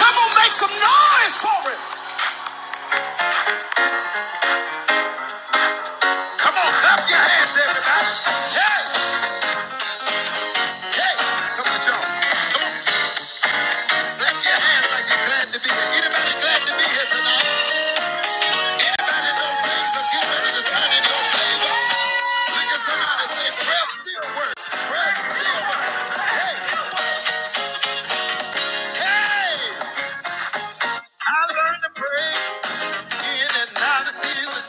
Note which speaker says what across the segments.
Speaker 1: Come on, make some noise for it. Come on, clap your hands, everybody. Hey, hey, come on, y'all. Clap your hands like you're glad to be here. Anybody glad to be here tonight? Anybody know things are getting ready to turn in your favor? Look at somebody say, "Prayer still works. Prayer still works. Hey, hey. I learned to pray in and out of season.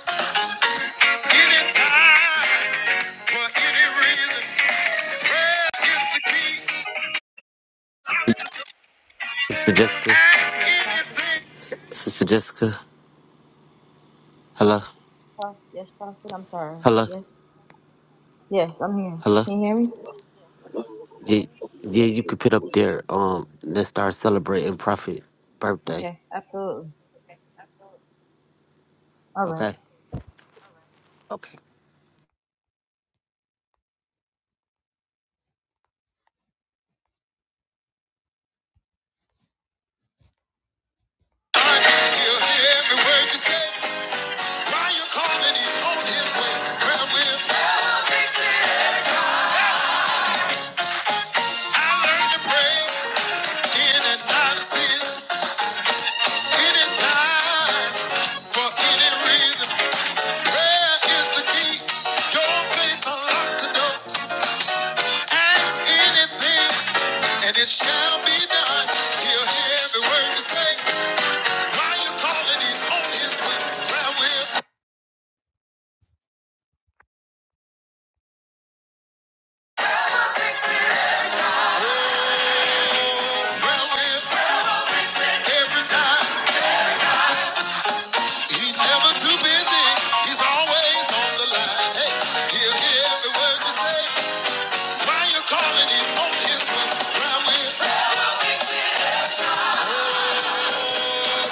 Speaker 1: Anytime, for any reason. Prayer is the key.
Speaker 2: Sister Jessica,
Speaker 1: Ask anything.
Speaker 2: Sister Jessica, hello,
Speaker 1: Oh, yes, Prophet. I'm sorry.
Speaker 2: hello,
Speaker 1: Yes. Yes, I'm here.
Speaker 2: hello.
Speaker 1: Can you hear me?
Speaker 2: Yeah, yeah, you could put up there. Um, let's start celebrating Prophet birthday.
Speaker 1: Okay, absolutely. All right.
Speaker 2: Okay. Okay.
Speaker 1: God is here, hear every word you say. While you're calling, he's on his way. Prayer will- I learned to pray in and out of season, anytime, for any reason. Prayer is the key. Your faith unlocks the door. Ask anything, and it shall be done. He'll hear every word you say. While you're calling, he's on his way. Prayer with prayer will, every time. He's never too busy. He's always on the line. Hey, he'll hear every word you say. While you're calling, he's on his way. Prayer with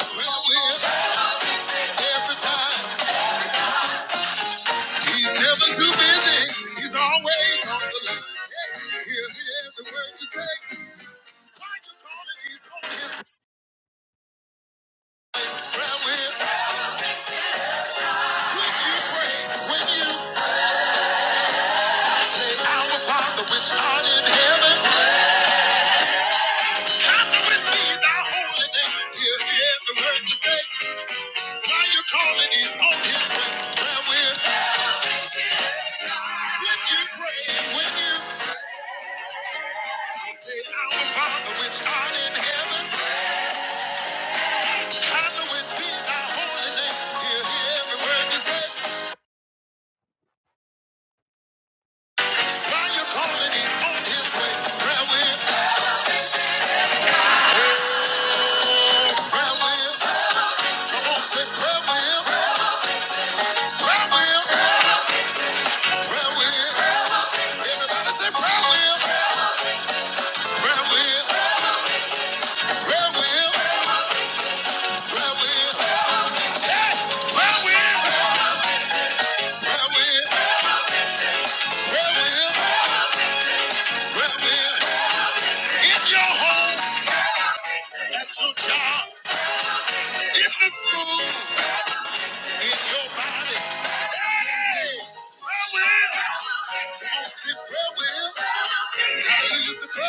Speaker 1: prayer will, every time. He's never too busy. He's always on the line. He'll hear every word you say. Why you call it? He's on his prayer wheel. When you pray, when you say, Our Father which art in heaven, hallowed be thy holy name. He'll hear every word you say. Why you call it? He's on his prayer wheel. When you pray, when you say, Our Father which art in heaven. Hallowed be thy holy name. hear every word you say. While you calling, he's on his way. Prayer with him. with Come on, say prayer with him. Prayer with him. with Everybody say prayer with him. with him. with him. with him. with him. with him. with him. with In your home. At your job, in the school, in your body. Prayer will, come on, say prayer will. Prayer will,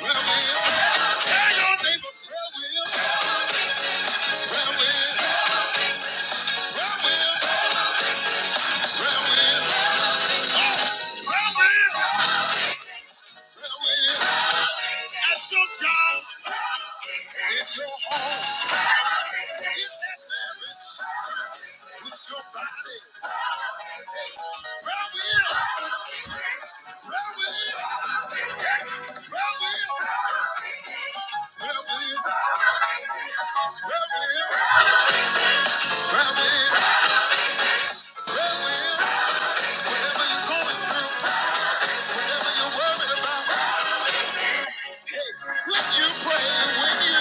Speaker 1: prayer will, tell your neighbor prayer will. Whatever you're going through, whatever you're worried about, when you pray, and when you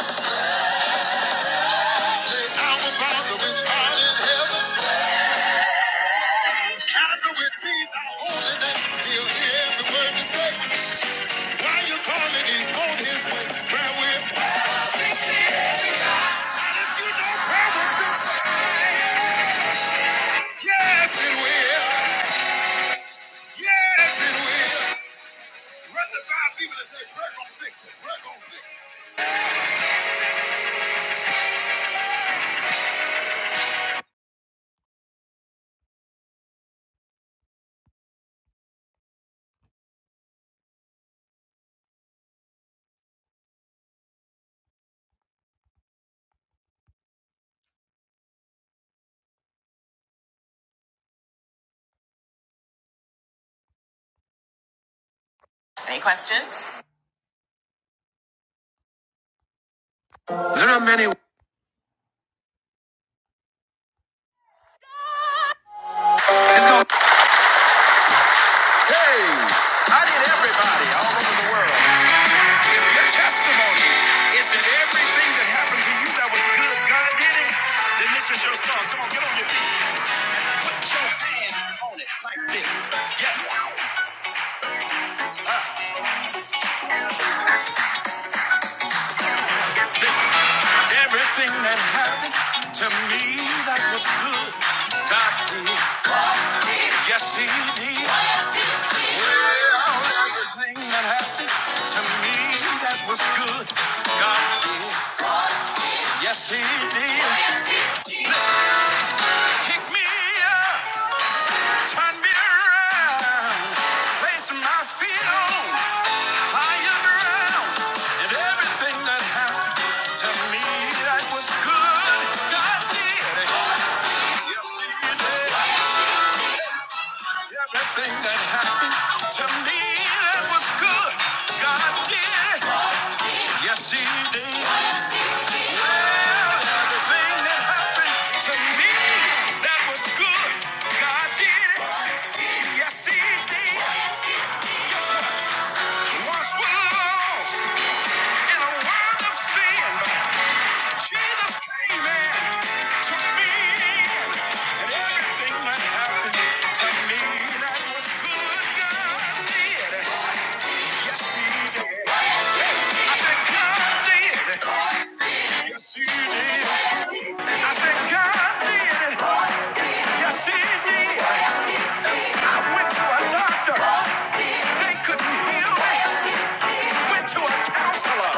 Speaker 1: Yes, it will. Yes, it will. Run the five people and say, prayer going fix it. Prayer going fix it. It's going Hey, I need everybody all over the world. Your testimony is that everything that happened to you that was good, God did it. Then this is your song. Come on, get on your feet. Show hands on it like this. Yeah. Everything that happened to me that was good, God did. Yes, He did. Well, everything that happened to me that was good, God did. Yes, He did. Pick me up, turn me around, place my feet on higher ground, and everything that happened to me that was good, God did. Yes, He did. Everything that happened to me that was good, God did. it. Yes, He did. Well, everything that happened to me that was good, God did. it. Yes, He did. Once we're lost in a world of sin, but Jesus came in, took me in, and everything that happened to me that was good, God did. it. Yes, He did. I said, God did. Yes, he did. I Yes, went to a doctor. They couldn't heal me. Went to a counselor.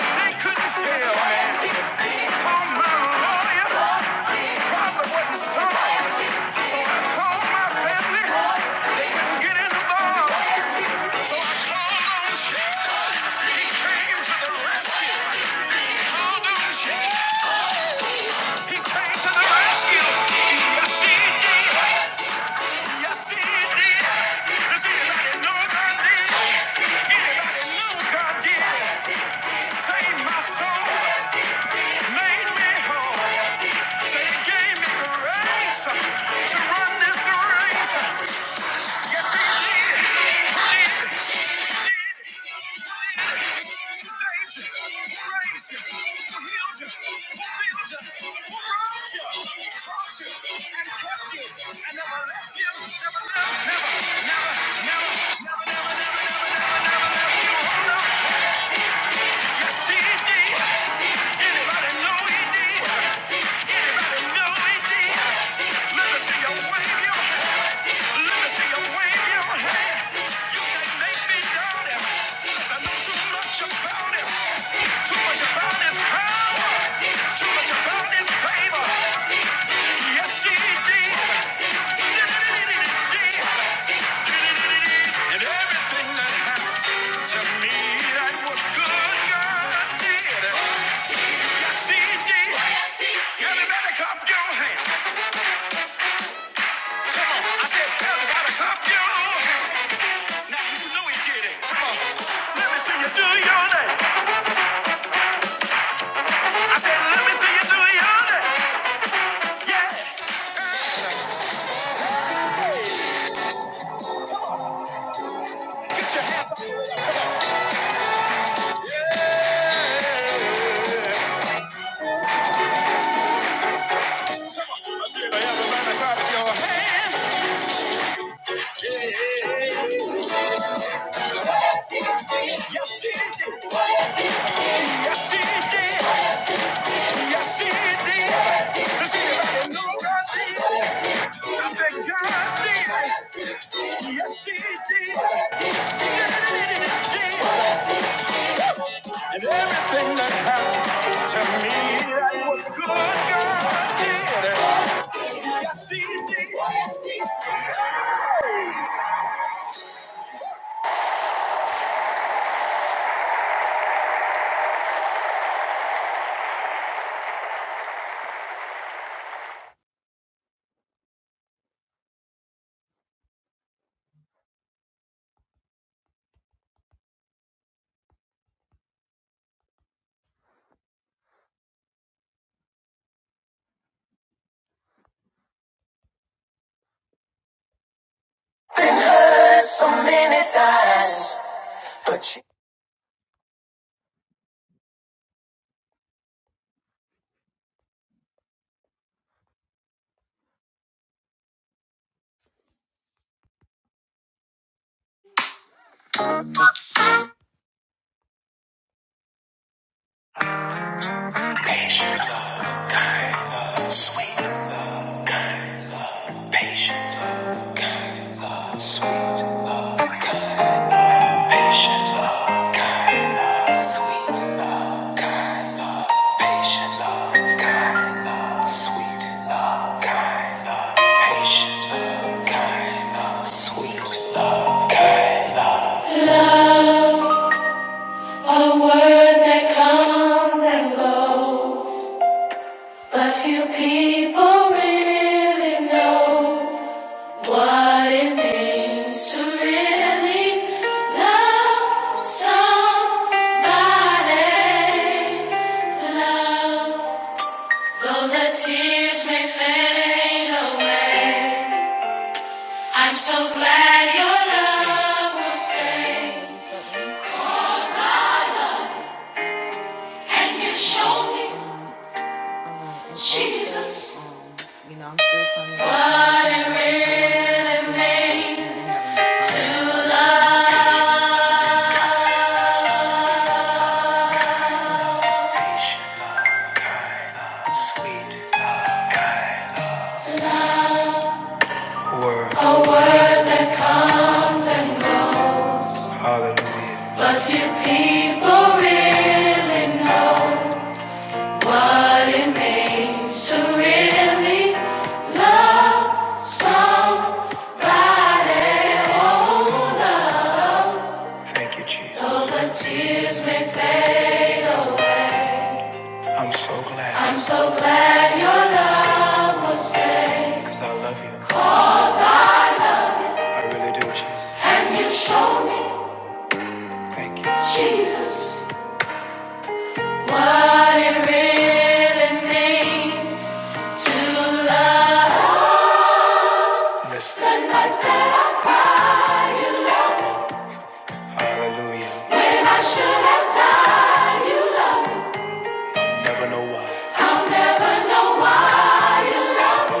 Speaker 1: They couldn't heal me. Called my lawyer. Problem wasn't solved. So I called my family. They couldn't get involved. So I called on Shell. Came to the rescue. Called on Shell. He came to the rescue. Yes, he did. Yes, he did. Does anybody know God did? Anybody know God did? Saved my soul. Made me whole. Say he gave me grace to run this race. Yes, He did. He did. He did. He did. Raised you. Raised you. Healed you. Healed you. Loved you. Taught you. And kept you. And never left you. Never, never, never, never, never, never, never, never left you. Yes, He did. Anybody know he did? Anybody know he did? Let me see you wave your hand. Let me see you wave your hand. You can't make me doubt him. 'cause I know too much about him. Too much about his power. Too much about his favor. Yes, he did. And everything that happened to me that was good, God did. it. CD. Everybody clap your hands. Come on. I said, everybody clap your hands. Now you know he did it. Come on. Let me see you do your thing. I said, let me see you do your thing. Yeah. Everybody clap your hands. Yes, he did. Yes, he did. Does anybody know God did? I said, God did. Yes, he did. Yeah, he did. And everything that happened to me that was good, God did. Yes, He did. Yes, He did. Love, A word that comes and goes, but few people really know what it means to really love somebody. Love. Though the tears may fade away, I'm so glad your love will stay. And you show me Jesus. You know, I'm still coming. A word that comes and goes, but few people really know what it means to really love somebody. Oh. So the tears may fade away. I'm so glad your love will stay. Cause I love you, I really do. and you show me, Thank you. Jesus, what it really means to love. Listen. The nights that I cried, you loved me. Hallelujah. When I should have died, you loved me. Never know why. I'll never know why you love me.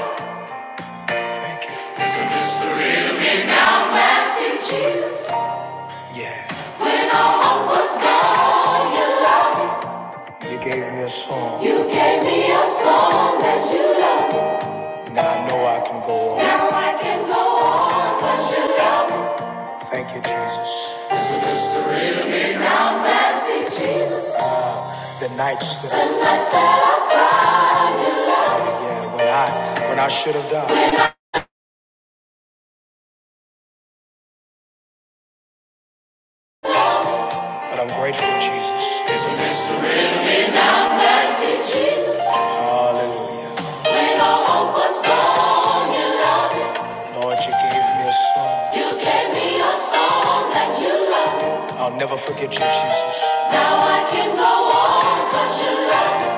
Speaker 1: Thank you. Isn't this the real me now? Last in Jesus. Yeah. When all hope was gone, You loved me. You gave me a song. You gave me a song that you loved me. Now I know I can go on. Now I can go on 'cause you love me. Thank you, Jesus. It's the real me Now mercy, Jesus. The nights that I the nights that I cried. you loved me. Yeah, yeah. when I when I should have died. When But I'm grateful, Jesus. Hallelujah. Lord, you gave me a song. I'll never forget you, Jesus. Now I can go on, cause you love me.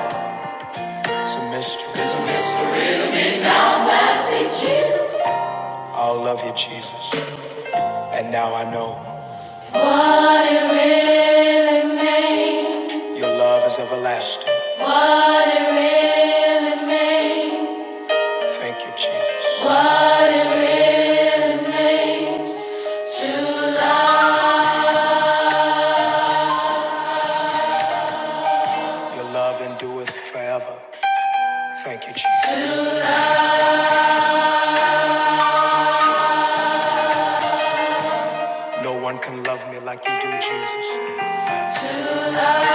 Speaker 1: It's a mystery. It's a mystery. to me. Now I'm see Jesus. I'll love you, Jesus. And now I know. What it really means. Your love is everlasting. What it really means. Thank you, Jesus. What it really means to love. Your love endureth forever. Thank you, Jesus. To love. No one can love me like you do, Jesus. To love.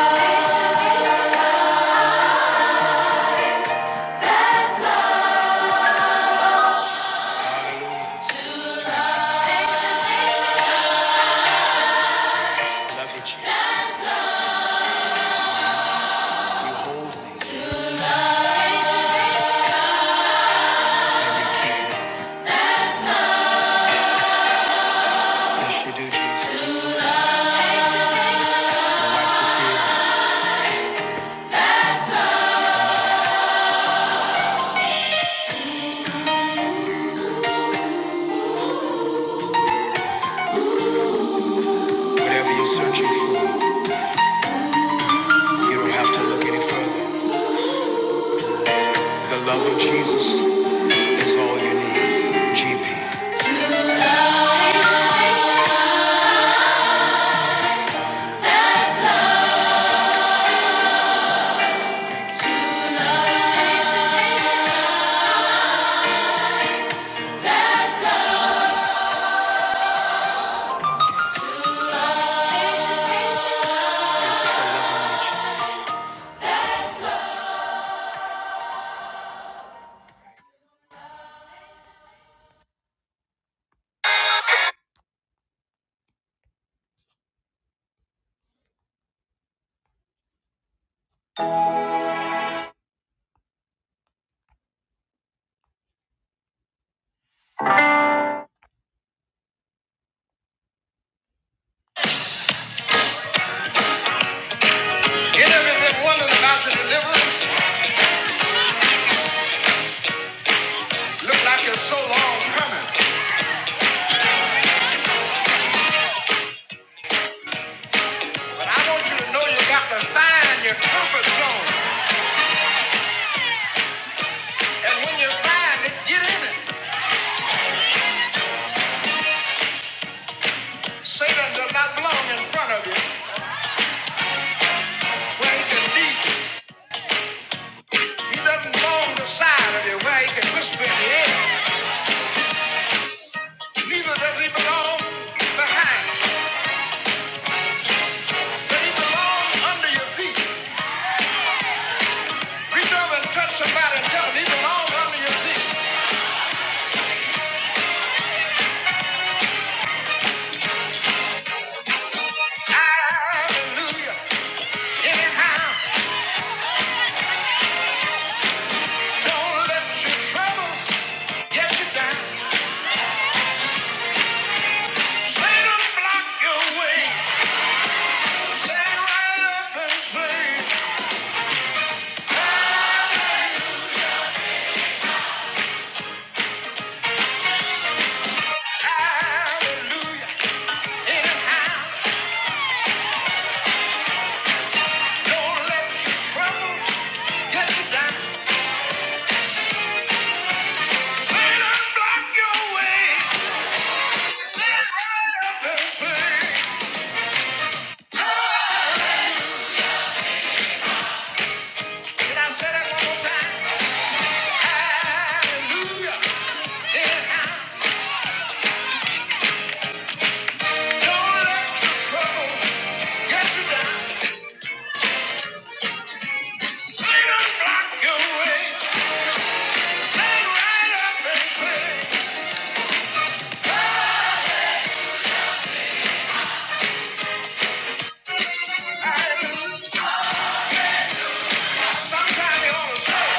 Speaker 1: That's love. Hallelujah. Love you, Jesus. You hold me and you keep me. Yes, you do, Jesus. You wipe the tears. Whatever you're searching for, you don't have to look any further. The love of Jesus is all you need. GP. Thank you for loving me, Jesus. Get everything wondering about your deliverance. Look like it's so long coming, but I want you to know you got to find your comfort zone. And when you find it, get in it. Satan does not belong in front of you where he can lead you. He doesn't belong beside of you where he can whisper in the air. Neither does he belong behind. you. But he belongs under your feet. Reach over and touch somebody and tell them he belongs under your feet. Hallelujah. Anyhow, don't let your troubles get you down. Satan block your way. Sometimes you ought to say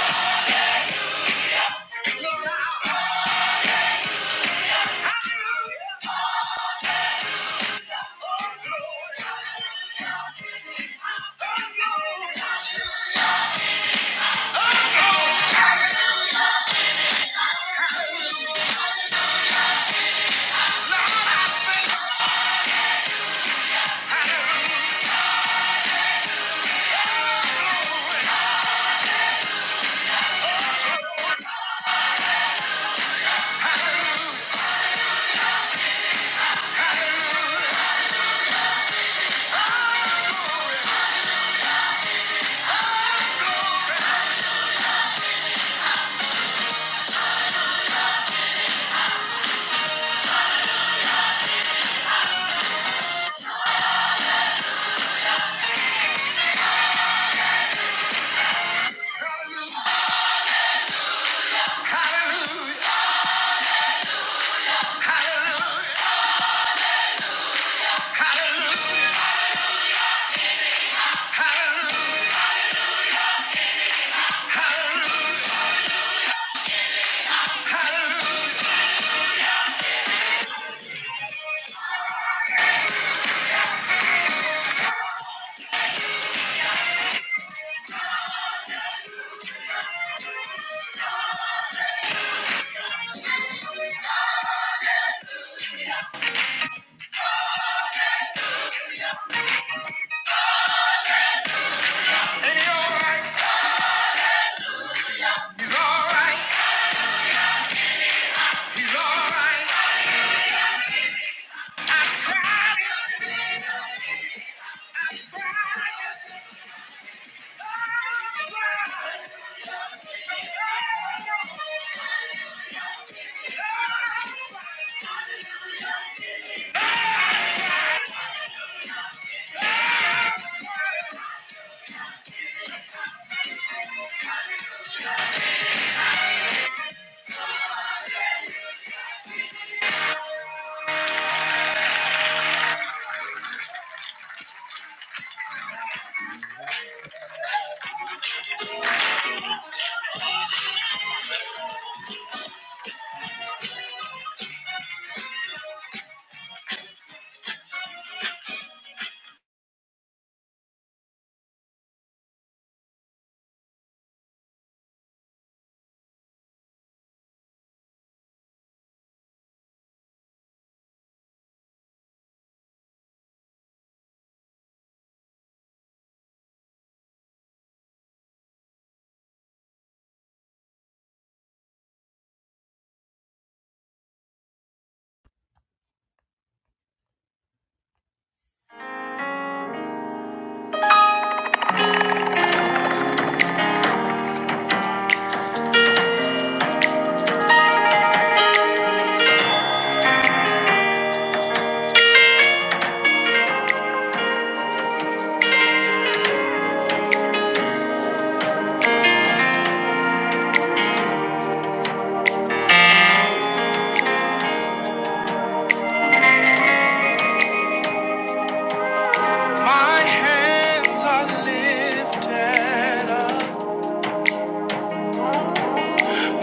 Speaker 1: My hands are lifted up.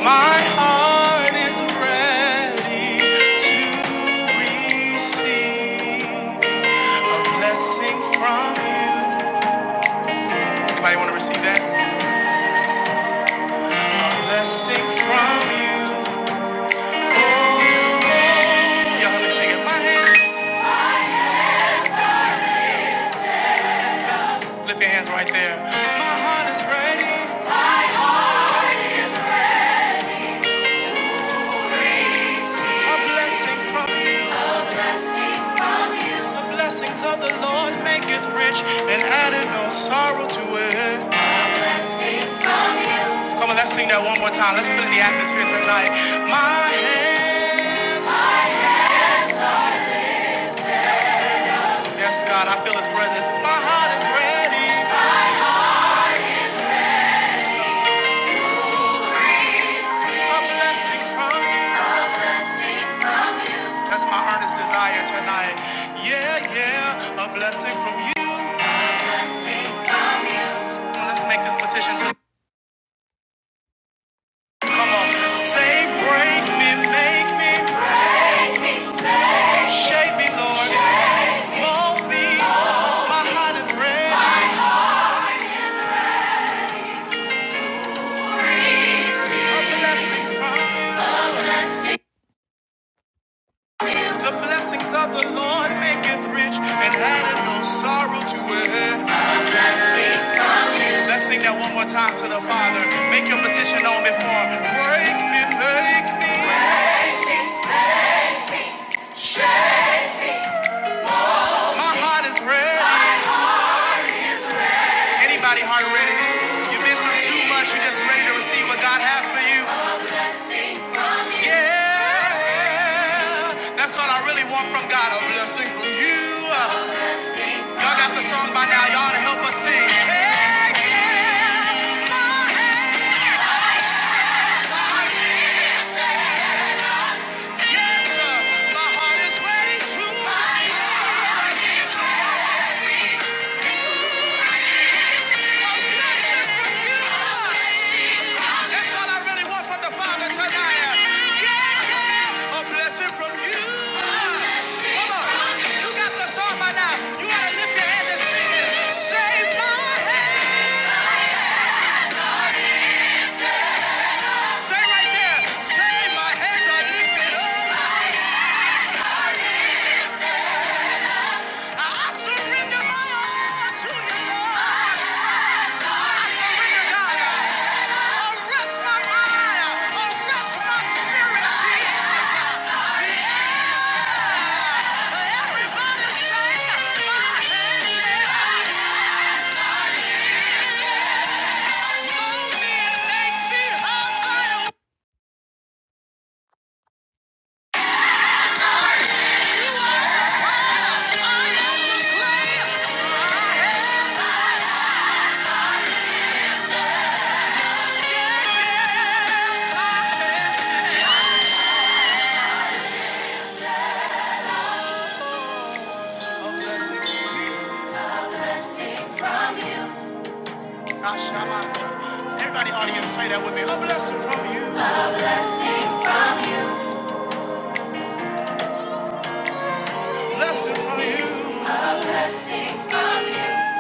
Speaker 1: My heart is ready to receive a blessing from you. Anybody want to receive that? A blessing from you. Oh, y'all help me sing it. My hands, lift your hands right there. My heart is ready. A blessing from you. A blessing from you. The blessings of the Lord make it rich and added no sorrow to it. Come on, let's sing that one more time. Let's put in the atmosphere tonight. My hands. Yes, God, I feel his presence. My heart is ready. A blessing from you. That's my earnest desire tonight. Yeah, yeah, a blessing from you. Let's make this petition tonight. Come on. Say, break me, make me, shape me, Lord. Mold me. My heart is ready. A blessing from the blessings of the Lord make it rich and addeth no sorrow to it. Let's sing that one more time to the Father. Make your petition known before. Break me, make me. My heart is ready. Anybody heart ready? You've been through too much. You're just ready to receive what God has for you. Yeah, that's what I really want from God. A blessing from you. Y'all got the song by now. Y'all to help us sing. Hey, yeah, yes, My heart is ready to fire. That's all I really want from the Father tonight. Yeah, yeah, a blessing from you. Come on. You got the song by now. You got to lift your hands and sing it. Save my hands. Stay right there. Save my hands. I lift it up. I blessing from you. Everybody audience say that with me. A blessing from you. A Blessing from you. A blessing from you.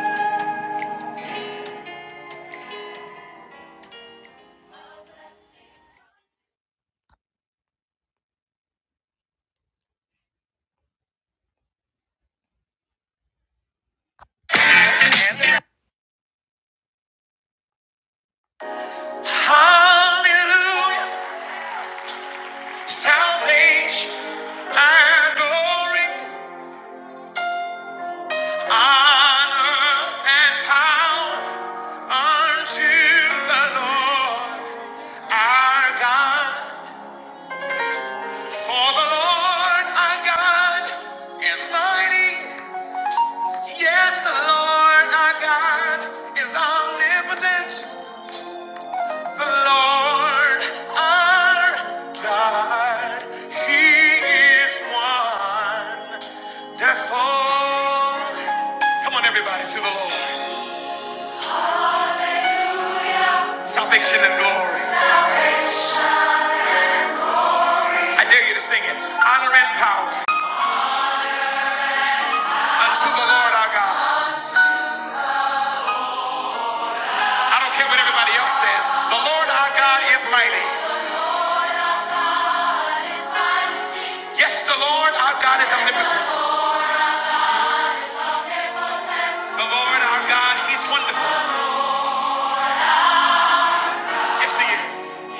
Speaker 1: Hallelujah. Salvation and glory. Honor and power unto the Lord our God. For the Lord our God is mighty. Yes, the Lord our God is omnipotent. The Lord our God, He is wonderful. Come on, everybody, to the Lord. Salvation and glory. I dare you to sing it. Honor and power unto the Lord our God. I don't care what everybody else says. The Lord our God is mighty. Yes, the Lord our God is omnipotent. The Lord our God, He's wonderful. Yes, He is.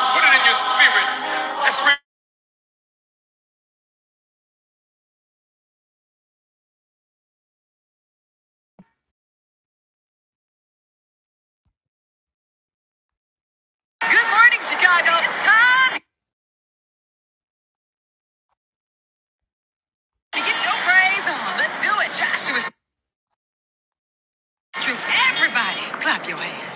Speaker 1: Put it in your spirit. Let's read. Good morning, Chicago. It's time to get your praise on. Let's do it. Joshua's true. Everybody, clap your hands.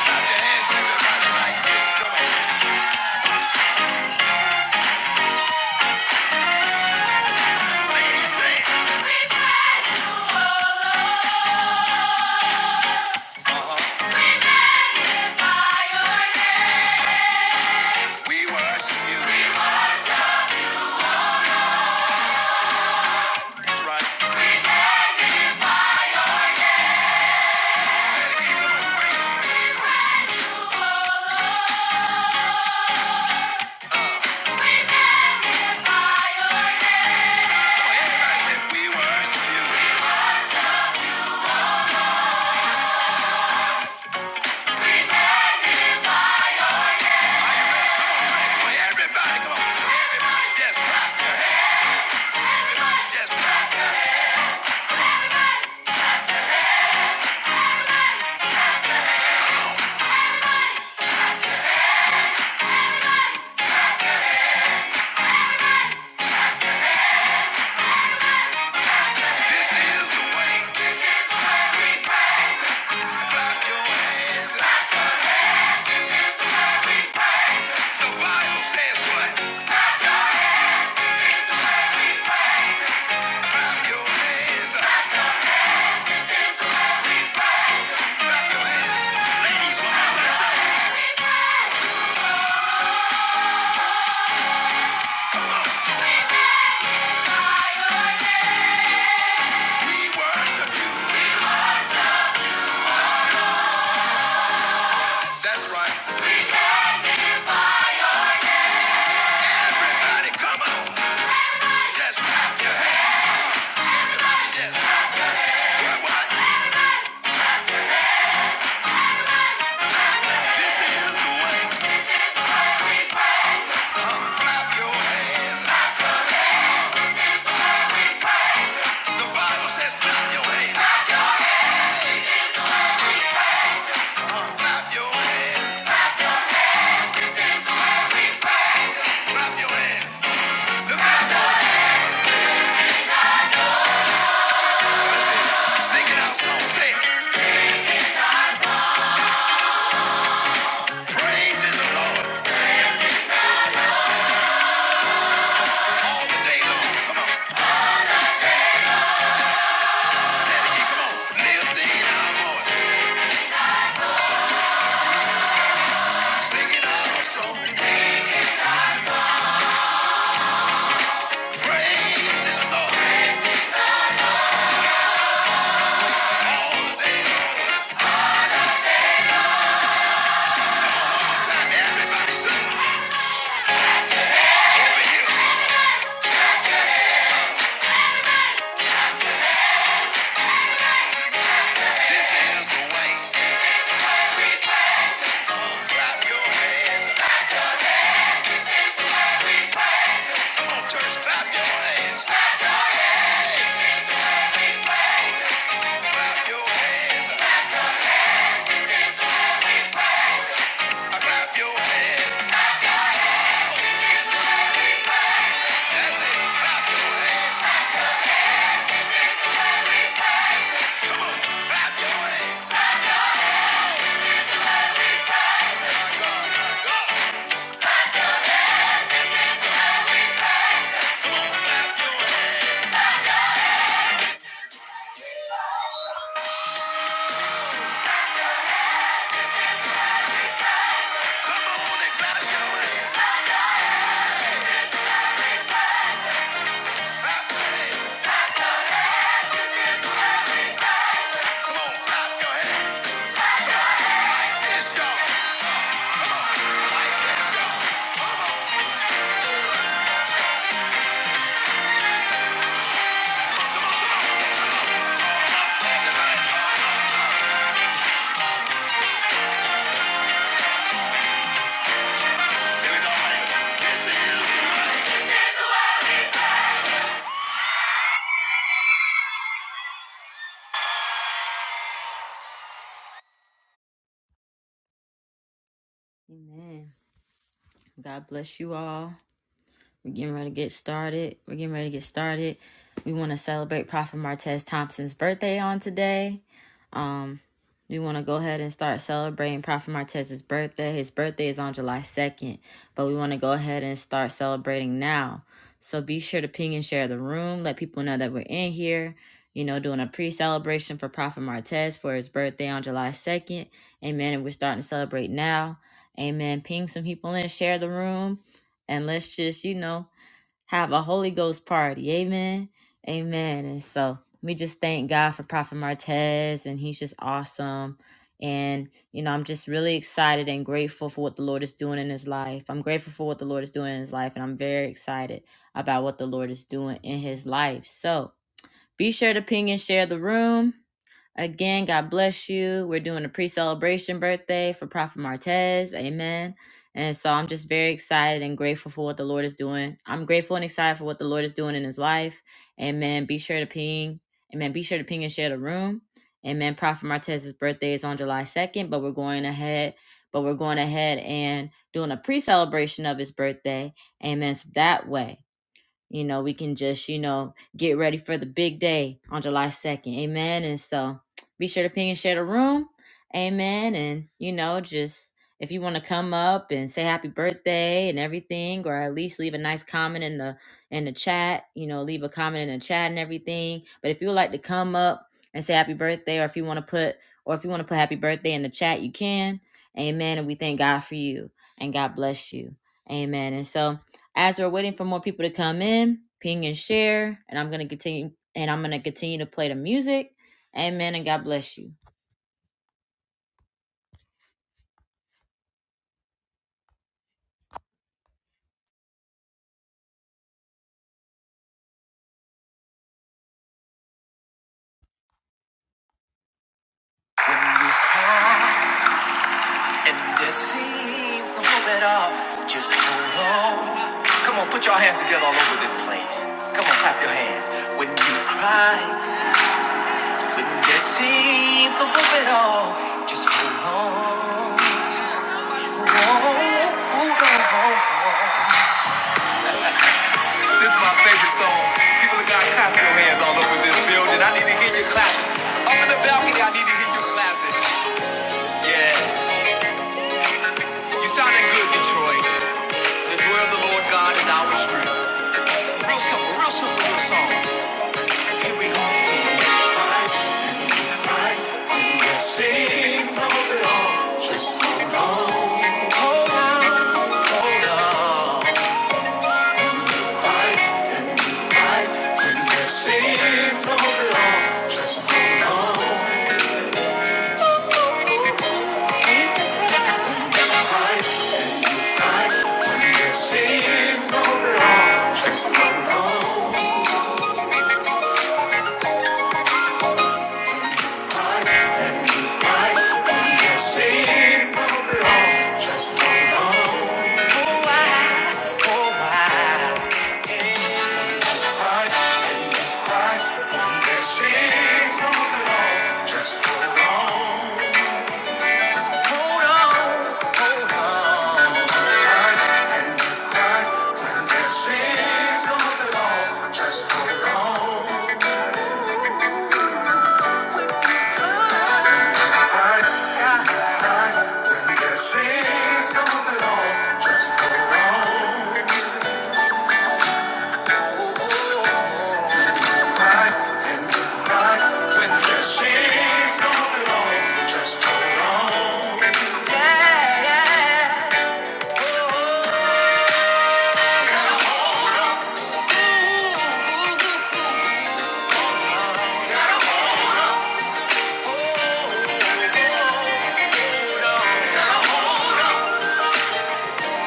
Speaker 1: Clap your hands, everybody, like this. Come on. We magnify your name, O Lord. Everybody, come on. just clap your hands. Just clap. This is the way. Clap your hands. Bible says, clap your hands. Ladies, we worship you. That's right. Everybody, come on. Just clap your hands. Just clap This is the way. Uh-huh. Clap your hands. The Bible says, clap your hands. Uh-huh. Clap your hands. Clap your hands. Look at Sing it out, song, say it. Praise is the Lord all the day long. Come on, say it again, come on. Lift it out, boy. Sing it out, song. Praise is the Lord all the day long. One time, everybody sing. Over here, this is the way. Clap your hands. Come on, church, clap your hands. Clap your hands. Clap your hands. That's it, clap your hands. Come on, clap your hands. My God, my God. God bless you all. We're getting ready to get started. We're getting ready to get started. We want to celebrate Prophet Martez Thompson's birthday on today. We want to go ahead and start celebrating Prophet Martez's birthday. His birthday is on July 2nd, but we want to go ahead and start celebrating now. So be sure to ping and share the room. Let people know that we're in here, you know, doing a pre celebration for Prophet Martez for his birthday on July 2nd. Amen. And we're starting to celebrate now. Amen. Ping some people in, share the room, and let's just, you know, have a Holy Ghost party. Amen. Amen. And so we just thank God for Prophet Martez, and he's just awesome. And, you know, I'm just really excited and grateful for what the Lord is doing in his life. I'm grateful for what the Lord is doing in his life, and I'm very excited about what the Lord is doing in his life. So be sure to ping and share the room. Again, God bless you. We're doing a pre celebration birthday for Prophet Martez. Amen. And so I'm just very excited and grateful for what the Lord is doing. I'm grateful and excited for what the Lord is doing in his life. Amen. Be sure to ping. Amen. Be sure to ping and share the room. Amen. Prophet Martez's birthday is on July 2nd, but we're going ahead. But we're going ahead and doing a pre celebration of his birthday. Amen. So that way. You know, we can just, you know, get ready for the big day on July 2nd. Amen. And so be sure to ping and share the room. Amen. And, you know, just if you want to come up and say happy birthday and everything, or at least leave a nice comment in the in the chat, you know, leave a comment in the chat and everything. But if you would like to come up and say happy birthday, or if you want to put or if you want to put happy birthday in the chat, you can. Amen. And we thank God for you and God bless you. Amen. And so as we're waiting for more people to come in, ping and share, and I'm gonna continue and I'm gonna continue to play the music. Amen and God bless you. Just hold on. Come on, put your hands together all over this place. Come on, clap your hands. When you cry, when you see the hope at all, just hold on. Some people of God, I need to hear you clap. Oh, yeah, I need to hear you. Yeah, you sounding good, Detroit. The joy of the Lord God is our strength. Real simple, real simple, real song. Yeah, yeah. Ooh, ooh, ooh,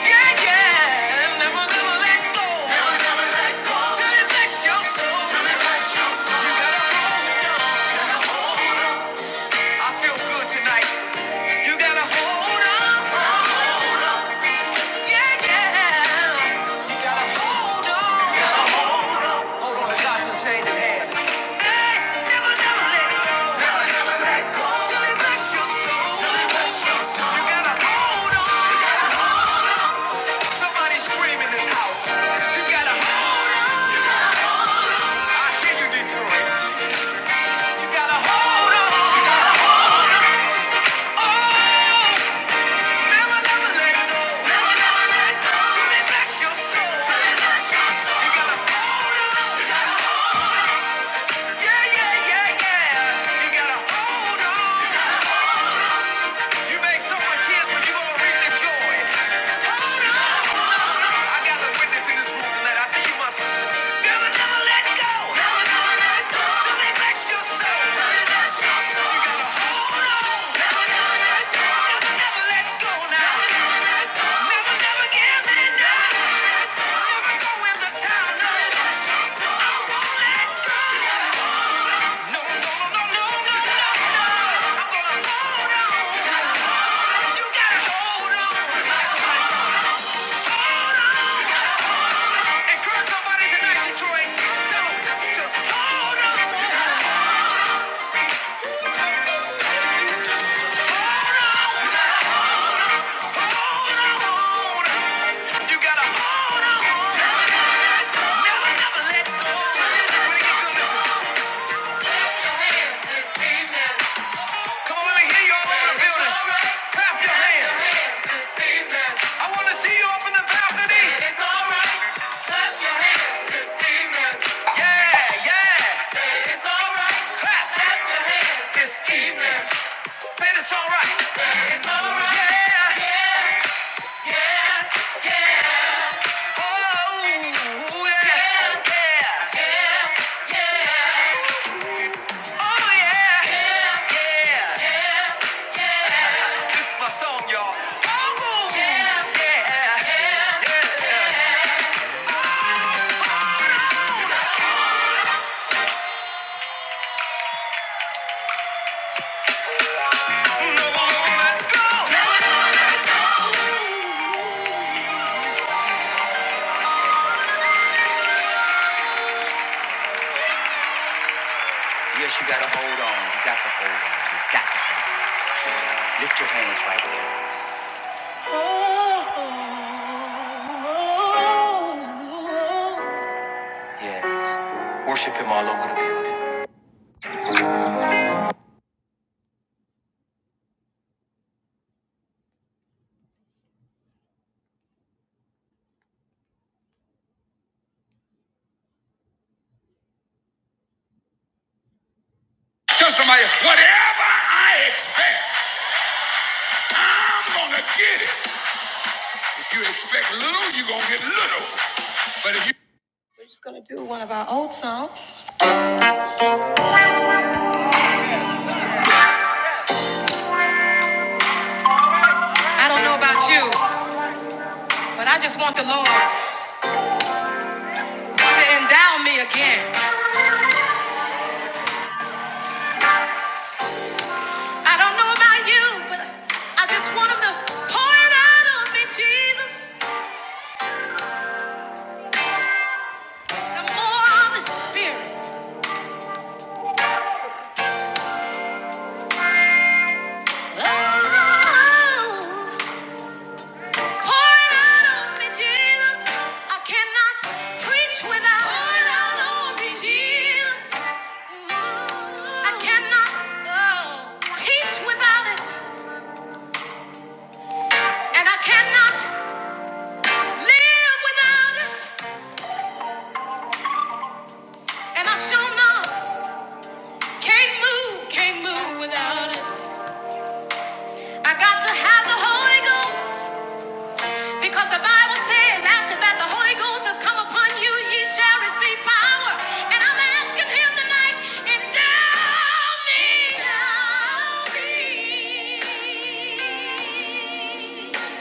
Speaker 1: Yeah, yeah, never, never let go. Never, never let go. Till it bless your soul. Till it bless your soul. You gotta hold it on. Gotta hold on. I feel good tonight. You gotta hold on. Hold on. Yeah, yeah. You gotta hold on. You gotta hold on. Hold on, the gods are changing hands. Hey, never, never let go. Never, never let go. Till it bless your soul. Till it bless your soul. You gotta hold on. Somebody scream in this house. You gotta hold on. You gotta hold on. Oh, never, never let go. Never, never let go. Till they bless your soul. Till they bless your soul. You gotta hold on. You gotta hold Yeah, yeah, yeah, yeah. You gotta hold on. You may suffer in tears, but you're gonna reap the joy. Hold on! I got a witness in this room tonight. I see you, my sister. Never, never let go. Never, never let go. Till they bless your soul. Till they bless your soul. You gotta hold on. Never, never let go. Never, never let go Never, never give in now. Never go in the town. No. I won't let go. No, no, no, no, no, no, no. I'm gonna hold on. You gotta hold on. Hold on. Encourage somebody tonight, Detroit. hold on. Hold on. Come on, let me hear you all over the building. Clap your hands. I wanna see you up in the balcony. It's all your hands this evening. Yeah, yeah. Clap. Clap your hands this evening. Say this all right, my song, y'all. Oh, yeah. Never let go. Never going let go. Hold on. You got to hold on. You got to put your hands right there. Yes. Worship him all over the building. Tell somebody, whatever I expect, I'm gonna get it. If you expect little, you're gonna get little. But if you I don't know about you, but I just want the Lord to endow me again. I don't know about you, but I just want him to pour it out on me, Jesus. The more of the spirit. Oh. Pour out on me, Jesus. I cannot preach without. Pour out on me, Jesus. I cannot uh, teach without it, and I cannot live without it, and I sure enough can't move, can't move without it. I got to have the Holy Ghost. Because the Bible says after that the Holy Ghost has come upon you, ye shall receive power. And I'm asking him tonight, endow me. Endow me.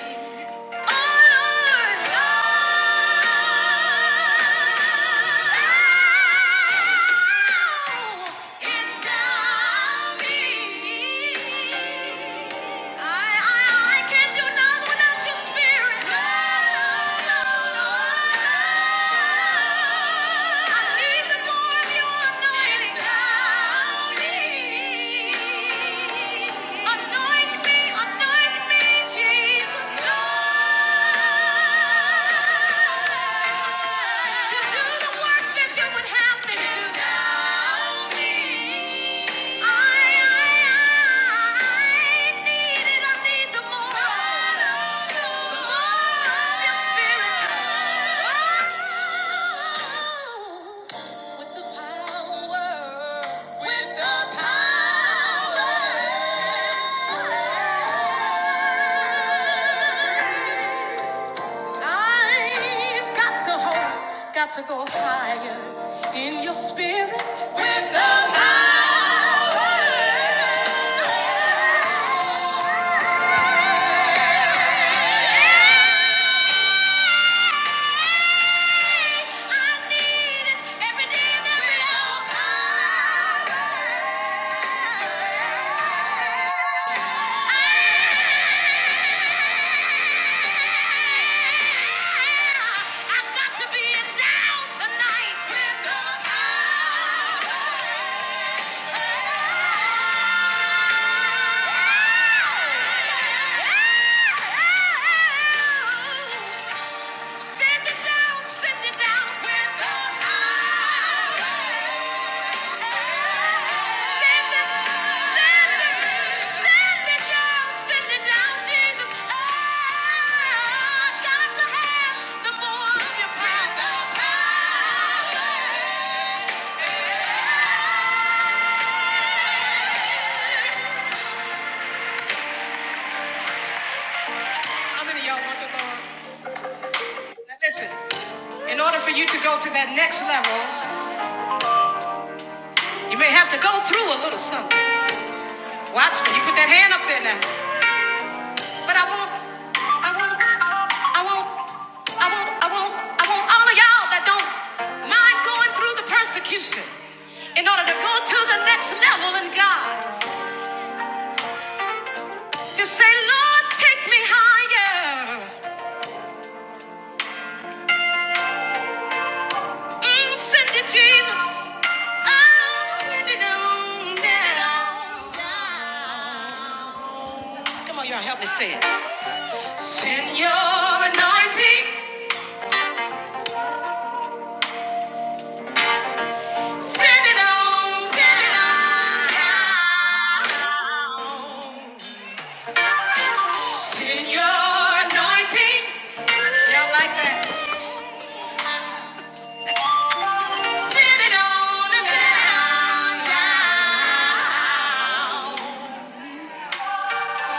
Speaker 1: Anoint me, anoint me. With the power, with the power. I've got to hope, got to go higher in your spirit. With the power. I need it every day, every hour. i got to be down tonight. With the power. Send it down. Oh, How many y'all want the Lord? listen, in order for you to go to that next level, you may have to go through a little something. Watch when You put that hand up there now. But I want, I want, I want, I want, I want, I want all of y'all that don't mind going through the persecution in order to go to the next level in God. Just say, Lord, take me higher. Mm, send it, Jesus. Oh, send it on down. Come on, y'all, help me say it. Send your anointing. Y'all like that? Sit it on and let it on down.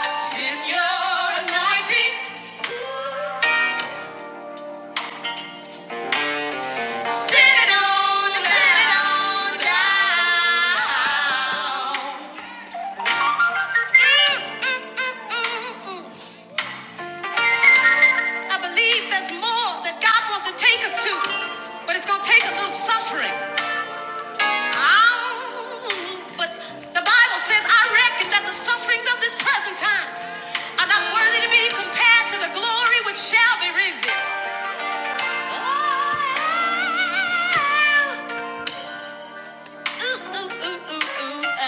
Speaker 1: Send your anointing. Sit it on and let it on down. I believe there's more that God wants to take us to, but it's going to take a little suffering. Um, But the Bible says, I reckon that the sufferings of this present time are not worthy to be compared to the glory which shall be revealed. Oh, ooh, ooh, ooh, ooh, ooh, oh.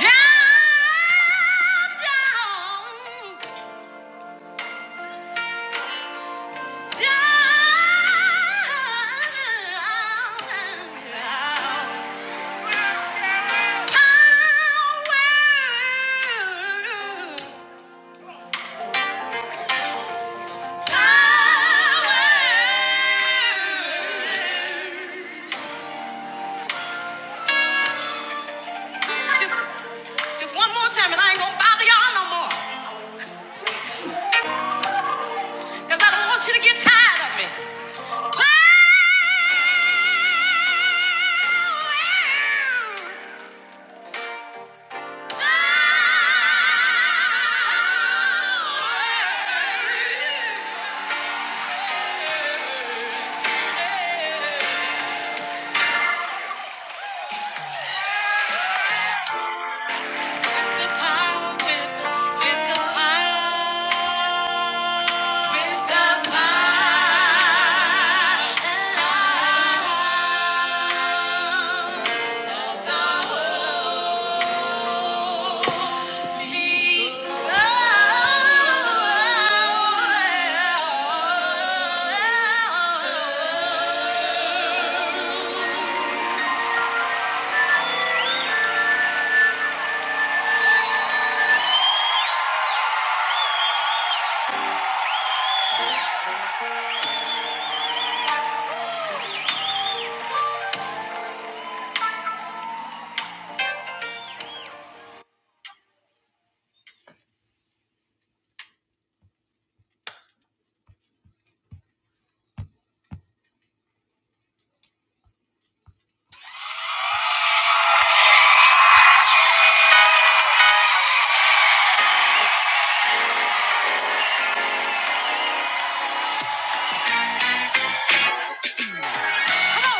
Speaker 1: Down, down, down. Power. Just, just one more time, and I ain't gonna bother y'all no more. Cause I don't want you to get tired of me. With the power, with the, with the power, with the power. of the Holy Come on,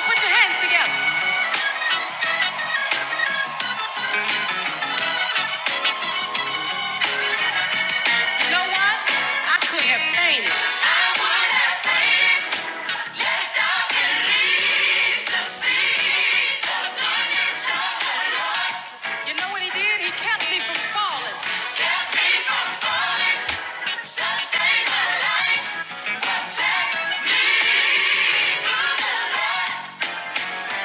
Speaker 1: put your hands together. You know what? I could have fainted. You know what he did? He kept me from falling.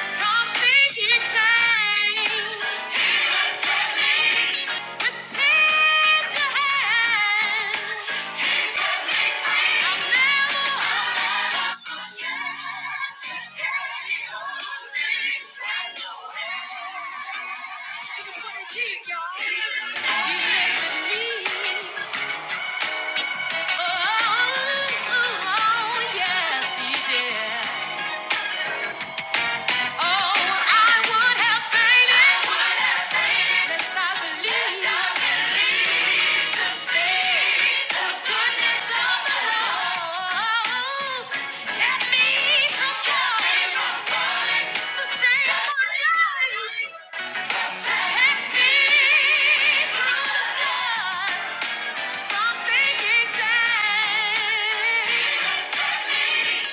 Speaker 1: Something changed. Oh, oh, yes, he did. Oh, I would have fainted. Would have fainted. Lest to see the goodness of the Lord. Kept me from falling. From Sustained my life. Protect me through the flood from sinking sand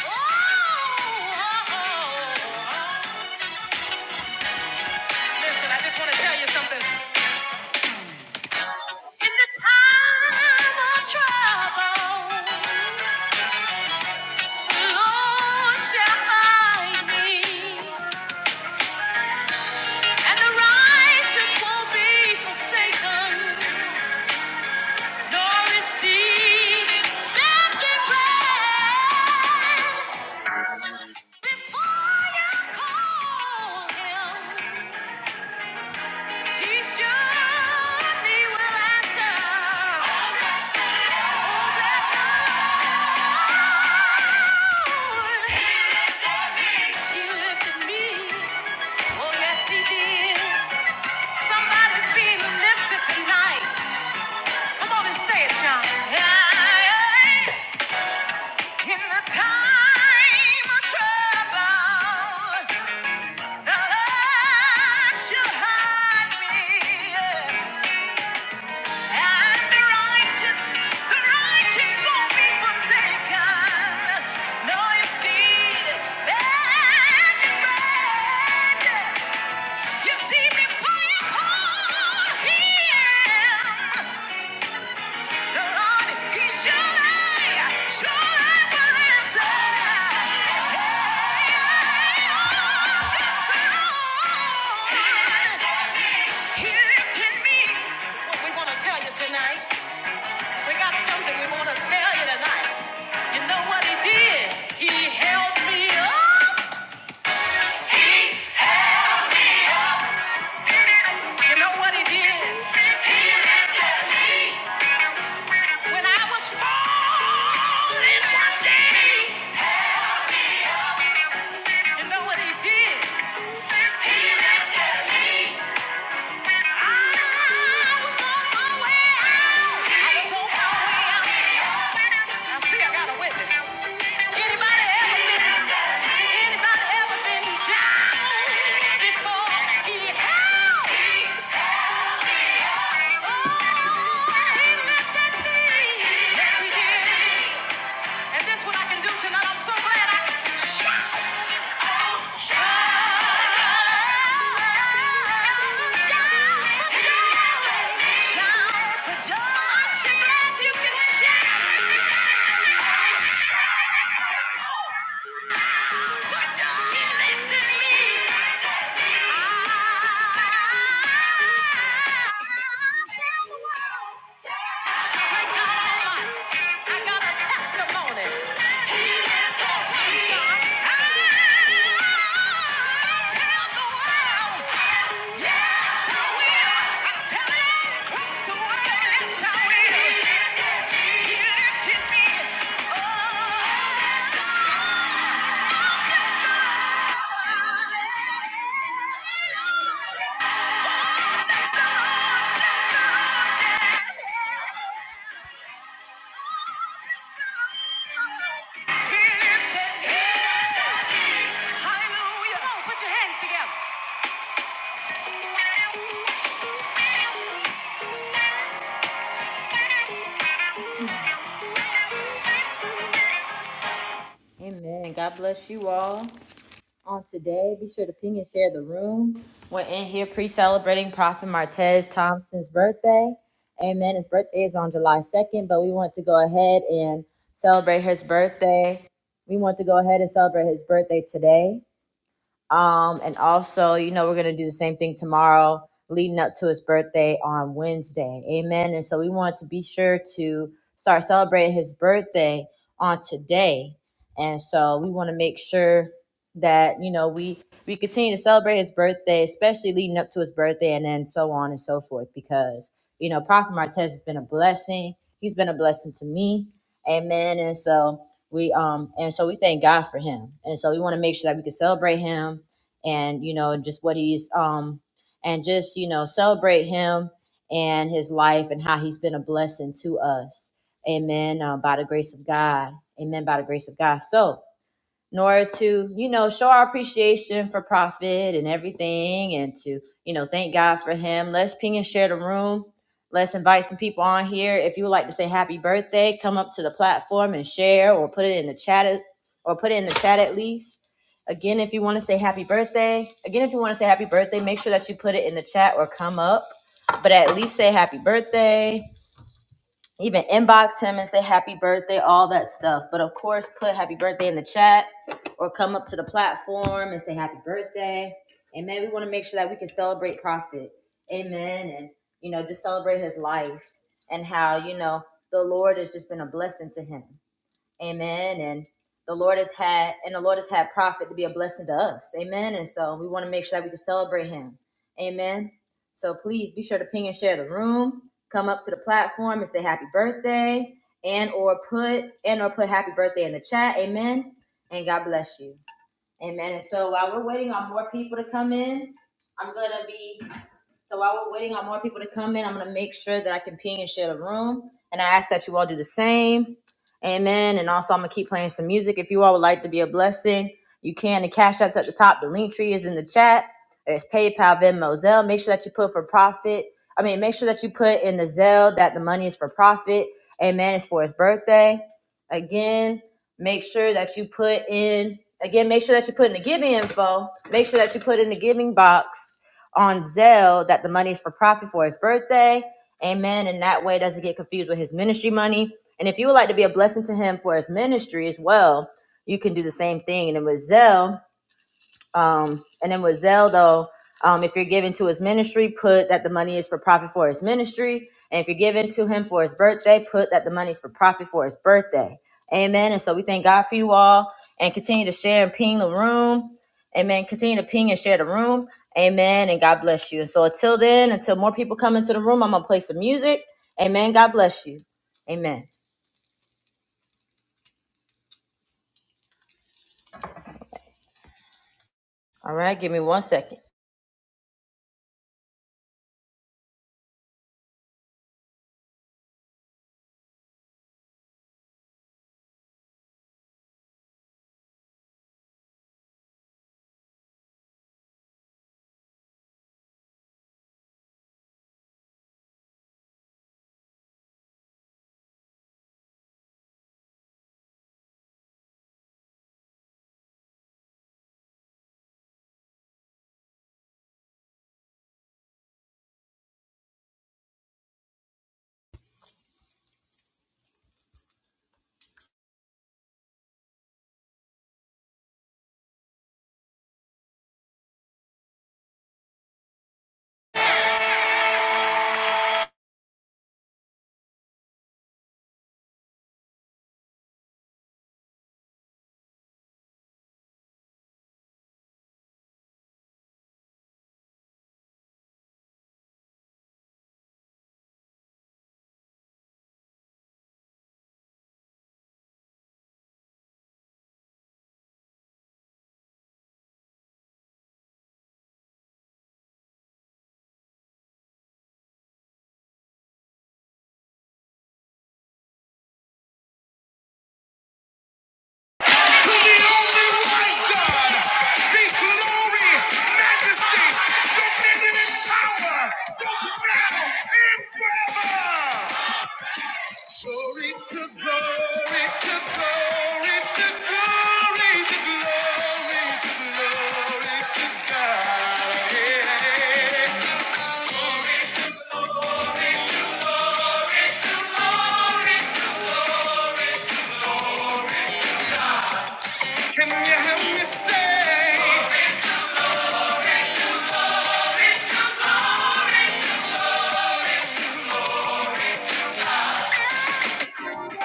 Speaker 1: oh. oh, oh. In the time of trouble, Somebody's being lifted tonight. Come on and say it, John. In the time of trouble, the Lord shall hide me. And the righteous, the righteous won't be forsaken. No, you see, the bad and bad. You see me, for you call him. Tonight, we got something we want to tell you tonight. You know what he did? He held me up. He held me up. You know what he did? He looked at me when I was falling one day. help me. up. You know what he did? He looked at me. Yes, he did. And this what I can do tonight. I'm so glad I can Shout! Yeah. Amen. God bless you all. On today, be sure to ping and share the room. We're in here pre celebrating Prophet Martez Thompson's birthday. Amen. His birthday is on July 2nd, but we want to go ahead and celebrate his birthday. We want to go ahead and celebrate his birthday today. Um, and also, you know, we're going to do the same thing tomorrow, leading up to his birthday on Wednesday. Amen. And so we want to be sure to start celebrating his birthday on today. And so we want to make sure that, you know, we, we continue to celebrate his birthday, especially leading up to his birthday and then so on and so forth, because, you know, Prophet Martez has been a blessing. He's been a blessing to me. Amen. And so we, um, and so we thank God for him. And so we want to make sure that we can celebrate him and you know just what he's um and just you know celebrate him and his life and how he's been a blessing to us amen uh, by the grace of god amen by the grace of god so nor to you know show our appreciation for profit and everything and to you know thank god for him let's ping and share the room let's invite some people on here if you would like to say happy birthday come up to the platform and share or put it in the chat or put it in the chat at least again if you want to say happy birthday again if you want to say happy birthday make sure that you put it in the chat or come up but at least say happy birthday even inbox him and say happy birthday, all that stuff. But of course, put happy birthday in the chat or come up to the platform and say happy birthday. Amen. We want to make sure that we can celebrate Prophet. Amen. And, you know, just celebrate his life and how, you know, the Lord has just been a blessing to him. Amen. And the Lord has had and the Lord has had prophet to be a blessing to us. Amen. And so we want to make sure that we can celebrate him. Amen. So please be sure to ping and share the room. Come up to the platform and say happy birthday. And or put and or put happy birthday in the chat. Amen. And God bless you. Amen. And so while we're waiting on more people to come in, I'm gonna be so while we're waiting on more people to come in, I'm gonna make sure that I can ping and share the room. And I ask that you all do the same. Amen. And also I'm gonna keep playing some music. If you all would like to be a blessing, you can. The cash apps at the top. The link tree is in the chat. There's PayPal, Venmo, Zelle. Make sure that you put for profit. I mean, make sure that you put in the Zelle that the money is for profit. Amen. It's for his birthday. Again, make sure that you put in again, make sure that you put in the giving info. Make sure that you put in the giving box on Zelle that the money is for profit for his birthday. Amen. And that way it doesn't get confused with his ministry money. And if you would like to be a blessing to him for his ministry as well, you can do the same thing. And then with Zelle, um, and then with Zell, though, um, if you're giving to his ministry, put that the money is for profit for his ministry. And if you're giving to him for his birthday, put that the money is for profit for his birthday. Amen. And so we thank God for you all and continue to share and ping the room. Amen. Continue to ping and share the room. Amen. And God bless you. And so until then, until more people come into the room, I'm going to play some music. Amen. God bless you. Amen. All right. Give me one second.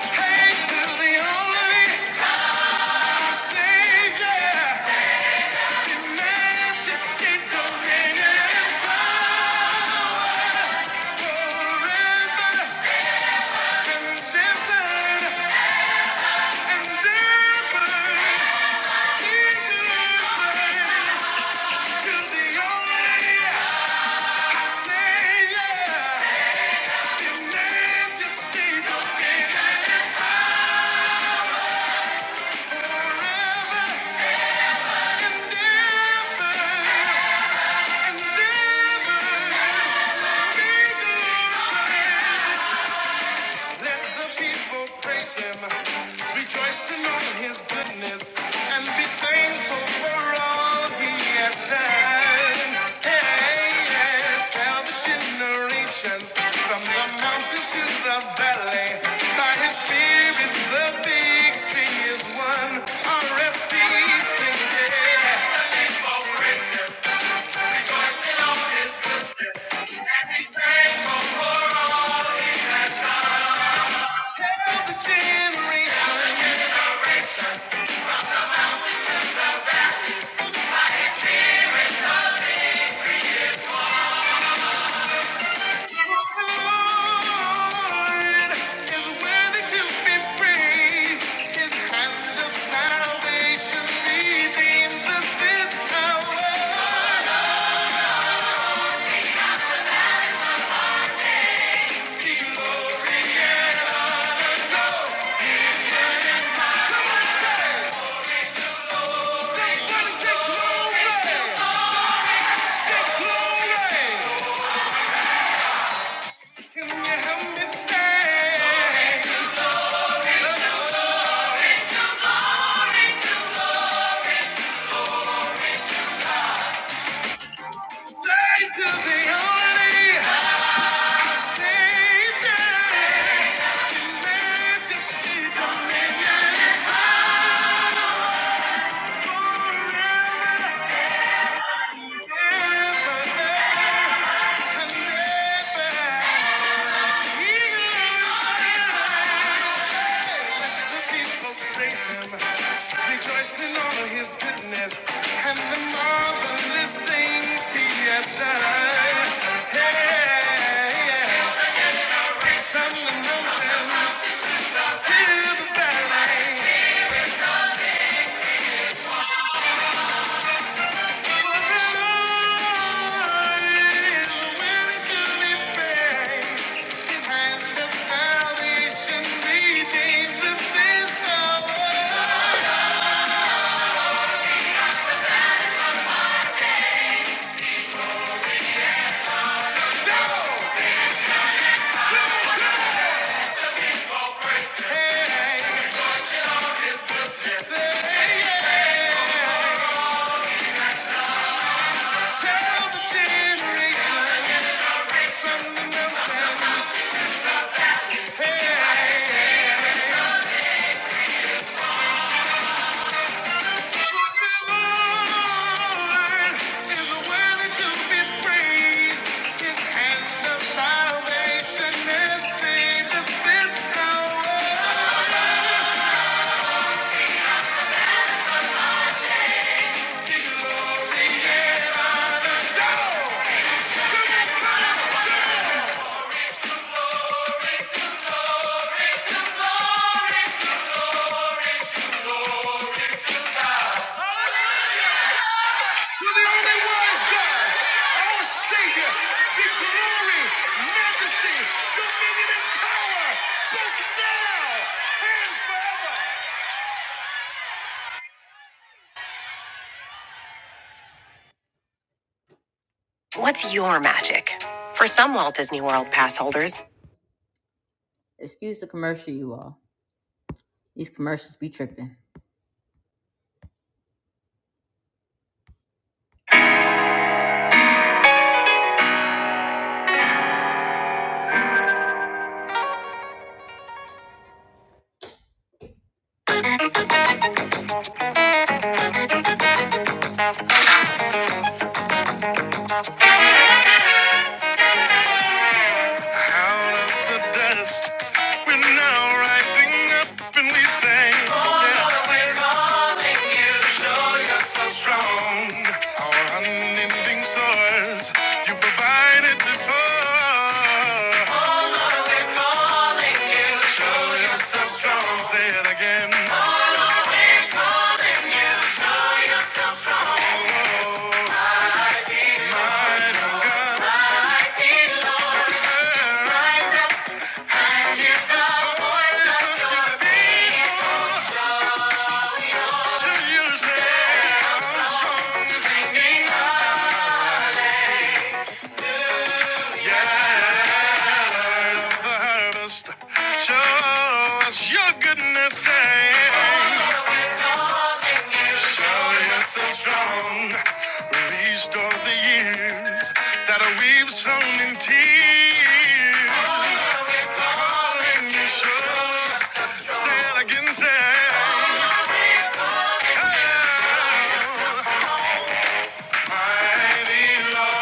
Speaker 1: Hey, to the only Savior. Yeah. Let the people praise him, rejoicing on his goodness, and be thankful for all he has done. Hey, yeah. tell the generations from the mountains to the valley, by his spirit the victory is won. RFC, sing, yeah. Tell the generations. Can you help me say? Stay to the only. Rejoicing all his goodness and the marvelous things he has done. Hey, yeah, yeah. from the mountains to the valley. Hey! What's your magic? For some Walt Disney World pass holders. Excuse the commercial, you all. These commercials be tripping. Out of the dust, we're now rising up and we sing. Show yourself strong, our unending source. You provided before. Show yourself strong, say it again. Show yourself a harvest. Show us your goodness. and Show yourself strong, restore the years that we've sown in tears. Darling, you show. Say it again, say it. Lord.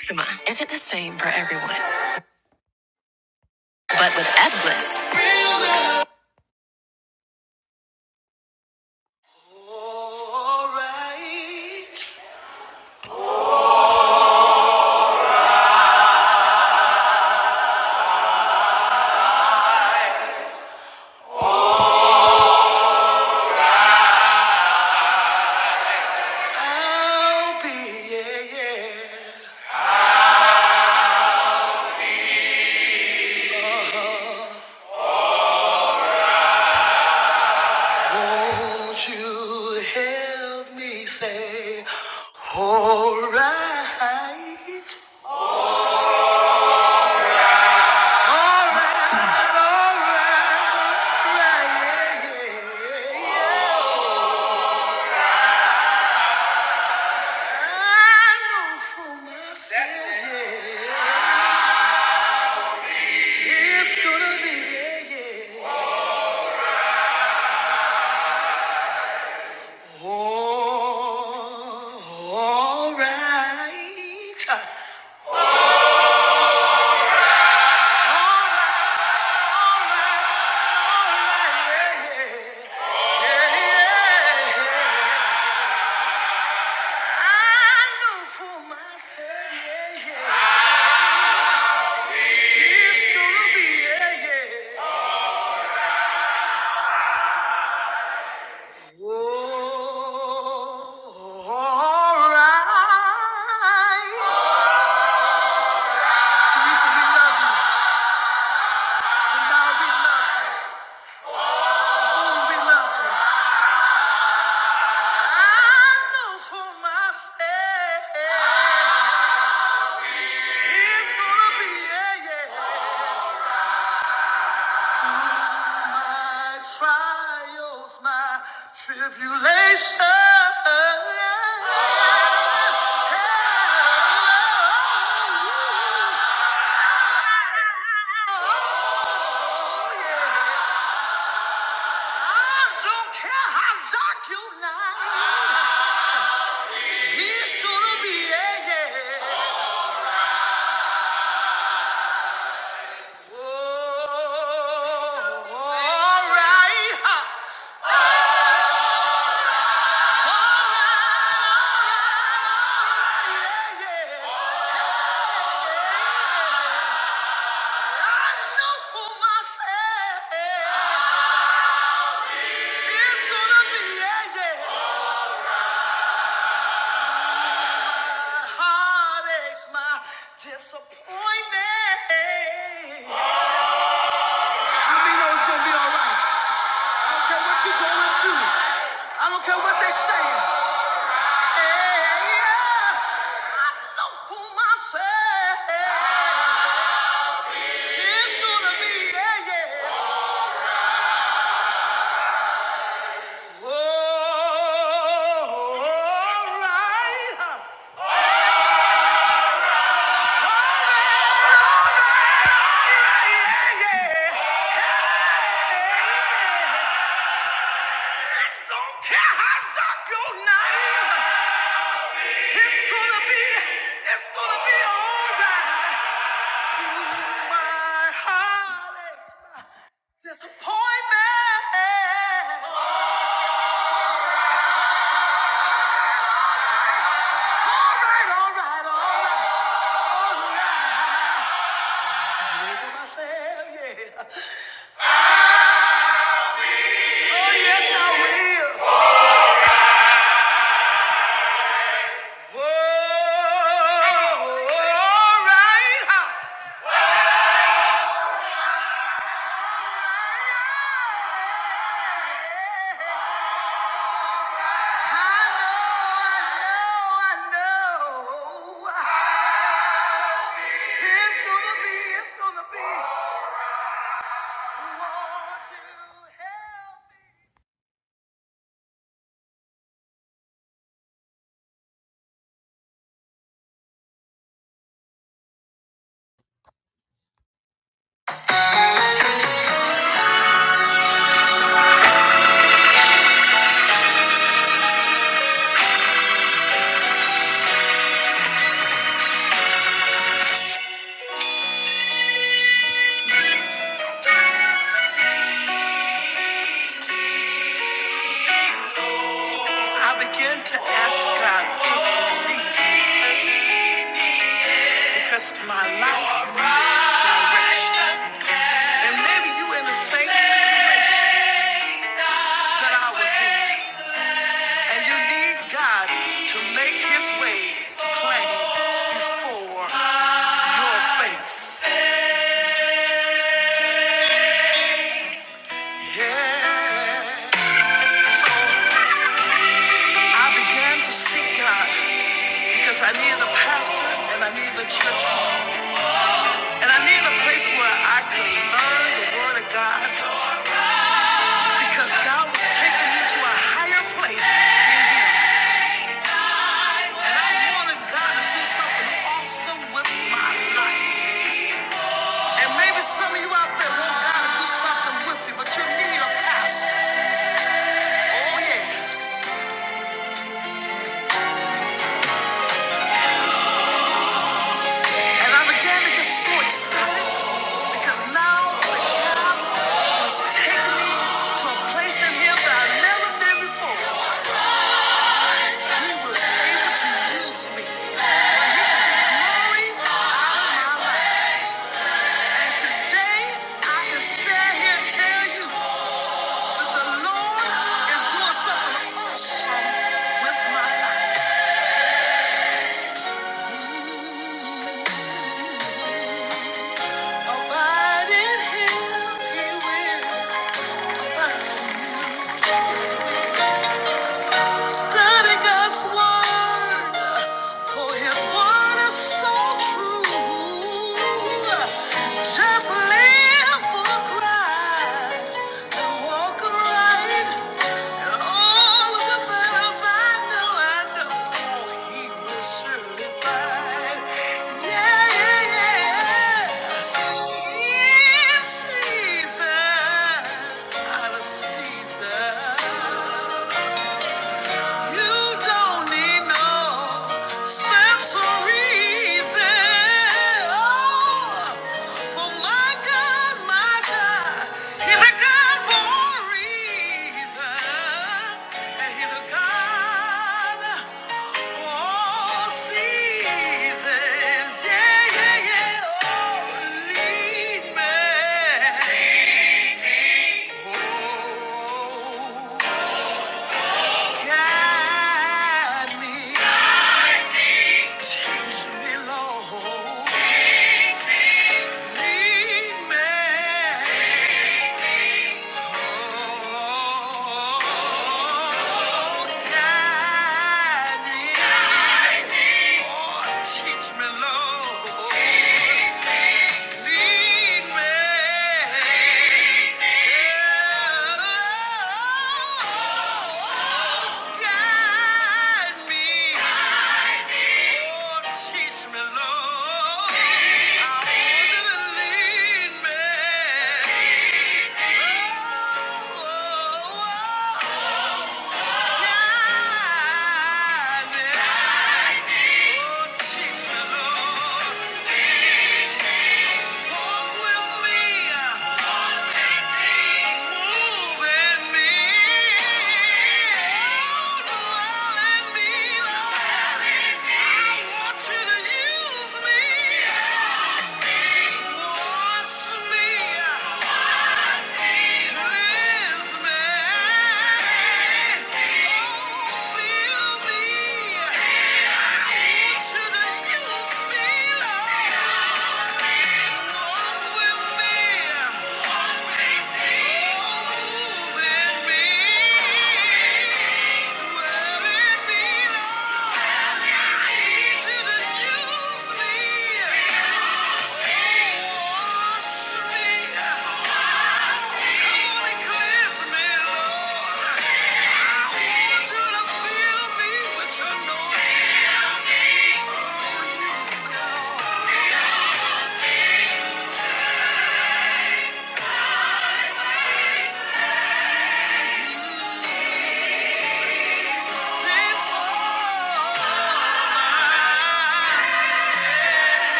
Speaker 1: Eczema isn't the same for everyone, but with Ebglyss, Alright, I'll be, yeah, yeah. Won't you help me say, alright? Oh, we love you, and we love you, only we love you. I know for myself, it's gonna be, yeah, yeah. Through my trials, my tribulations. Disappointment. All right, all right, all right. Whoa, all right, Oh, ah, I begin to ask God just to lead because of my life needs direction. And maybe you are in the same situation that I was in, and you need God to make His way plain before your face. Yeah. So I began to seek God because I needed a pastor and I needed a church home. and I needed a place where I could learn the Word of God because God was taking me to a higher place in Him. And I wanted God to do something awesome with my life. And maybe some of you out there want God to do something with you, but you need a pastor. Oh, yeah. And I began to get so excited because now the God was taking me to a place in Him that i have never been before. He was able to use me for Him to get glory out of my life. And today I can stand here and tell you that the Lord is doing something awesome with my life. Abide in Him, He will abide in you. Yes, He will. Study God's word, for his word is so true. Just live for Christ and walk right, and all of the battles I know, I know he will surely fight. Yeah, yeah, yeah. In season, out of season. You don't need no special reason. Oh, for my God, my God, He's a God for a reason, and He's a God for all seasons. Yeah, yeah, yeah. Oh, lead me. Oh, Guide me. Teach me, Lord. Lead me. Oh, guide me. Oh, teach me, Lord. Lead me. Oh, guide me. Oh, teach me, Lord. I want you to lead me. Oh, oh, oh, guide me. Oh, teach me, Lord. Walk with me. Move me. Dwell me, I want you to use me. Wash me. Yeah. Come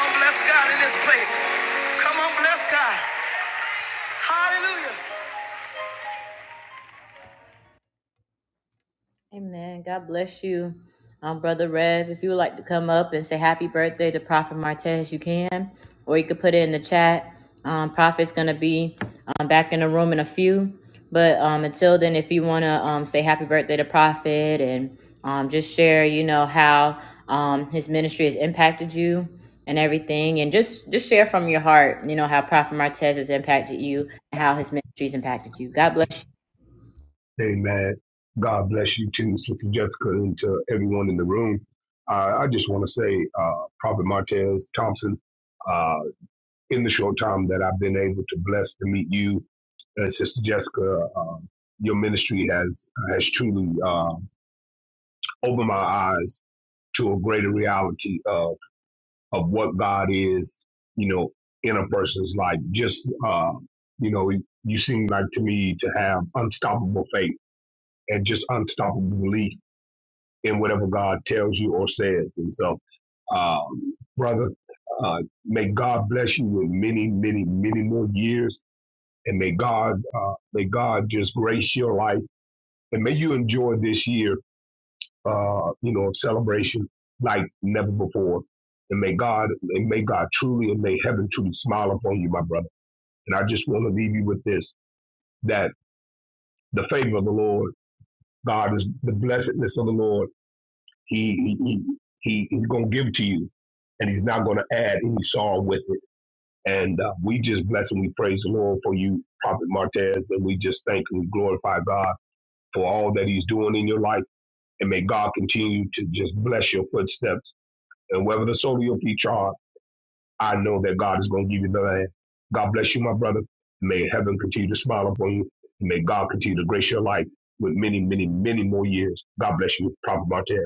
Speaker 1: on, bless God in this place. Come on, bless God. Hallelujah. Amen. God bless you, um, Brother Rev. If you would like to come up and say happy birthday to Prophet Martez, you can, or you could put it in the chat. Um, Prophet's going to be um, back in the room in a few. But um, until then, if you want to um, say happy birthday to Prophet and um, just share, you know, how um, his ministry has impacted you and everything, and just, just share from your heart, you know, how Prophet Martez has impacted you and how his ministry's impacted you. God bless you.
Speaker 3: Amen. God bless you too, Sister Jessica, and to everyone in the room. Uh, I just want to say, uh, Prophet Martez Thompson, uh, in the short time that I've been able to bless to meet you and Sister Jessica, um, your ministry has has truly uh, opened my eyes to a greater reality of of what God is, you know, in a person's life. Just uh, you know, you seem like to me to have unstoppable faith and just unstoppable belief in whatever God tells you or says. And so, um, brother, uh, may God bless you with many, many, many more years, and may God, uh, may God just grace your life, and may you enjoy this year, uh, you know, of celebration like never before. And may God, and may God truly, and may heaven truly smile upon you, my brother. And I just want to leave you with this: that the favor of the Lord, God is the blessedness of the Lord He he he, he's gonna give to you, and he's not gonna add any song with it. And uh, we just bless and we praise the Lord for you, Prophet Martez, and we just thank and we glorify God for all that He's doing in your life. And may God continue to just bless your footsteps. And wherever the soul of your feet are, I know that God is going to give you the land. God bless you, my brother. May heaven continue to smile upon you. May God continue to grace your life with many, many, many more years. God bless you, Prophet Martez.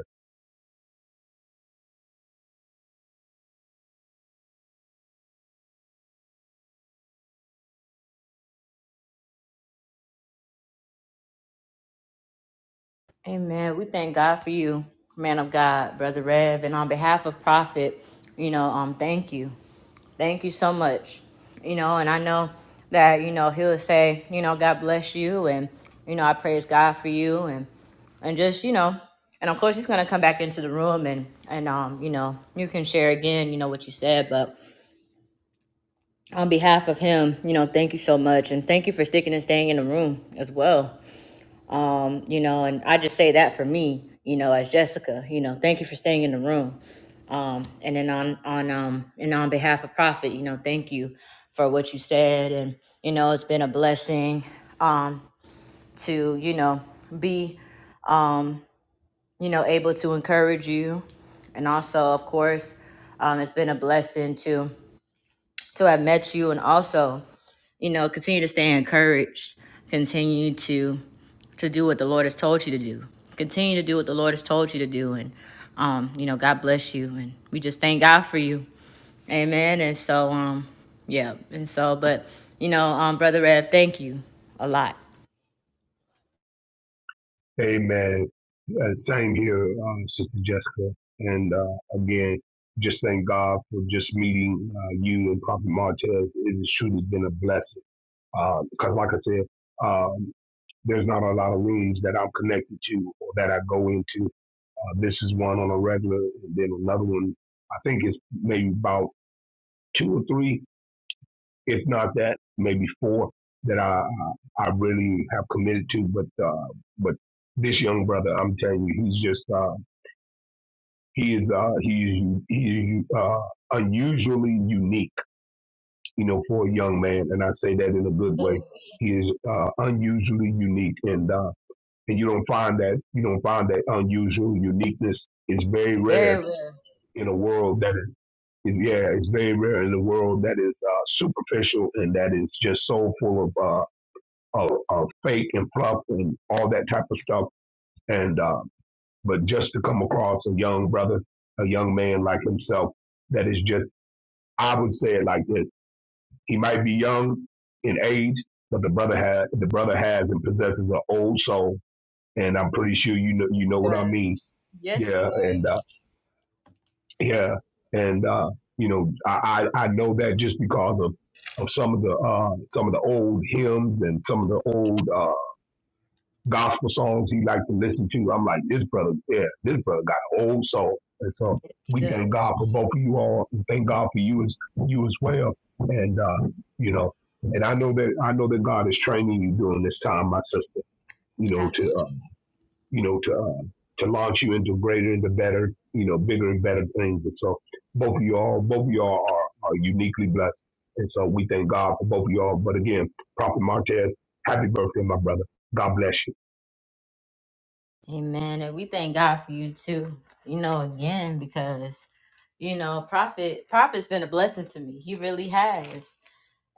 Speaker 1: Amen. We thank God for you, man of God, Brother Rev. And on behalf of Prophet, you know, um, thank you. Thank you so much. You know, and I know that, you know, he'll say, you know, God bless you and you know, I praise God for you and and just, you know, and of course he's gonna come back into the room and and um, you know, you can share again, you know, what you said, but on behalf of him, you know, thank you so much and thank you for sticking and staying in the room as well um, you know, and I just say that for me, you know, as Jessica, you know, thank you for staying in the room. Um, and then on on um and on behalf of Prophet, you know, thank you for what you said and you know, it's been a blessing um to, you know, be um, you know, able to encourage you and also of course, um it's been a blessing to to have met you and also, you know, continue to stay encouraged, continue to to do what the Lord has told you to do. Continue to do what the Lord has told you to do. And, um, you know, God bless you. And we just thank God for you. Amen. And so, um, yeah. And so, but, you know, um, Brother Rev, thank you a lot.
Speaker 3: Amen. Uh, same here, um, Sister Jessica. And uh, again, just thank God for just meeting uh, you and Prophet Martez. It has truly has been a blessing. Because, like I said, um, there's not a lot of rooms that I'm connected to or that I go into. Uh, this is one on a regular, and then another one. I think it's maybe about two or three if not that, maybe four that I I really have committed to. But uh, but this young brother, I'm telling you, he's just uh, he is uh, he is he is uh, unusually unique, you know, for a young man, and I say that in a good way.
Speaker 1: Yes,
Speaker 3: He is uh, unusually unique, and uh, and you don't find that you don't find that unusual uniqueness is very rare
Speaker 1: very well.
Speaker 3: in a world that is is yeah, it's very rare in a world that is uh, superficial and that is just so full of uh, of, of fake and fluff and all that type of stuff. And uh, but just to come across a young brother, a young man like himself, that is just I would say it like this: he might be young in age, but the brother has the brother has and possesses an old soul, and I'm pretty sure you know you
Speaker 1: He
Speaker 3: know what I
Speaker 1: does.
Speaker 3: mean.
Speaker 1: Yes, he
Speaker 3: Yeah, and
Speaker 1: does.
Speaker 3: uh, yeah, and uh, you know I, I I know that just because of of some of the uh, some of the old hymns and some of the old. uh, gospel songs he liked to listen to. I'm like, this brother, yeah, this brother got an old soul. And so
Speaker 1: He
Speaker 3: we
Speaker 1: does.
Speaker 3: thank God for both of you all and thank God for you as you as well. And uh, you know, and I know that I know that God is training you during this time, my sister, you know, to uh, you know, to uh, to launch you into greater and the better, you know, bigger and better things. And so both of you all, both of you all are, are uniquely blessed. And so we thank God for both of you all. But again, Prophet Martez, happy birthday, my brother. God bless you.
Speaker 1: Amen. And we thank God for you too. You know, again, because you know, prophet prophet's been a blessing to me. He really has.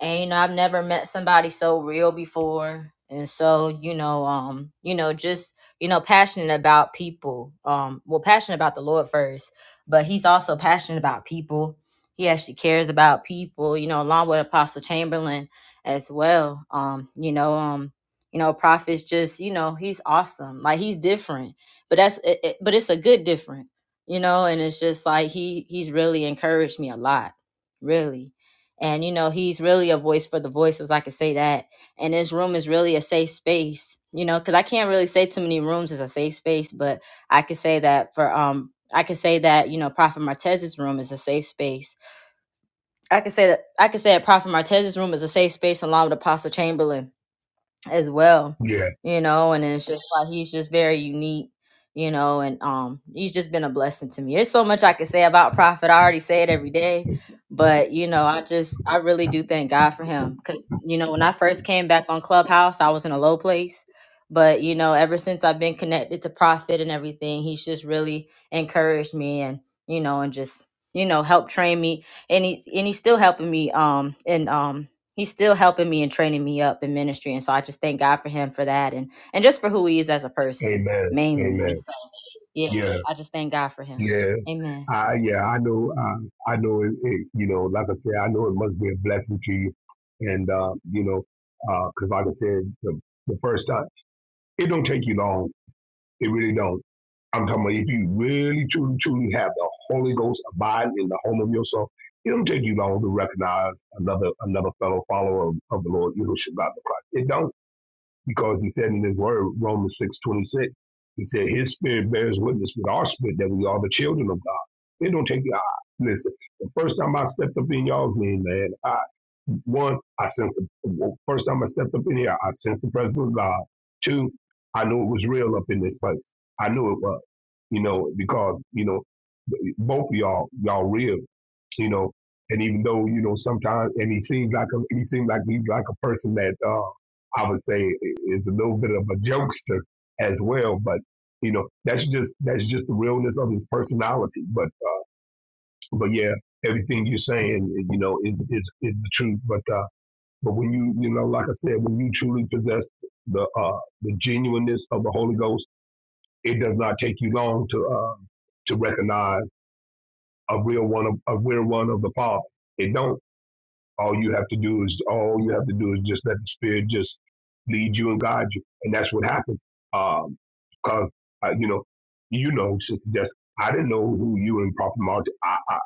Speaker 1: and you know i've never met somebody so real before and so you know um you know just you know passionate about people um well passionate about the lord first but he's also passionate about people he actually cares about people you know along with apostle chamberlain as well um you know um you know prophets just you know he's awesome like he's different but that's it, it- but it's a good different you know and it's just like he he's really encouraged me a lot really and you know he's really a voice for the voices i can say that and this room is really a safe space you know because i can't really say too many rooms is a safe space but i could say that for um i could say that you know prophet martez's room is a safe space i could say that i could say that prophet martez's room is a safe space along with apostle chamberlain as well,
Speaker 3: Yeah.
Speaker 1: you know, and it's just like he's just very unique, you know, and um he's just been a blessing to me. There's so much I could say about Prophet. I already say it every day, but you know, I just I really do thank God for him cuz you know, when I first came back on Clubhouse, I was in a low place, but you know, ever since I've been connected to Prophet and everything, he's just really encouraged me and you know, and just you know, helped train me and he's and he's still helping me um and um he's still helping me and training me up in ministry and so i just thank god for him for that and and just for who he is as a person
Speaker 3: Amen.
Speaker 1: mainly and
Speaker 3: Amen.
Speaker 1: so yeah
Speaker 3: Yeah.
Speaker 1: i just thank god for him
Speaker 3: Yeah.
Speaker 1: amen
Speaker 3: I yeah. I know. Uh, I know. It, it, you know. Like I said, I know it must be a blessing to you, and uh, you know, because like I said, the, the first time it don't take you long. It really don't. I'm talking about if you really truly truly have the Holy Ghost abide in the home of your soul, It don't take you long to recognize another another fellow follower of, of the Lord Yahushua God the Christ. It don't because he said in his word, Romans six twenty six, he said, His spirit bears witness with our spirit that we are the children of God. It don't take your eye. Listen, the first time I stepped up in y'all's name, man, I one, I sensed the well, first time I stepped up in here, I sensed the presence of God. Two, I knew it was real up in this place. I knew it was, you know, because, you know, both of y'all, y'all real, you know. And even though, you know, sometimes and he seems like a he seems like he's like a person that uh, I would say is a little bit of a jokester as well. But you know, that's just that's just the realness of his personality. But uh, but yeah, everything you're saying, you know, is is, is the truth. But uh, but when you you know, like I said, when you truly possess the uh, the genuineness of the Holy Ghost, it does not take you long to uh, to recognize a real one of a real one of the Father. It don't All you have to do is all you have to do is just let the spirit just lead you and guide you, and that's what happened. Um, because uh, you know, you know, Sister Jessica, I didn't know who you and Prophet Martin. I, I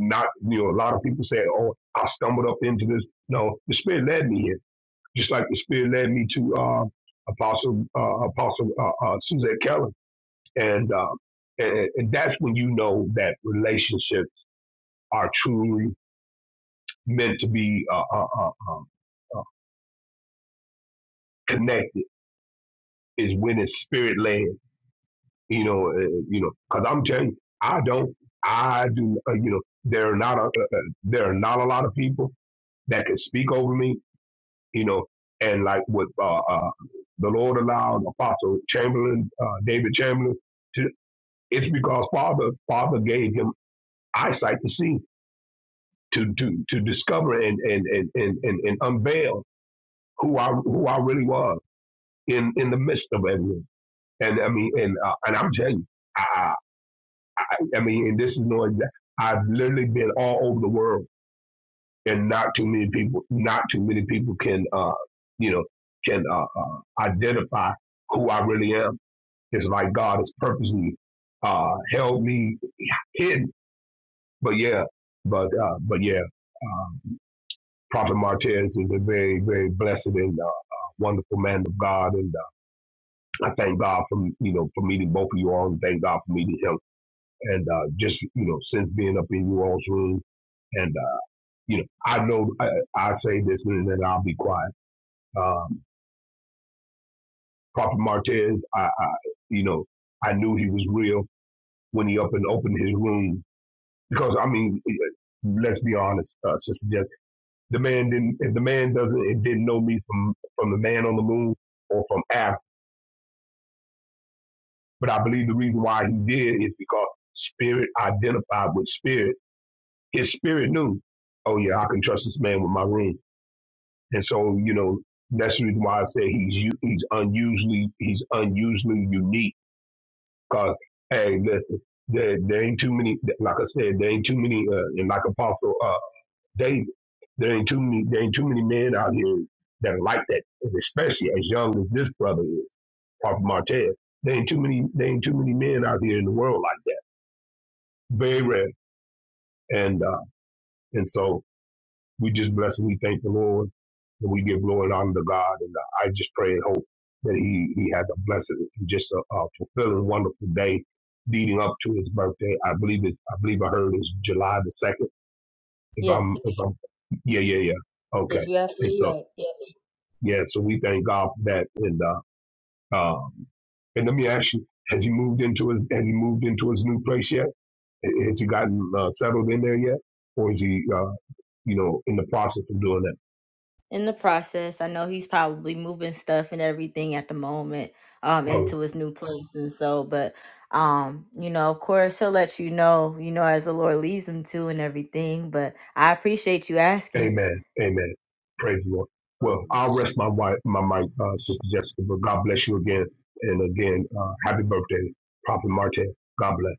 Speaker 3: not you know a lot of people say, oh, I stumbled up into this. No, the spirit led me here, just like the spirit led me to uh, Apostle uh, Apostle uh, uh, Suzette Keller, and, uh, and and that's when you know that relationships are truly meant to be. Uh, uh, uh, uh, connected is when it's spirit led. You know, uh, you know, because I'm telling you, I don't, I do, uh, you know, there are not a, uh, uh, there are not a lot of people that can speak over me. You know, and like what uh, uh, the Lord allowed Apostle Chamberlain, uh, David Chamberlain, to, it's because Father Father gave him eyesight to see, to to to discover and and and and, and, and unveil who I who I really was in in the midst of everything. And I mean, and uh, and I'm telling you, I, I, I mean, and this is no exact. I've literally been all over the world, and not too many people, not too many people can, uh, you know, can uh, uh, identify who I really am. It's like God has purposely uh, held me hidden. But yeah, but uh, but yeah, uh, Prophet Martez is a very very blessed and uh, uh, wonderful man of God, and uh, I thank God for you know for meeting both of you all, and thank God for meeting him and uh, just you know since being up in you all's room and uh, you know I know I, I say this and then I'll be quiet. Um, Prophet Martez, I, I you know I knew he was real when he up and opened his room because I mean let's be honest, uh, Sister Jeff, the man didn't if the man doesn't it didn't know me from from the man on the moon or from Af, but I believe the reason why he did is because spirit identified with spirit. His spirit knew, oh yeah, I can trust this man with my room And so, you know, that's the reason why I say he's u- he's unusually he's unusually unique. Cause hey, listen, there there ain't too many. Like I said, there ain't too many. Uh, and like Apostle uh, David, there ain't too many. There ain't too many men out here that are like that, and especially as young as this brother is, Prophet Martez. There ain't too many. There ain't too many men out here in the world like that. Very rare. And uh, and so We just bless and we thank the Lord and we give glory and honor to God. And uh, I just pray and hope that He He has a blessed and just a, a fulfilling, wonderful day leading up to His birthday. I believe it. I believe I heard it's July the second. If
Speaker 1: yes
Speaker 3: I'm if I'm yeah yeah yeah okay.
Speaker 1: yes you're
Speaker 3: And
Speaker 1: absolutely
Speaker 3: so
Speaker 1: right yeah.
Speaker 3: yeah, so we thank God for that. And uh, um, and let me ask you, has He moved into his Has He moved into His new place yet? Has He gotten uh, settled in there yet, or is He uh, you know in the process of doing
Speaker 1: in the process i know he's probably moving stuff and everything at the moment um
Speaker 3: that?
Speaker 1: into his new place and so but um you know of course he'll let you know you know as the lord leads him to and everything but i appreciate you asking
Speaker 3: Amen. Amen. Praise the Lord. Well,
Speaker 1: Absolutely.
Speaker 3: I'll rest my wife, my mic, uh, Sister Jessica, but God bless you again. And again, uh, happy birthday, Prophet Marte. God bless.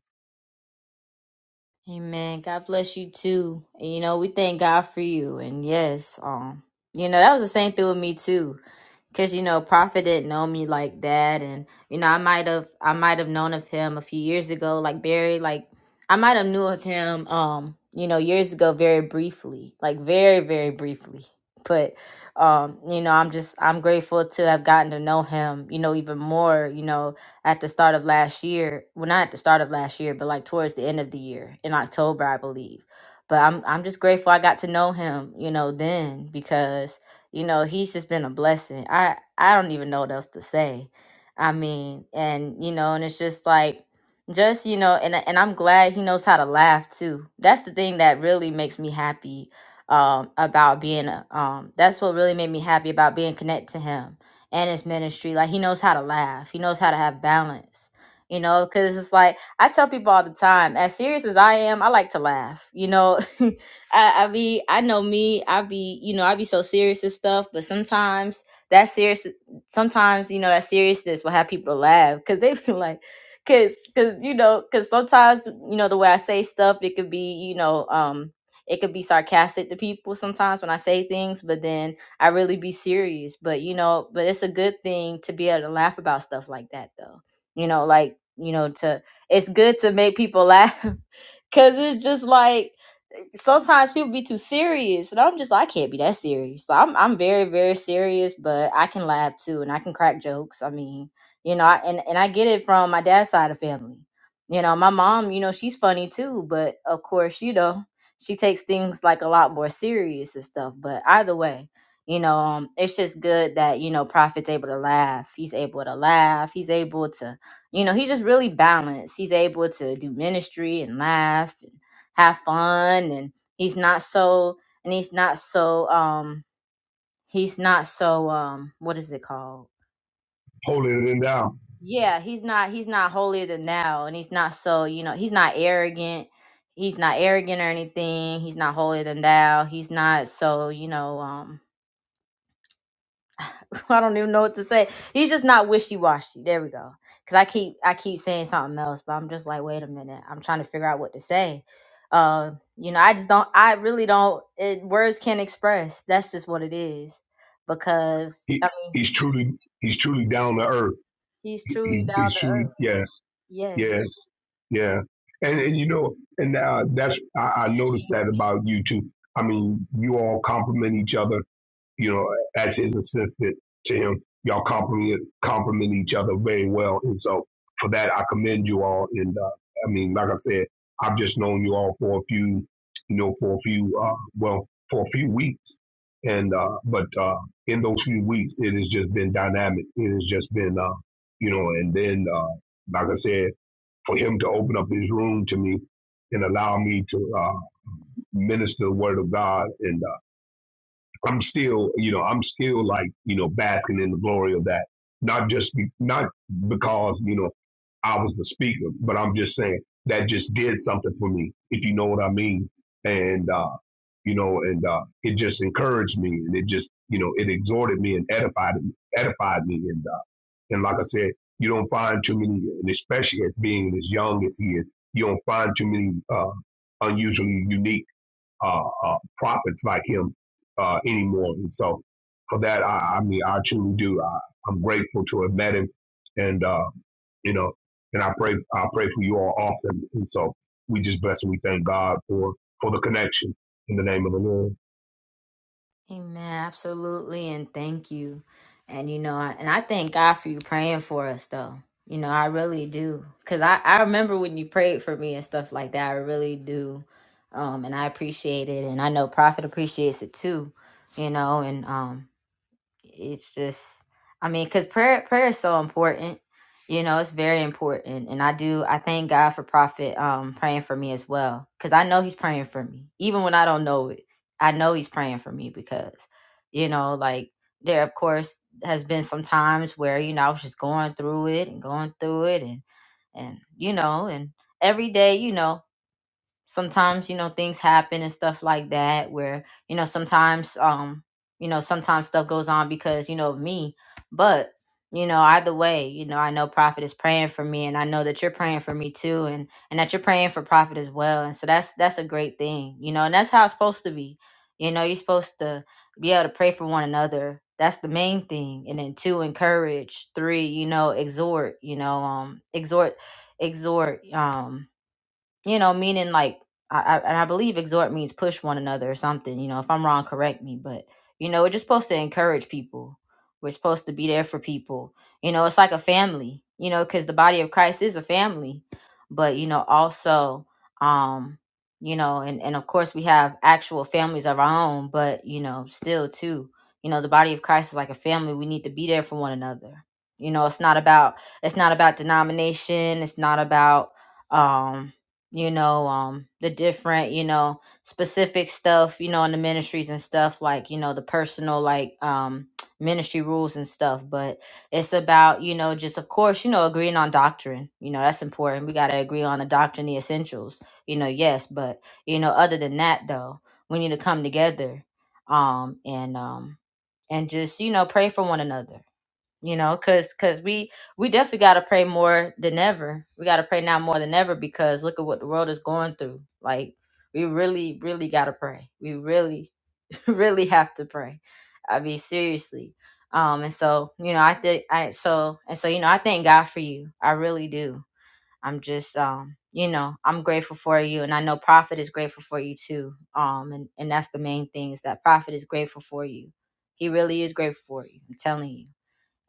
Speaker 1: Amen. God bless you too. And, you know, we thank God for you. And yes, um, you know, that was the same thing with me too. Cause you know, Prophet didn't know me like that. And, you know, I might have I might have known of him a few years ago, like very like I might have knew of him um, you know, years ago very briefly. Like very, very briefly. But um, you know, I'm just I'm grateful to have gotten to know him, you know, even more, you know, at the start of last year. Well, not at the start of last year, but like towards the end of the year in October, I believe. But I'm I'm just grateful I got to know him, you know, then because you know he's just been a blessing. I I don't even know what else to say. I mean, and you know, and it's just like just you know, and I- and I'm glad he knows how to laugh too. That's the thing that really makes me happy um about being a- um that's what really made me happy about being connected to him and his ministry. Like he knows how to laugh. He knows how to have balance. You know, because it's like I tell people all the time, as serious as I am, I like to laugh. You know, I, I be I know me, I be you know I be so serious and stuff, but sometimes that serious, sometimes you know that seriousness will have people to laugh because they be like, because because you know because sometimes you know the way I say stuff, it could be you know um it could be sarcastic to people sometimes when I say things, but then I really be serious. But you know, but it's a good thing to be able to laugh about stuff like that though. You know, like, you know, to it's good to make people laugh cuz it's just like sometimes people be too serious, and I'm just like, I can't be that serious. So I'm I'm very very serious, but I can laugh too, and I can crack jokes. I mean, you know, I, and and I get it from my dad's side of family. You know, my mom, you know, she's funny too, but of course, you know, she takes things like a lot more serious and stuff. But either way, you know, um, it's just good that you know Prophet's able to laugh. He's able to laugh. He's able to you know, he's just really balanced. He's able to do ministry and laugh have fun and he's not so and he's not so um he's not so um what is it called
Speaker 3: Holding it down.
Speaker 1: yeah he's not he's not holier than thou and he's not so you know he's not arrogant he's not arrogant or anything he's not holier than thou he's not so you know um I don't even know what to say. He's just not wishy washy. There we go. Cause I keep I keep saying something else, but I'm just like, wait a minute. I'm trying to figure out what to say. Uh, you know, I just don't. I really don't. It, words can't express. That's just what it is. Because
Speaker 3: He,
Speaker 1: I mean,
Speaker 3: he's truly, he's truly down to earth.
Speaker 1: he's truly
Speaker 3: He,
Speaker 1: down
Speaker 3: he's
Speaker 1: to earth.
Speaker 3: truly, yeah,
Speaker 1: Yes.
Speaker 3: yeah, yeah. And, and you know, and uh, that's, I, I noticed that about you too. I mean, you all compliment each other you know, as his assistant to him. Y'all compliment compliment each other very well, and so for that I commend you all. And uh, I mean, like I said, I've just known you all for a few, you know, for a few, uh, well, for a few weeks, and uh, but uh, in those few weeks, it has just been dynamic. It has just been, uh, you know, and then uh, like I said, for him to open up his room to me and allow me to uh, minister the word of God and. I'm still, you know, I'm still like, you know, basking in the glory of that. Not just, be, not because, you know, I was the speaker, but I'm just saying that just did something for me, if you know what I mean. And, uh, you know, and, uh, it just encouraged me and it just, you know, it exhorted me and edified, edified me. And, uh, and like I said, you don't find too many, and especially as being as young as he is, you don't find too many, uh, unusually unique uh, uh, prophets like him uh, anymore. And so for that, I, I mean, I truly do. I, I'm grateful to have met him, and uh, you know, and I pray, I pray for you all often. And so we just bless and we thank God for for the connection in the name of the Lord.
Speaker 1: Amen. Absolutely. And thank you. And you know, I, and I thank God for you praying for us though. You know, I really do. Cause I, I remember when you prayed for me and stuff like that. I really do. Um, and I appreciate it. And I know Prophet appreciates it too, you know, and, um, it's just i mean because prayer prayer is so important you know it's very important and i do i thank god for prophet um praying for me as well because i know he's praying for me even when i don't know it i know he's praying for me because you know like there of course has been some times where you know i was just going through it and going through it and and you know and every day you know sometimes you know things happen and stuff like that where you know sometimes um you know sometimes stuff goes on because you know of me but you know either way you know i know prophet is praying for me and i know that you're praying for me too and and that you're praying for prophet as well and so that's that's a great thing you know and that's how it's supposed to be you know you're supposed to be able to pray for one another that's the main thing and then two encourage three you know exhort you know um exhort exhort um you know, meaning like I, I and I believe exhort means push one another or something. You know, if I'm wrong, correct me. But you know, we're just supposed to encourage people. We're supposed to be there for people. You know, it's like a family. You know, because the body of Christ is a family. But you know, also, um, you know, and and of course we have actual families of our own. But you know, still too, you know, the body of Christ is like a family. We need to be there for one another. You know, it's not about it's not about denomination. It's not about um you know, um, the different, you know, specific stuff, you know, in the ministries and stuff, like, you know, the personal, like, um, ministry rules and stuff. But it's about, you know, just, of course, you know, agreeing on doctrine. You know, that's important. We got to agree on the doctrine, the essentials, you know, yes. But, you know, other than that, though, we need to come together, um, and, um, and just, you know, pray for one another you know because because we we definitely got to pray more than ever we got to pray now more than ever because look at what the world is going through like we really really got to pray we really really have to pray i mean seriously um and so you know i think i so and so you know i thank god for you i really do i'm just um you know i'm grateful for you and i know prophet is grateful for you too um and and that's the main thing is that prophet is grateful for you he really is grateful for you i'm telling you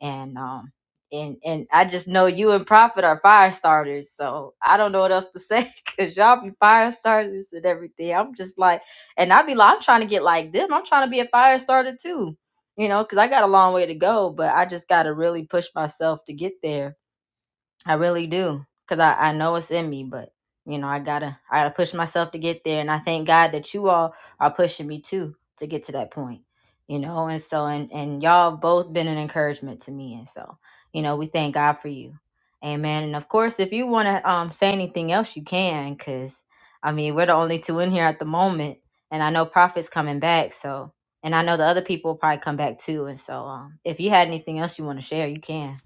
Speaker 1: and um and and I just know you and Prophet are fire starters, so I don't know what else to say because y'all be fire starters and everything. I'm just like, and I be like, I'm trying to get like them. I'm trying to be a fire starter too, you know, because I got a long way to go, but I just got to really push myself to get there I really do, cause I I know it's in me, but you know I gotta I gotta push myself to get there, and I thank God that you all are pushing me too to get to that point. You know, and so and and y'all have both been an encouragement to me, and so you know we thank God for you, Amen. And of course, if you wanna um say anything else, you can, cause I mean we're the only two in here at the moment, and I know Prophet's coming back, so and I know the other people will probably come back too, and so um if you had anything else you want to share, you can.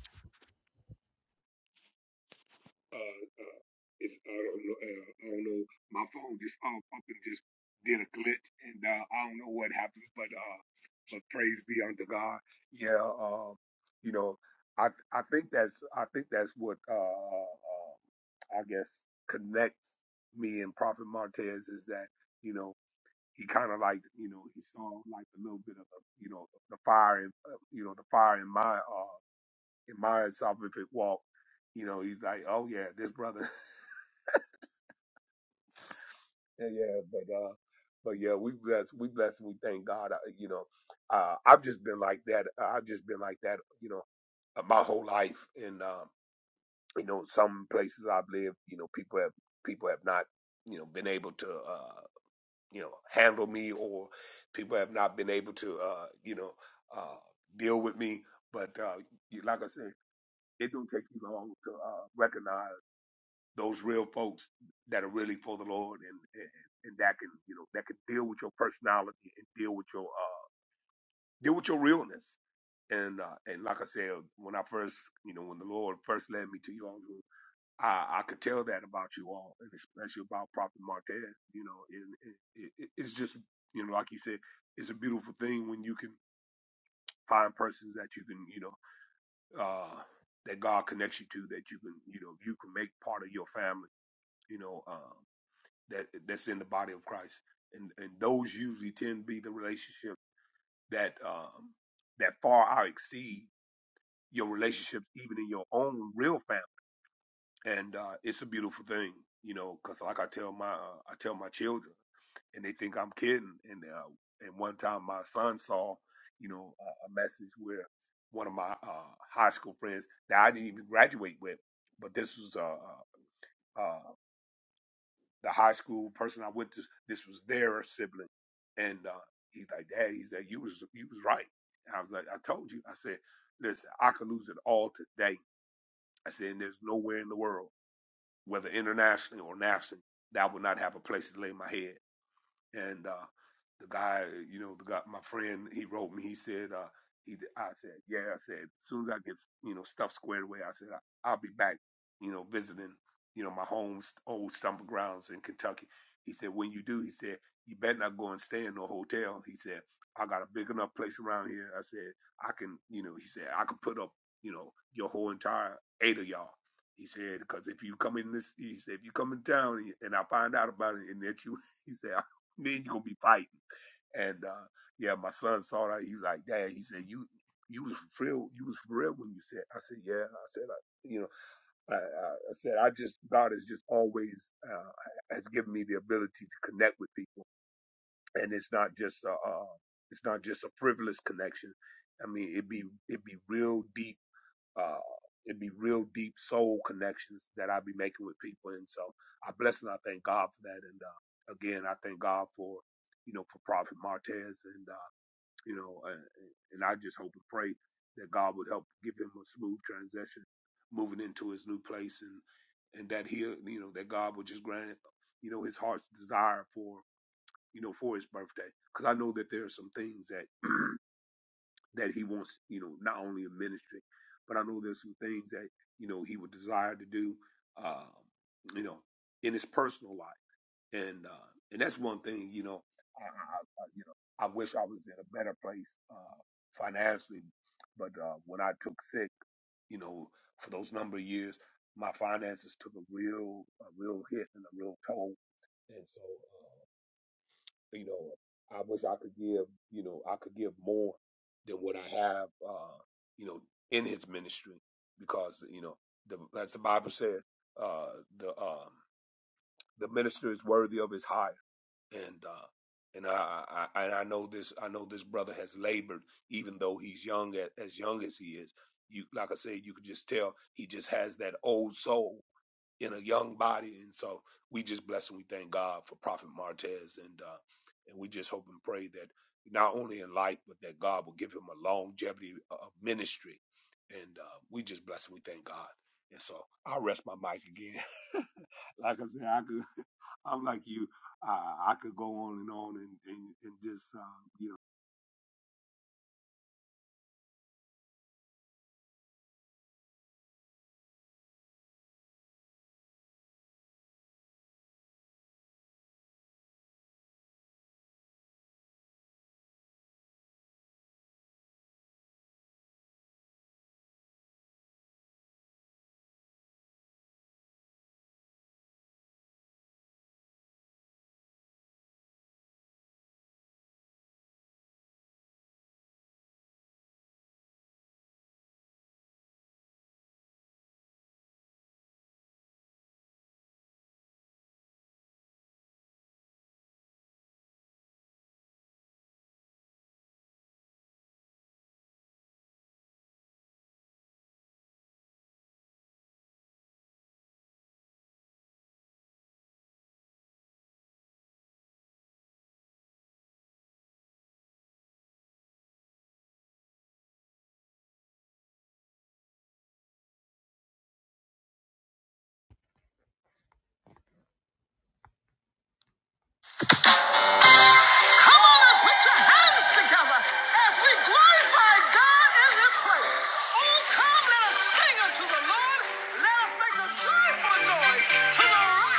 Speaker 1: Come on and put your hands together as we glorify God in this place. Oh, come, let us sing unto the Lord. Let us make a joyful noise to the rock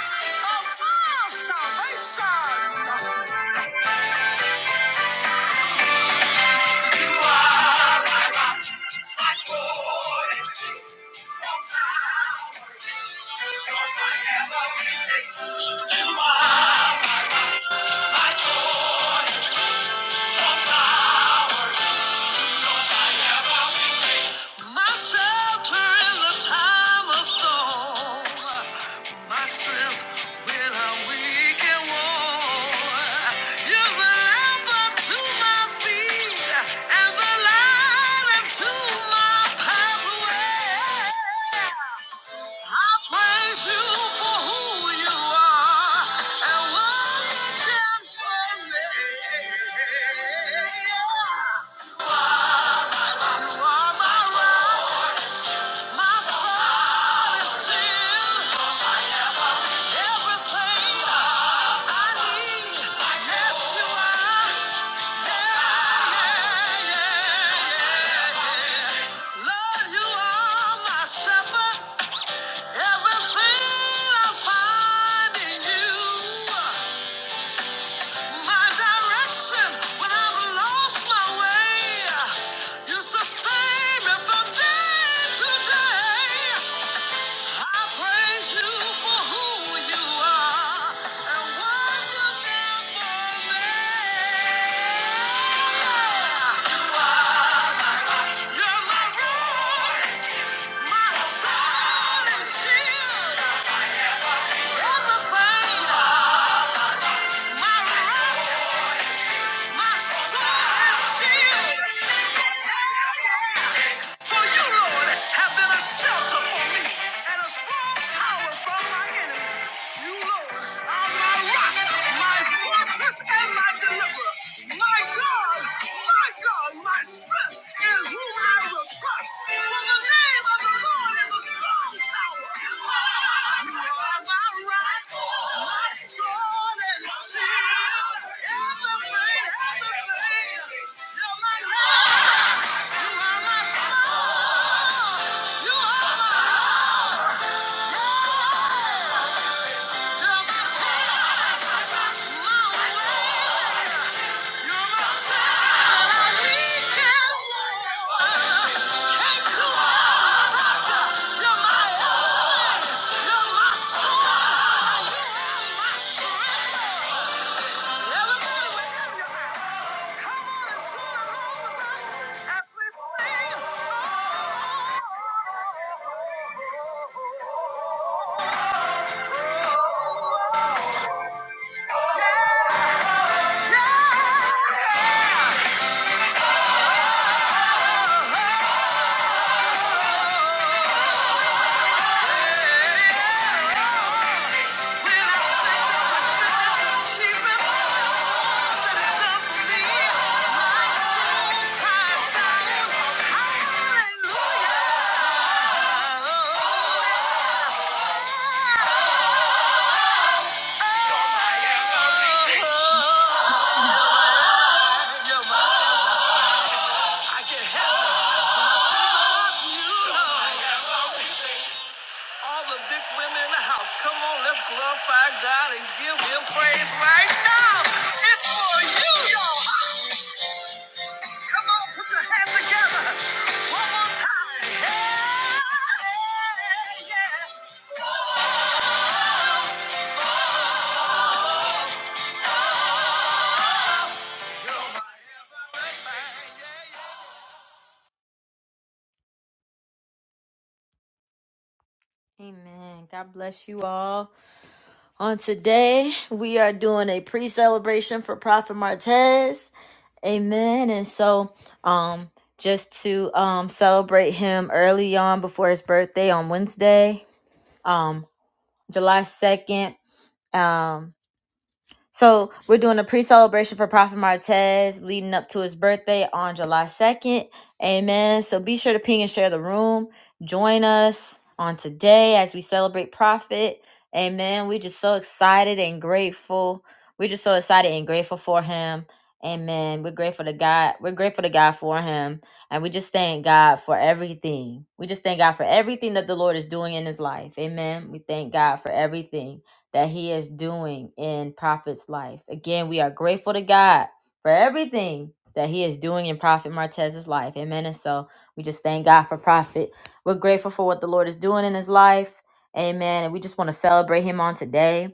Speaker 1: of our salvation. You are my rock. My shelter in the time of storm. My strength when I'm weak and worn. You're the lamp unto my feet and the light unto my pathway. I praise you for who you are and what you've done for me. Sustain me from day to day. I praise you for who you are and what you done for me. You're my rock, my sword and shield, everything. My rock, my sword and shield. For you, Lord, have been a shelter for me and a strong tower from my enemies. You look, I'm my rock, my fortress, and my deliverer. My God, my God, my strength is whom I will trust. For the name of the Lord is a strong tower. You are my rock, my sword and shield. Everything, everything. You're my God. You are my God. You are my God. You're my, I can help. I think about you, Lord. All the big women in the house, come on, let's glorify God and give Him praise right now. It's for you, y'all. Come on, put your hands together. One more time. Hey, yeah. You're my everything. Amen. God bless you all. On today, we are doing a pre celebration for Prophet Martez. Amen. And so, um, just to um celebrate him early on before his birthday on Wednesday, um, July second. Um, so we're doing a pre-celebration for Prophet Martez leading up to his birthday on July 2nd. Amen. So be sure to ping and share the room. Join us on today as we celebrate Prophet. Amen. We're just so excited and grateful. We're just so excited and grateful for him. Amen. We're grateful to God. We're grateful to God for him. And we just thank God for everything. We just thank God for everything that the Lord is doing in his life. Amen. We thank God for everything that He is doing in Prophet's life. Again, we are grateful to God for everything that He is doing in Prophet Martez's life. Amen. And so we just thank God for Prophet. We're grateful for what the Lord is doing in his life. Amen. And we just want to celebrate him on today.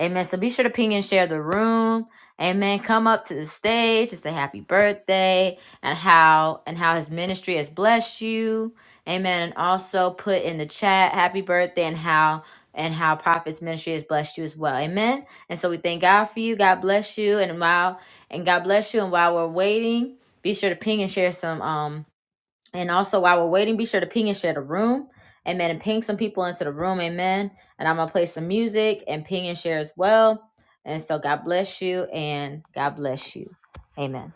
Speaker 1: Amen. So be sure to ping and share the room. Amen. Come up to the stage and say happy birthday and how and how his ministry has blessed you. Amen. And also put in the chat happy birthday and how and how prophet's ministry has blessed you as well. Amen. And so we thank God for you. God bless you. And while and God bless you. And while we're waiting, be sure to ping and share some. um. And also, while we're waiting, be sure to ping and share the room. Amen. And ping some people into the room. Amen. And I'm going to play some music and ping and share as well. And so, God bless you and God bless you. Amen.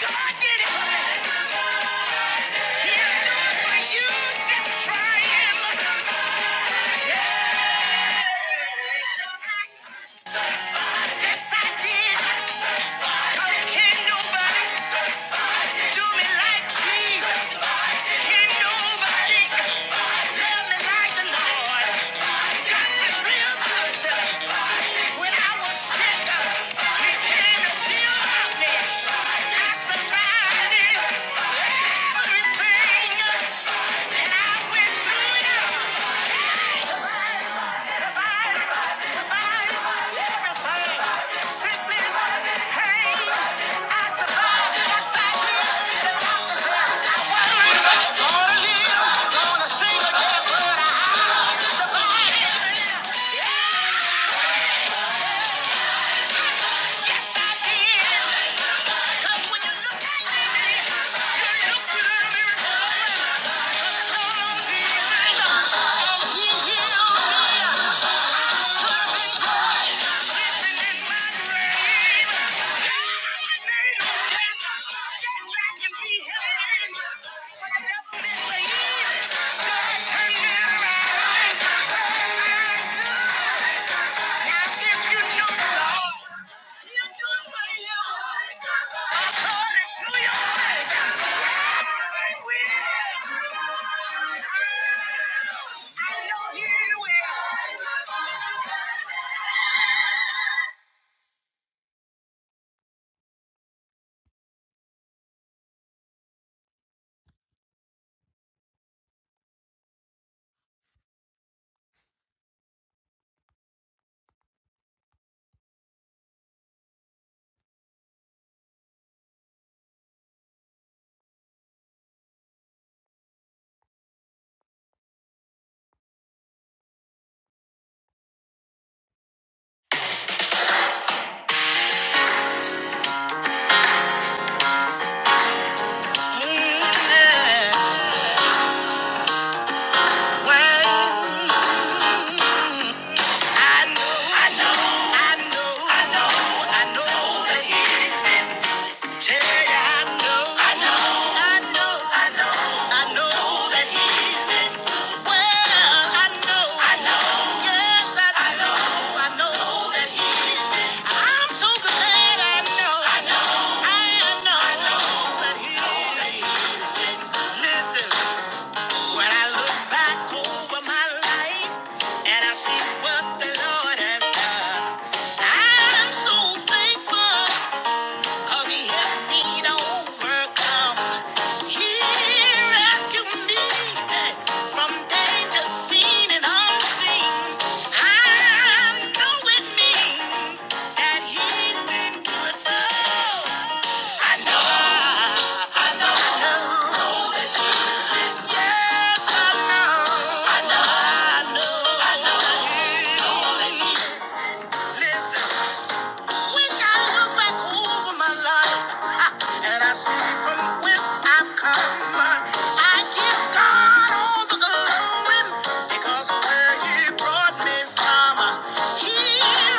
Speaker 1: God did it. Hey! I know he will. I know. I know. I know that he's been. Listen. When I look back over my life and I see what the Lord has done, I'm so thankful He helped me to overcome. He rescued me from danger seen and unseen. I know it means that He's been good. Oh, I know. Yes, I know. I know. I know. Listen. When I look back over my life and I see from whence I've come, I give God all the glory because of where He brought me from. He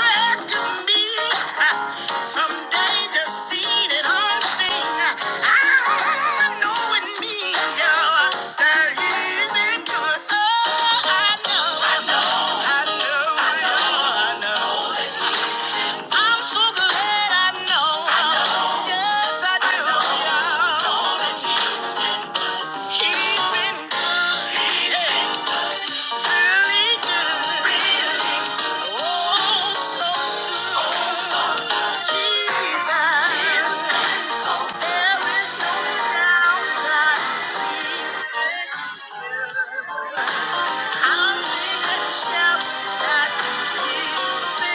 Speaker 1: rescued me from danger seen and unseen. I know in me that He's been good. Oh, I know, I know, I know, I know. I'm so glad I know. I know. Yes, I do. Yeah. He's been good. He's been really good. Really. Oh, so good. Oh, so Jesus. Jesus. There is no doubt that he's good. I'll sing and shout that When I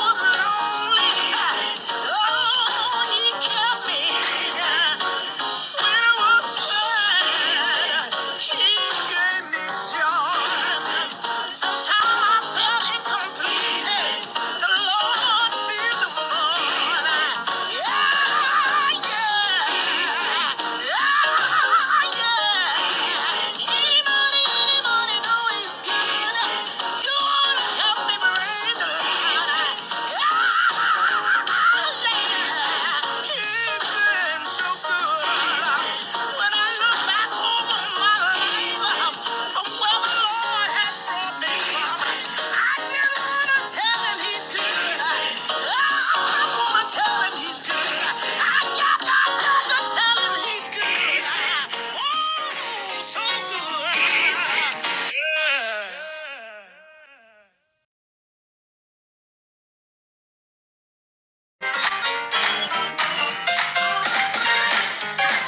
Speaker 1: was lonely, oh, he kept me. When I Yeah, yeah, yeah.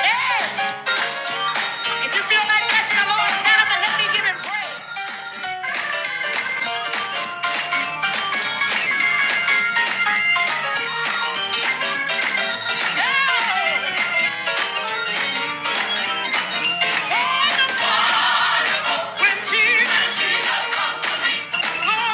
Speaker 1: Hey, if you feel like blessing the Lord, stand up and help me give him praise. Yeah. When Jesus Yeah.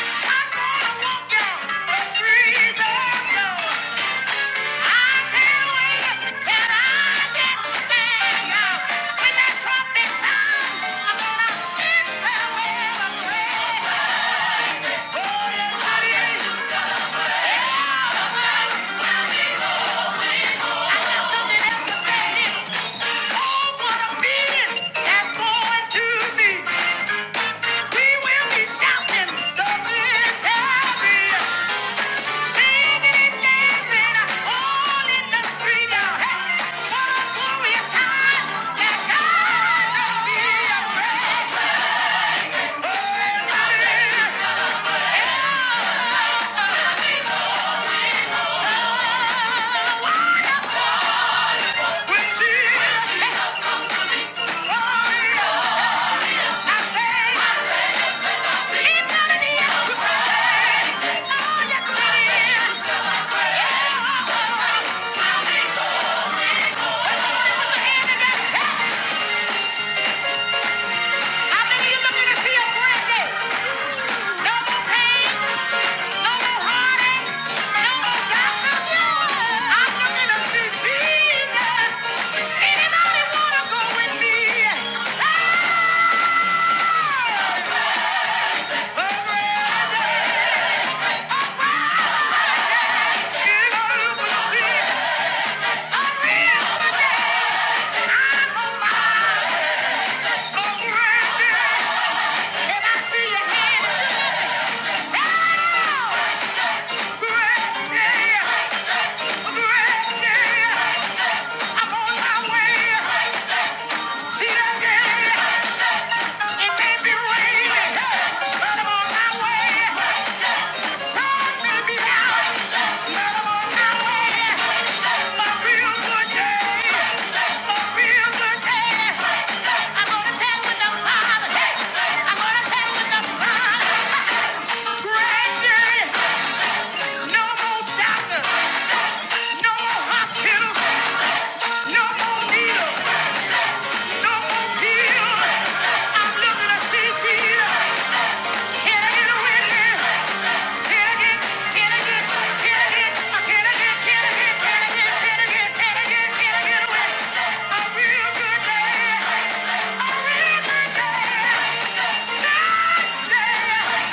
Speaker 1: I'm gonna walk down the freezing road. I can't wait till I get there. When that trumpet sound, I'm gonna bid farewell and pray. Oh, yeah, buddy. Oh, what a meaning that's going to be. We will be shouting the victory. Yeah. No more doctors! No more hospitals, no more needles, no more pills. I'm looking to see Jesus. I Can I get, can I get, can I get, uh, can I get, can I get, can I get, can I get, can I get, can I get a witness? A real good day, a real good day. God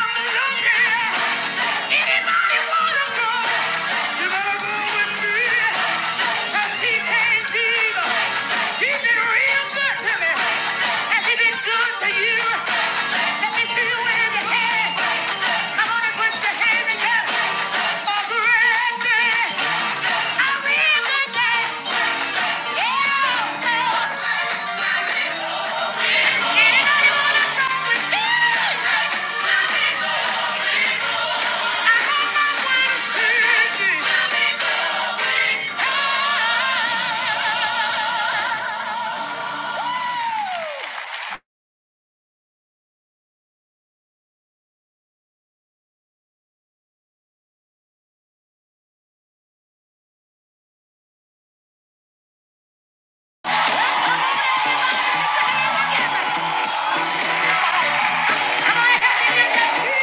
Speaker 1: I'm looking. Anybody wanna go? You better go with me. 'Cause he has been real good to me. Has he been good to you? Let me see you wave your hand. Come on and put your hand together. Oh, great man. I will good Yeah, oh, Come on and hand it.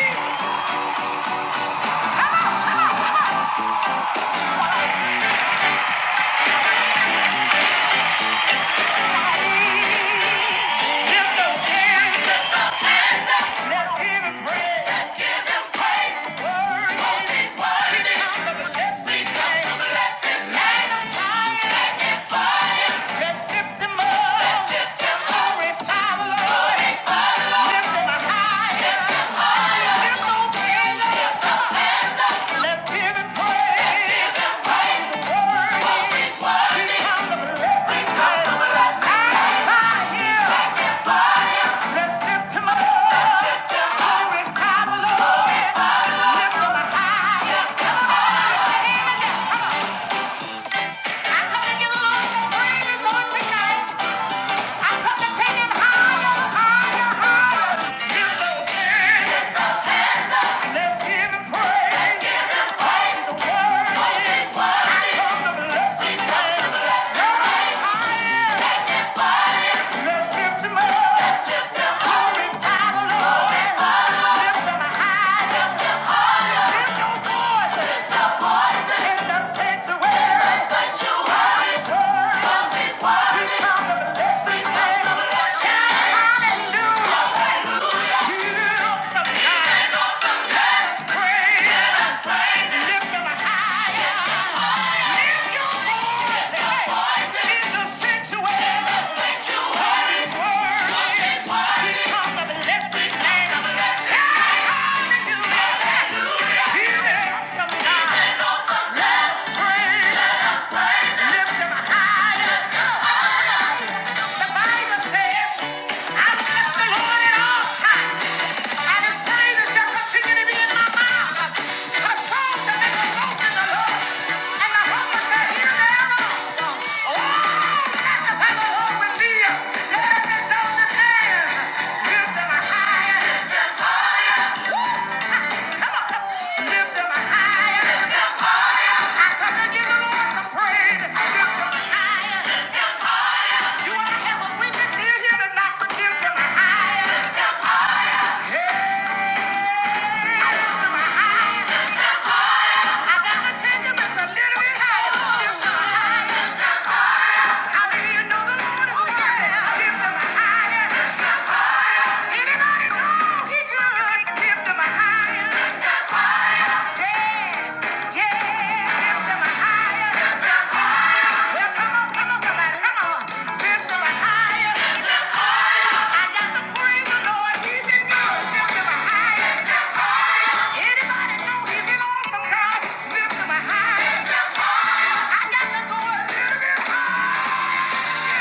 Speaker 1: Lift Let's give him praise. Let's give him praise. Word. Cause he's worthy. the blessed We come his name. Magnify him. Magnify him. Let's lift him up. let lift him up. Glorify Lift him higher. Let's lift him up. Let's lift him up. Lift him high. I'm coming to give a Lord some praise on tonight. I'm coming to take him higher, higher, higher. Lift those hands. Lift those hands up. Let's give him praise. Let's give him praise. He's worthy. He's worthy. I come to bless He comes to bless his name. Lift those hands. Let's lift him up. Let's lift him up. Glorify the Lord. Glorify the Lord. Lift him high. Lift him high. Lift your voice. Lift your voice. In the sanctuary. In the sanctuary. Because his word. Because his word. We come to bless his name. We come to bless his name. Hallelujah. Lift them higher. The Bible says, I bless the Lord at all times, and his praises shall continue to be in my mouth. For Saul shall make a boast in the Lord, and the humble shall hear thereof. Oh, magnify the Lord with me. Let us exalt his Lift them higher. Lift them higher. Woo! Come on, Lift them higher. Lift them higher. I come to give the Lord some praise. Lift them higher. You wanna have a witness here here tonight, put to my higher. Lift him higher. Hey, lift him higher. Lift him higher. I got to take a little bit higher. Lift him higher. Anybody know he's an awesome God? Lift him high. I got to go a little higher. Yeah.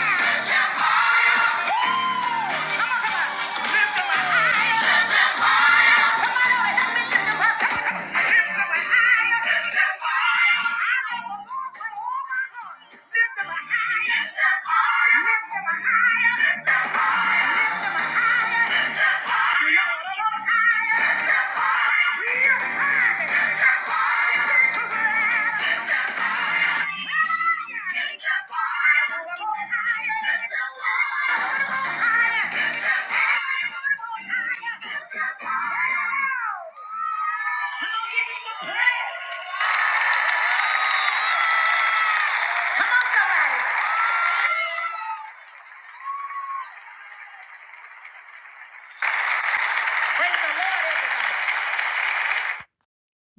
Speaker 1: Come on, somebody.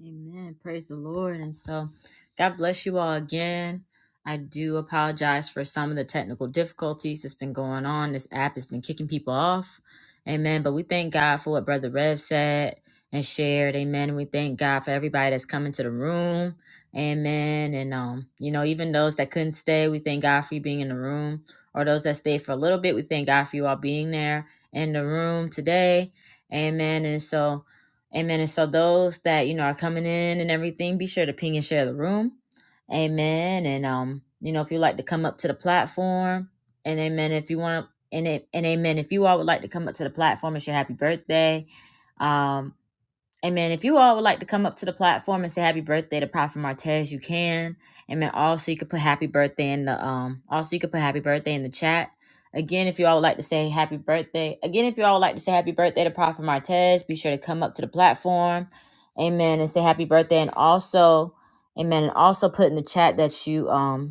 Speaker 1: Amen. Praise the Lord. And so, God bless you all again. I do apologize for some of the technical difficulties that's been going on. This app has been kicking people off. Amen. But we thank God for what Brother Rev said and shared. Amen. And we thank God for everybody that's coming to the room. Amen. And um, you know, even those that couldn't stay, we thank God for you being in the room. Or those that stayed for a little bit, we thank God for you all being there in the room today. Amen. And so Amen. And so those that, you know, are coming in and everything, be sure to ping and share the room. Amen. And um, you know, if you like to come up to the platform, and amen. If you want to, and it, and amen. If you all would like to come up to the platform it's your happy birthday, um. Amen. If you all would like to come up to the platform and say happy birthday to Prophet Martez, you can. Amen. Also, you can put happy birthday in the um. Also, you can put happy birthday in the chat. Again, if you all would like to say happy birthday. Again, if you all would like to say happy birthday to Prophet Martez, be sure to come up to the platform. Amen. And say happy birthday. And also, amen. And also put in the chat that you um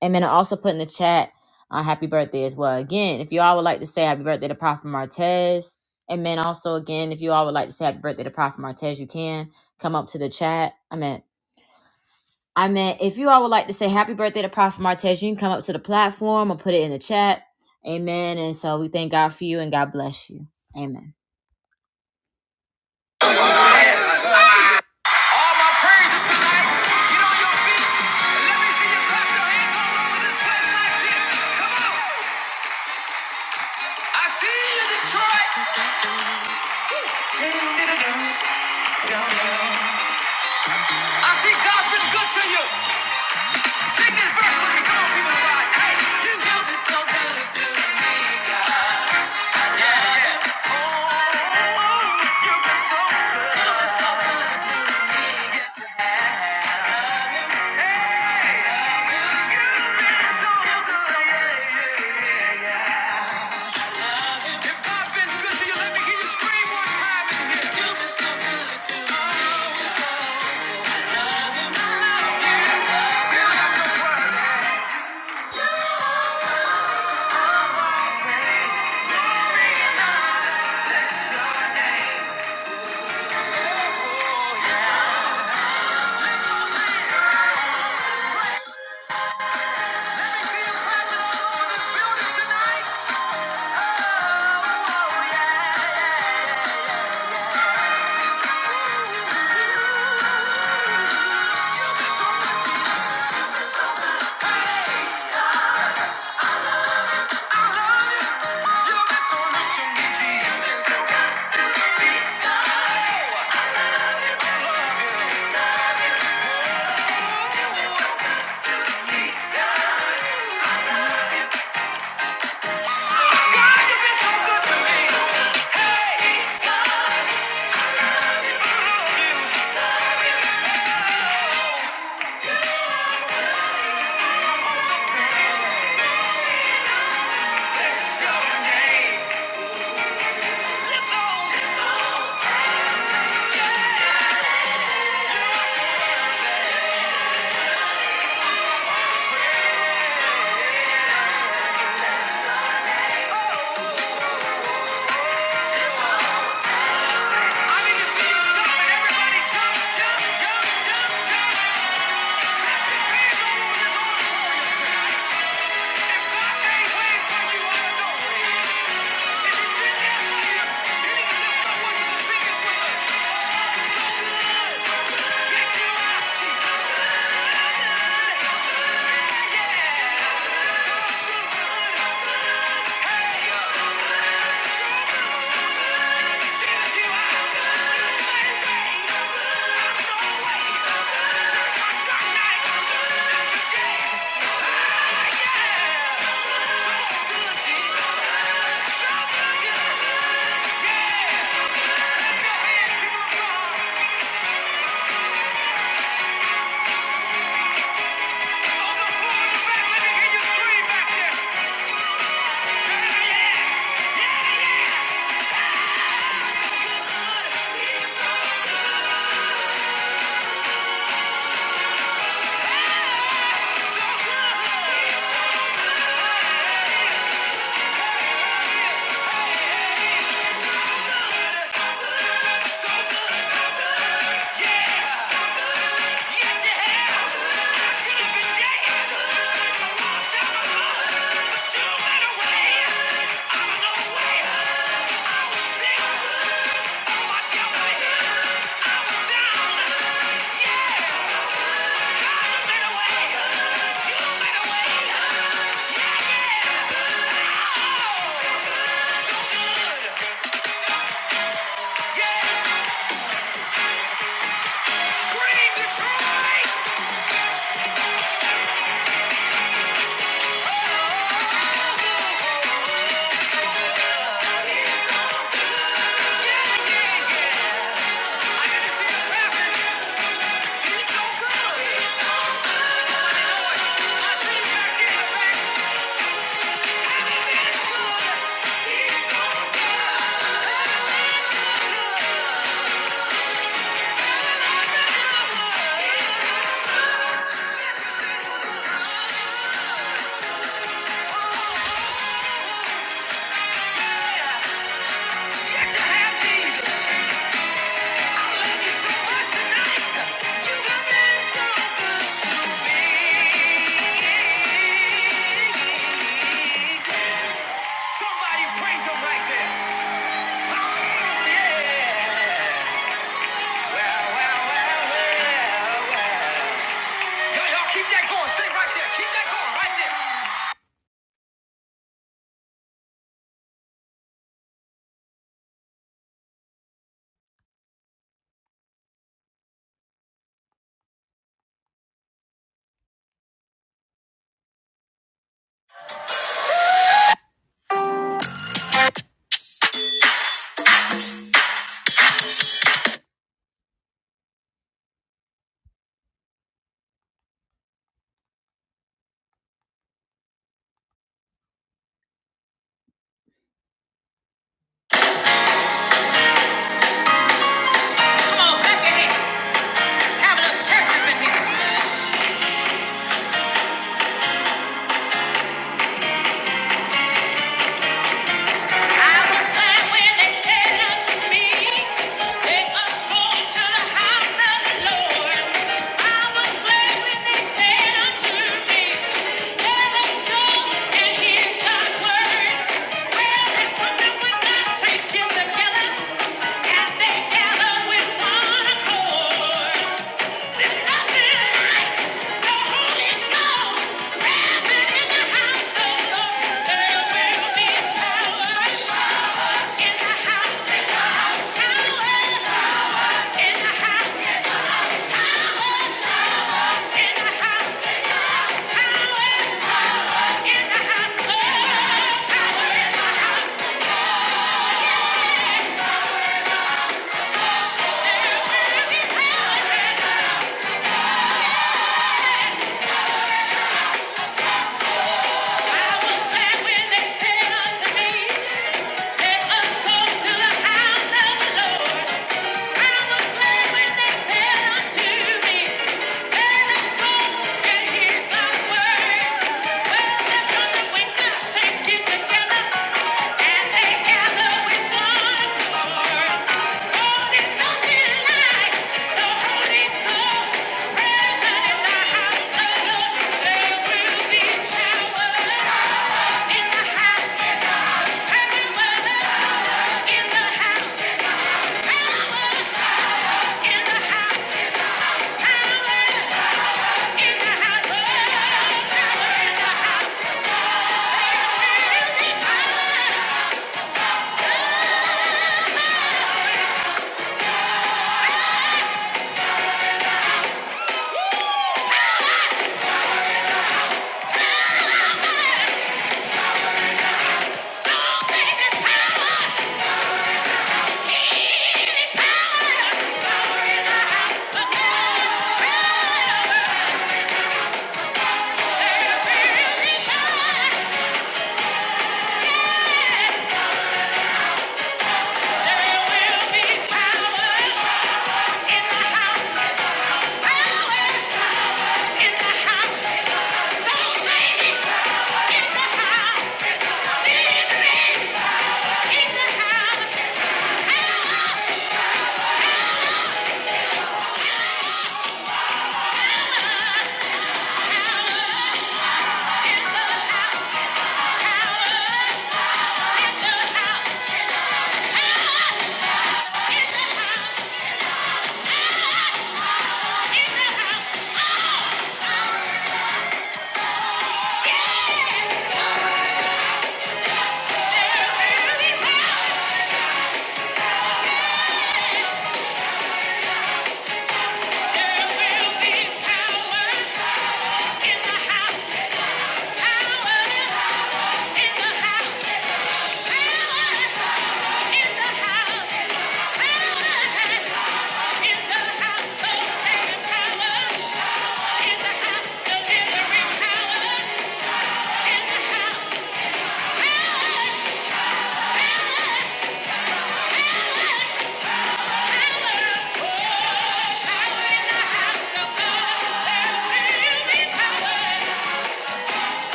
Speaker 1: and then I also put in the chat uh, happy birthday as well. Again, if you all would like to say happy birthday to Prophet Martez. And then also, again, if you all would like to say happy birthday to Prophet Martez, you can come up to the chat. I meant, I meant, if you all would like to say happy birthday to Prophet Martez, you can come up to the platform or put it in the chat. Amen. And so we thank God for you and God bless you. Amen. I see God's been good to you. Big if you would lie. Hey, you. you so good to God's been good to you. Let me hear you scream. I need to see you jumping. Everybody jump, jump, jump, jump, jump. Yeah! Yes, you have. I should have been dead a long time ago. But you went away. I don't know where. I was sick. Oh, I dealt with it. I was down. Yeah. God made a way. You made a way. I think I did back when it's good. Yes, you have, Jesus. Somebody praise him right there. Oh, yeah. Well, well, well, well, well. Y'all, keep that going. Stay right there. Keep that going right there. Come on, clap your hands. Have a little church up in here. Thank you. Thank you When the saints get together and they gather with one accord, oh, there's nothing like the Holy Ghost present in the house of the There will be power in the house, power in the house, power in the house, in the house of the Lord. Any power of God, there will be power.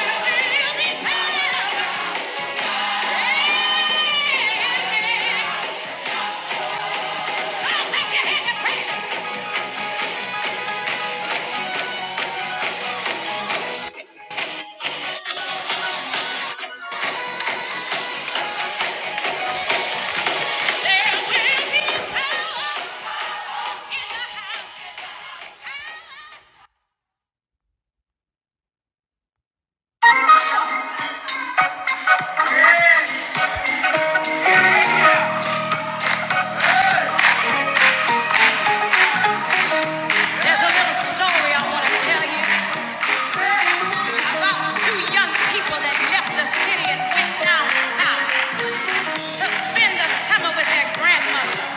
Speaker 1: There will be power. There's a little story I want to tell you about two young people that left the city and went down south to spend the summer with their grandmother.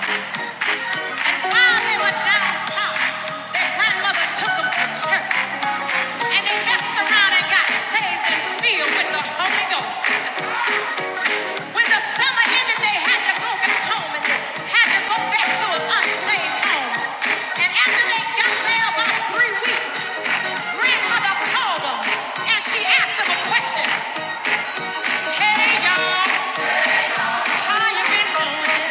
Speaker 1: While they were down south, their grandmother took them to church and they messed around and got saved and filled with the Holy Ghost. When the summer ended, they had to go back home and had to go back to an unsaved home. And after they got there about three weeks, grandmother called them and she asked them a question. Hey y'all, how you been doing?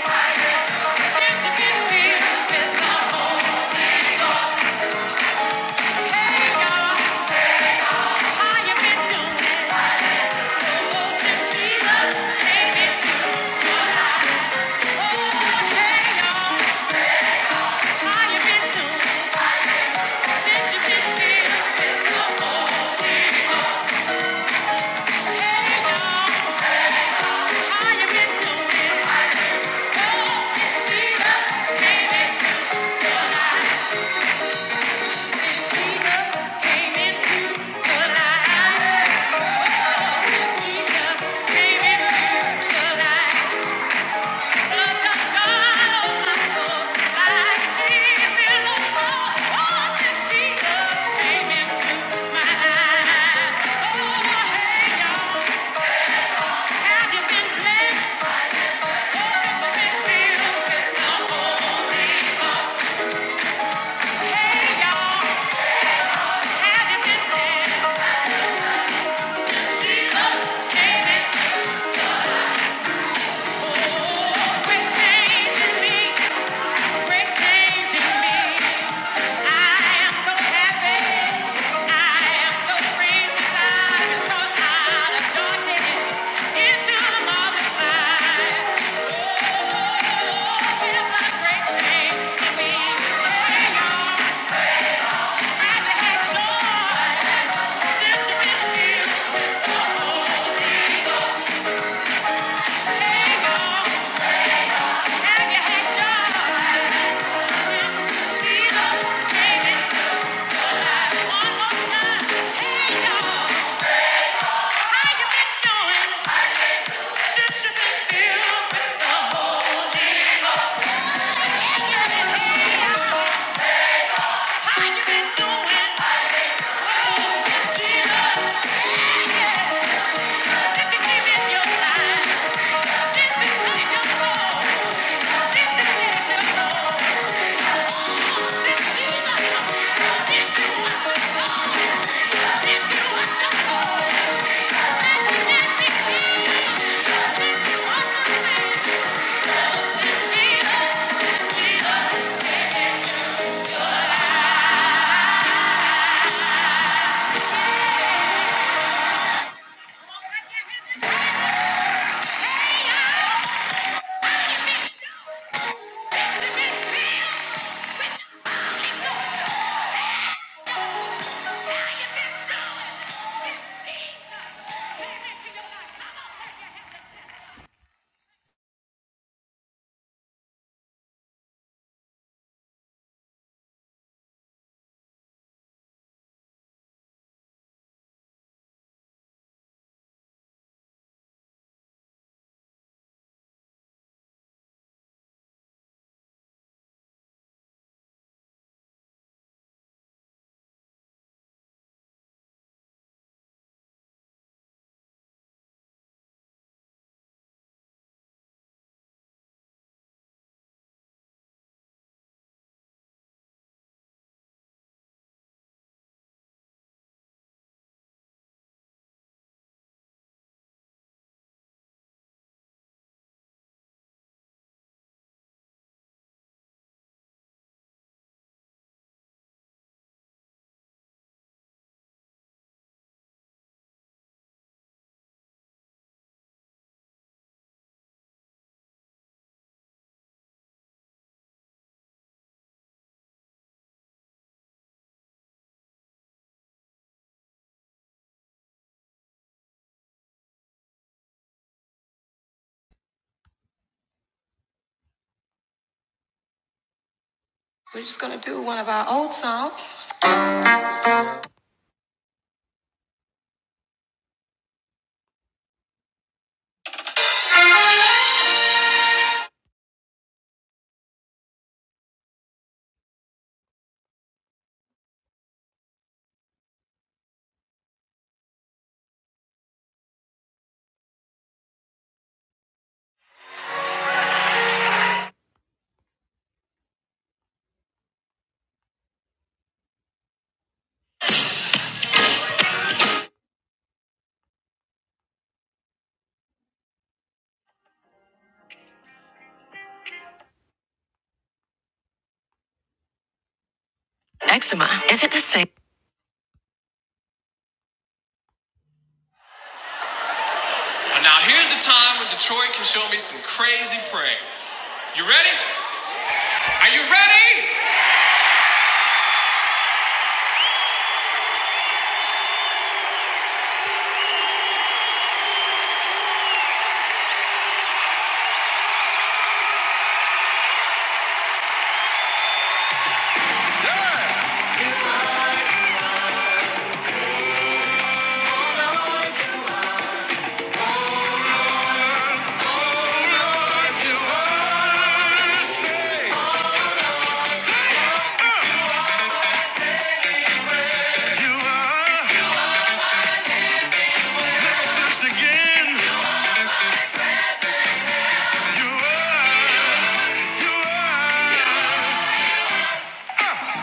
Speaker 1: Since you been here, been gone. Hey y'all, how you been doing? Oh, since Jesus came into the world. Oh, hey y'all, how you been doing? Since you been here, been gone. Hey, you all Have you been blessed? have you been filled with the Holy Ghost? Hey, y'all, have you been blessed? Love came changing me, quit changing me. I am so happy. I am so praised as I cross out of darkness into the marvelous light. Oh, there's a great change me. Hey, y'all. Thank you. Eczema. It's a Well, now here's the time when Detroit can show me some crazy praise. You ready? Are you ready?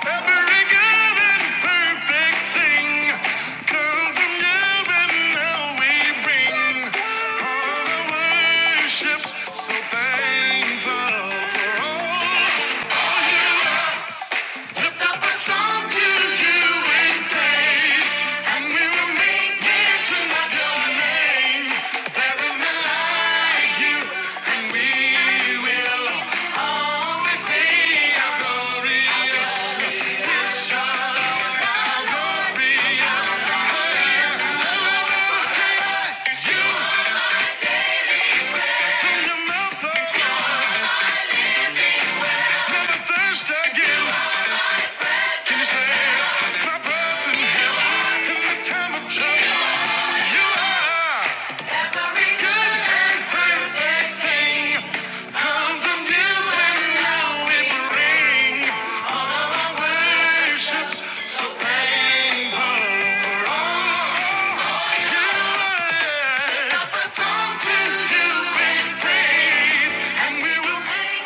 Speaker 1: Every good and perfect thing comes from you and now we bring all the worship. So thankful for all. you. Lift up a song to you in praise, and we will make mention of your name. There is none like you, and we will all thirst again. Can you say, "My birth in in the time of trouble, you are." Every good and perfect thing comes from you, and now it rings. Worship,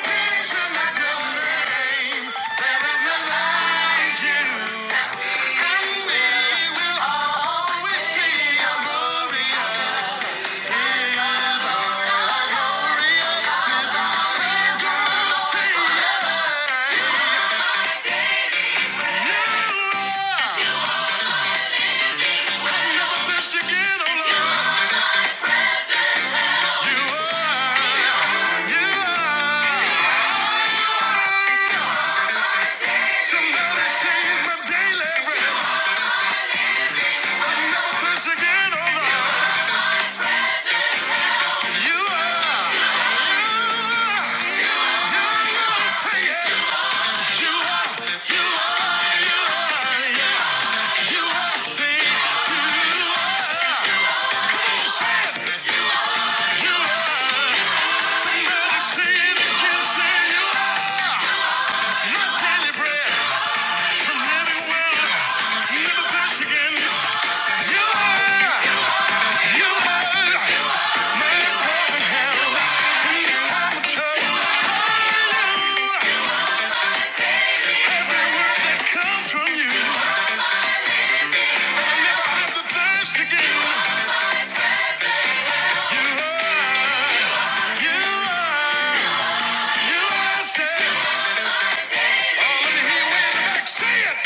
Speaker 1: Say it!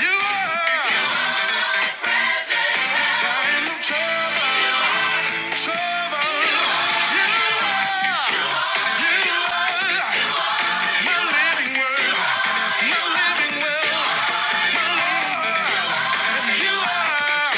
Speaker 1: You are time of trouble, trouble. You are my living word, my living will, my Lord. And you are,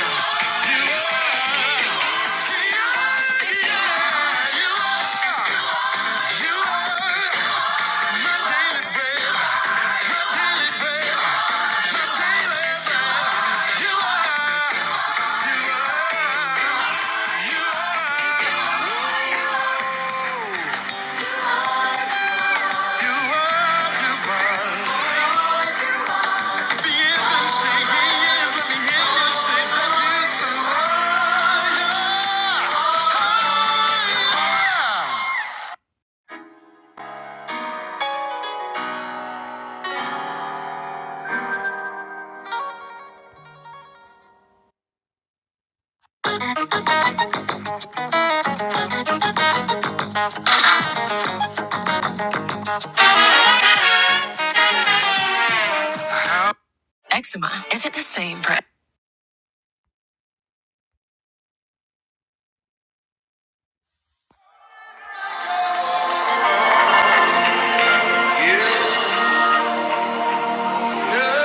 Speaker 1: you are, you are. If you ever say yes, let me hear you say thank you for love. Yes,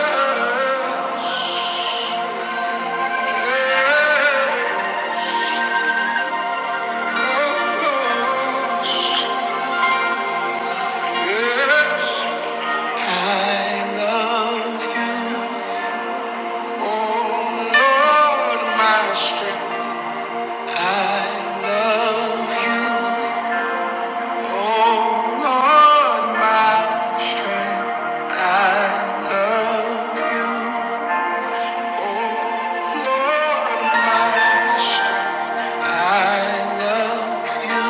Speaker 1: I love you. Lord, my strength, I love you. Oh, Lord, my strength, I love you. Lord, my strength, I love you.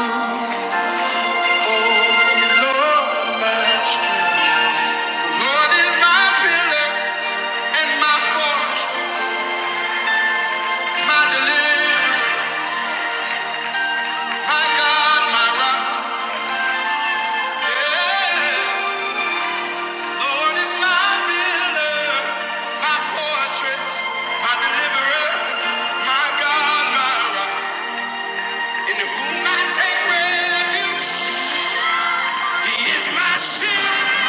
Speaker 1: Oh, Lord, my strength. Lord is my pillar and my fortress, my deliverer, my God, my rock. Yeah. Lord is my builder, my fortress, my deliverer, my God, my rock, in whom I take refuge. He is my shield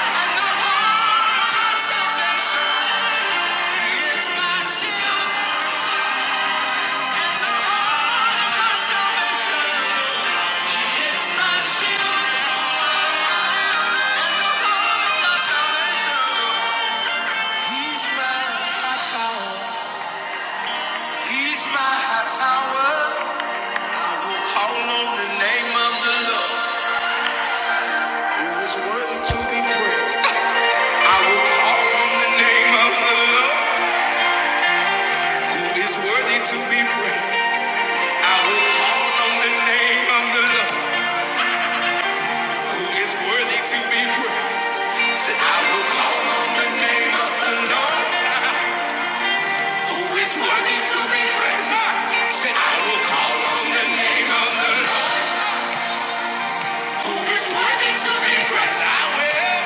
Speaker 1: and the horn of my salvation. He is my shield and the horn of my salvation. He is my shield and the horn of my salvation. He's my tower. He's my tower. I will call on the name of the Lord, who is worthy to be praised. I will call on the name of the Lord, who is worthy to be praised. I will call on the name of the Lord, who is worthy to be praised. Say, I will call on the name of the Lord, who is worthy to be praised. Say, I will call on the name of the Lord, worthy to be praised. I will.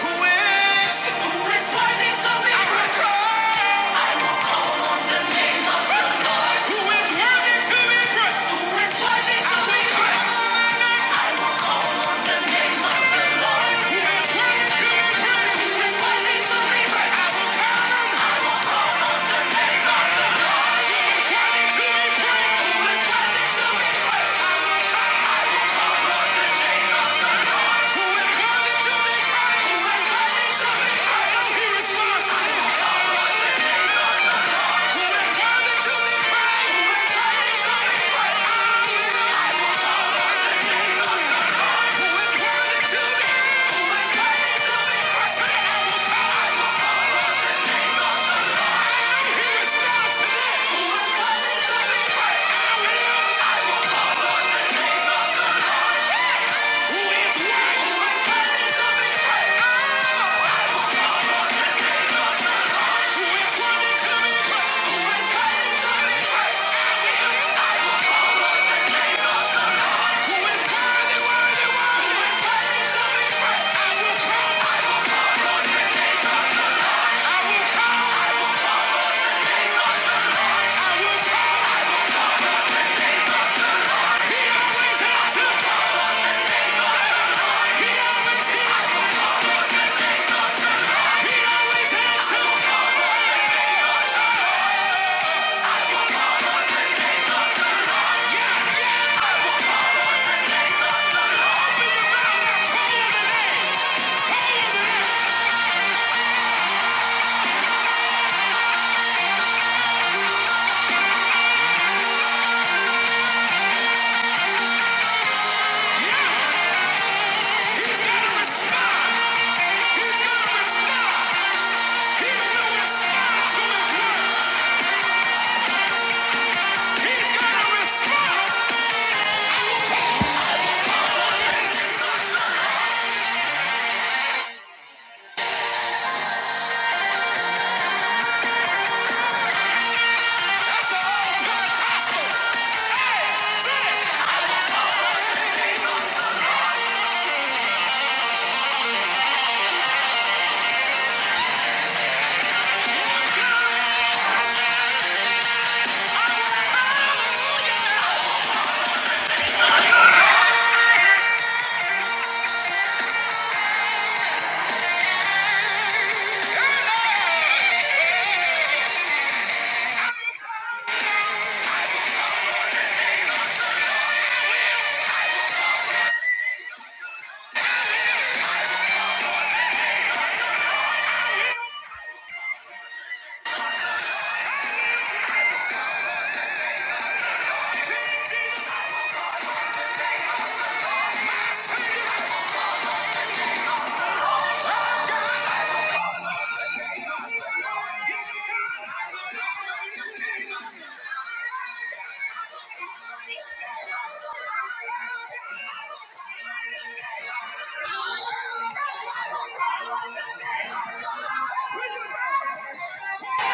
Speaker 1: Who is? Who is worthy to be praised? I will call. Who is worthy to be praised? Who is worthy to be praised? Who is worthy to be praised? Who is worthy to be praised? Who is worthy to be praised? Who is worthy to be praised? He responds, Who is worthy to be praised? Who is worthy to be praised? Hallelujah. Who is worthy to be Who is worthy to be He responds to this. Who is worthy to be praised? Who is worthy? Who is worthy to be praised? Thank you.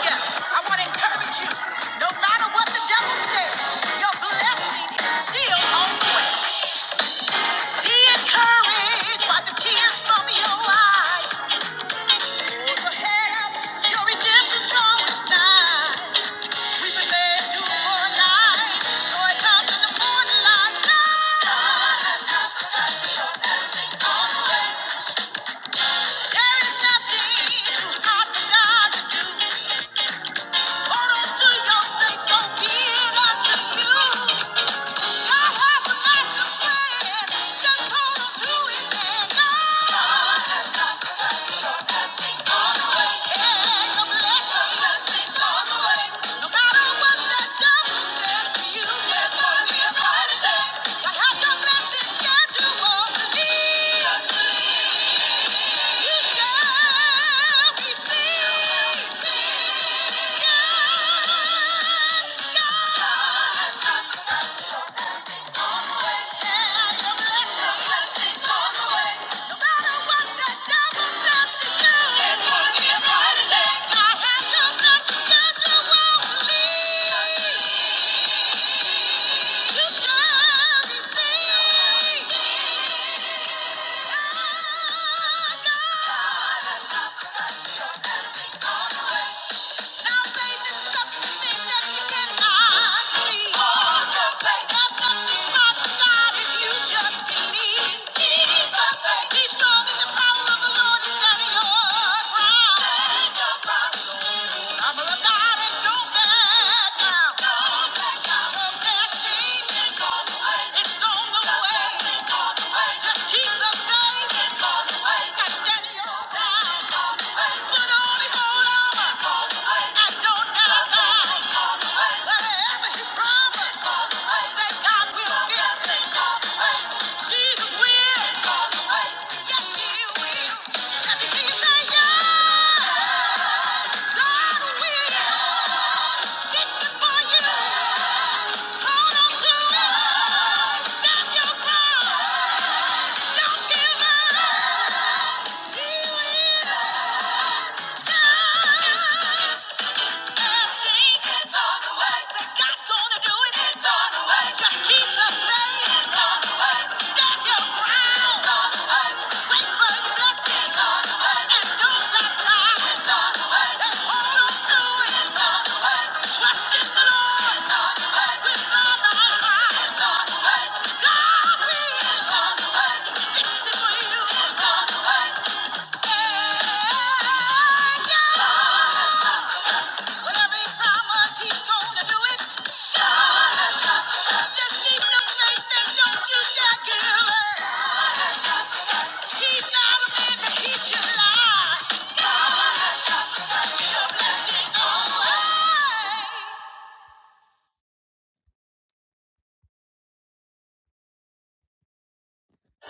Speaker 1: Yeah, I want to encourage you. No matter what the devil says, your blessing is still on. Be encouraged by the tears from your eyes. Hold your Your redemption's drawing nigh. We've been led to for a night. Joy comes in the morning light. There is nothing too hard for God. Yeah.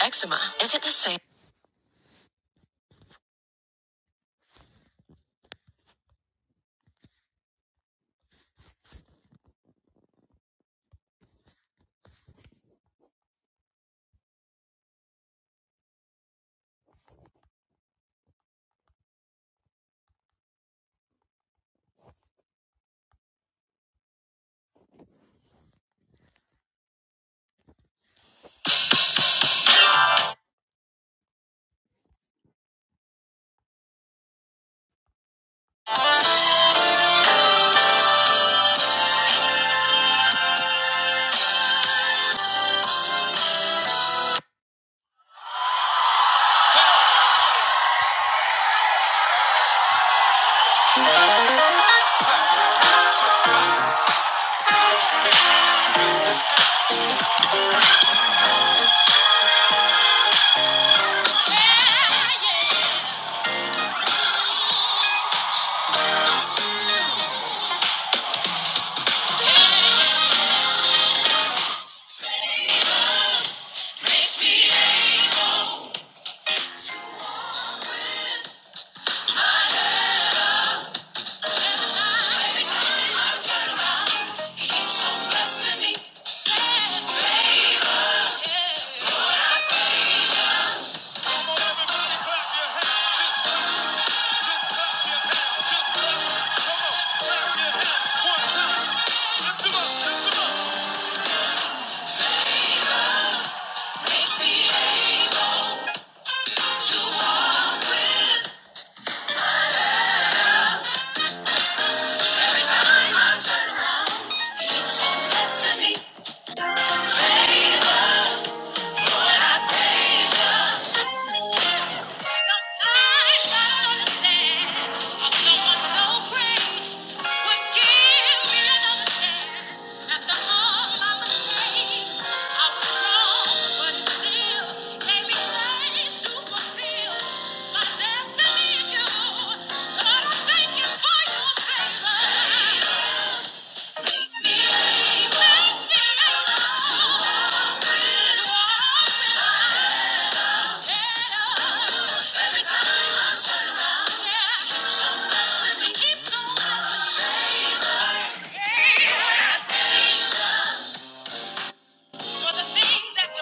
Speaker 1: Eczema. Is it the same? Thank you.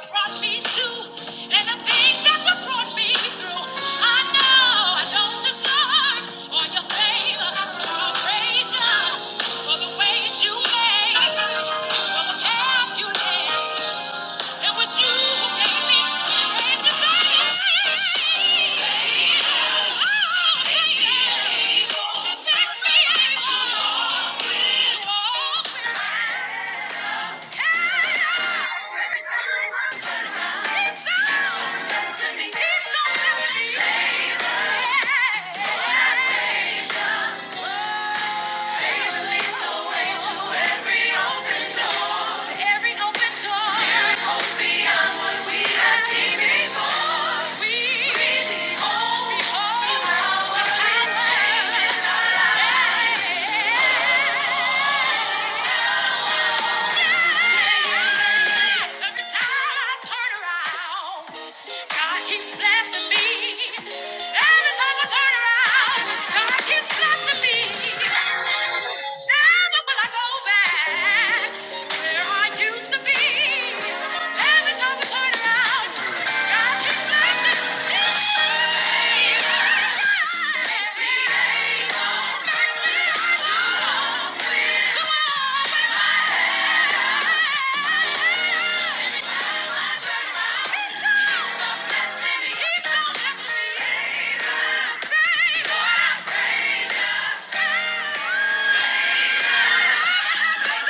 Speaker 1: brought. Yeah. Yeah. Every time I turn around, God keeps blessing me. Every time I turn around, God keeps blessing me. Never will I go back to where I Used to be, every time we turn around, God just blesses me. Thank you.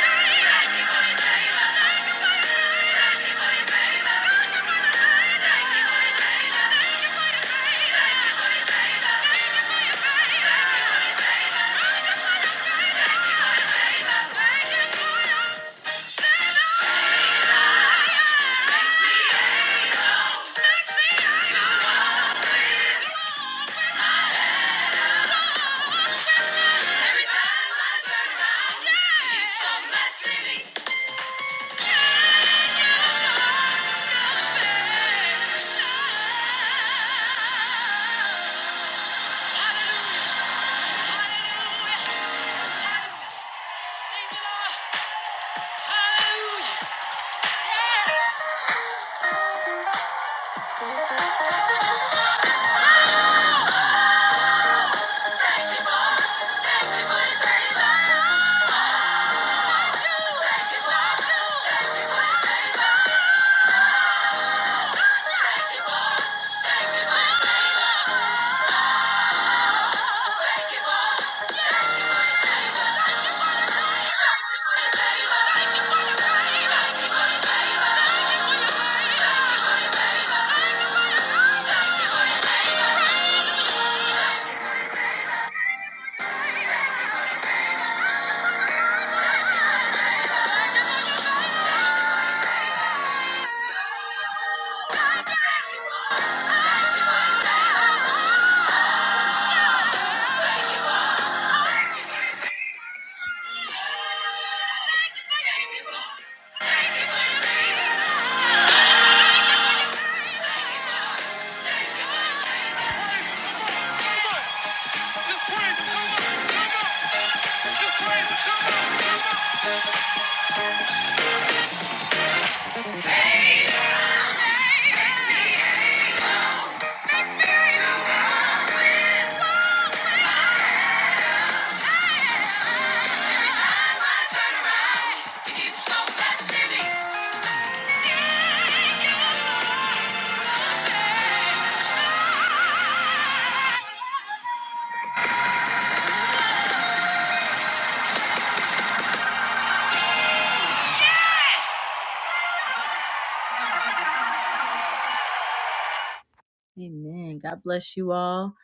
Speaker 1: for, your baby. Thank you. Turn around, you keep so messy. Amen. God bless you all.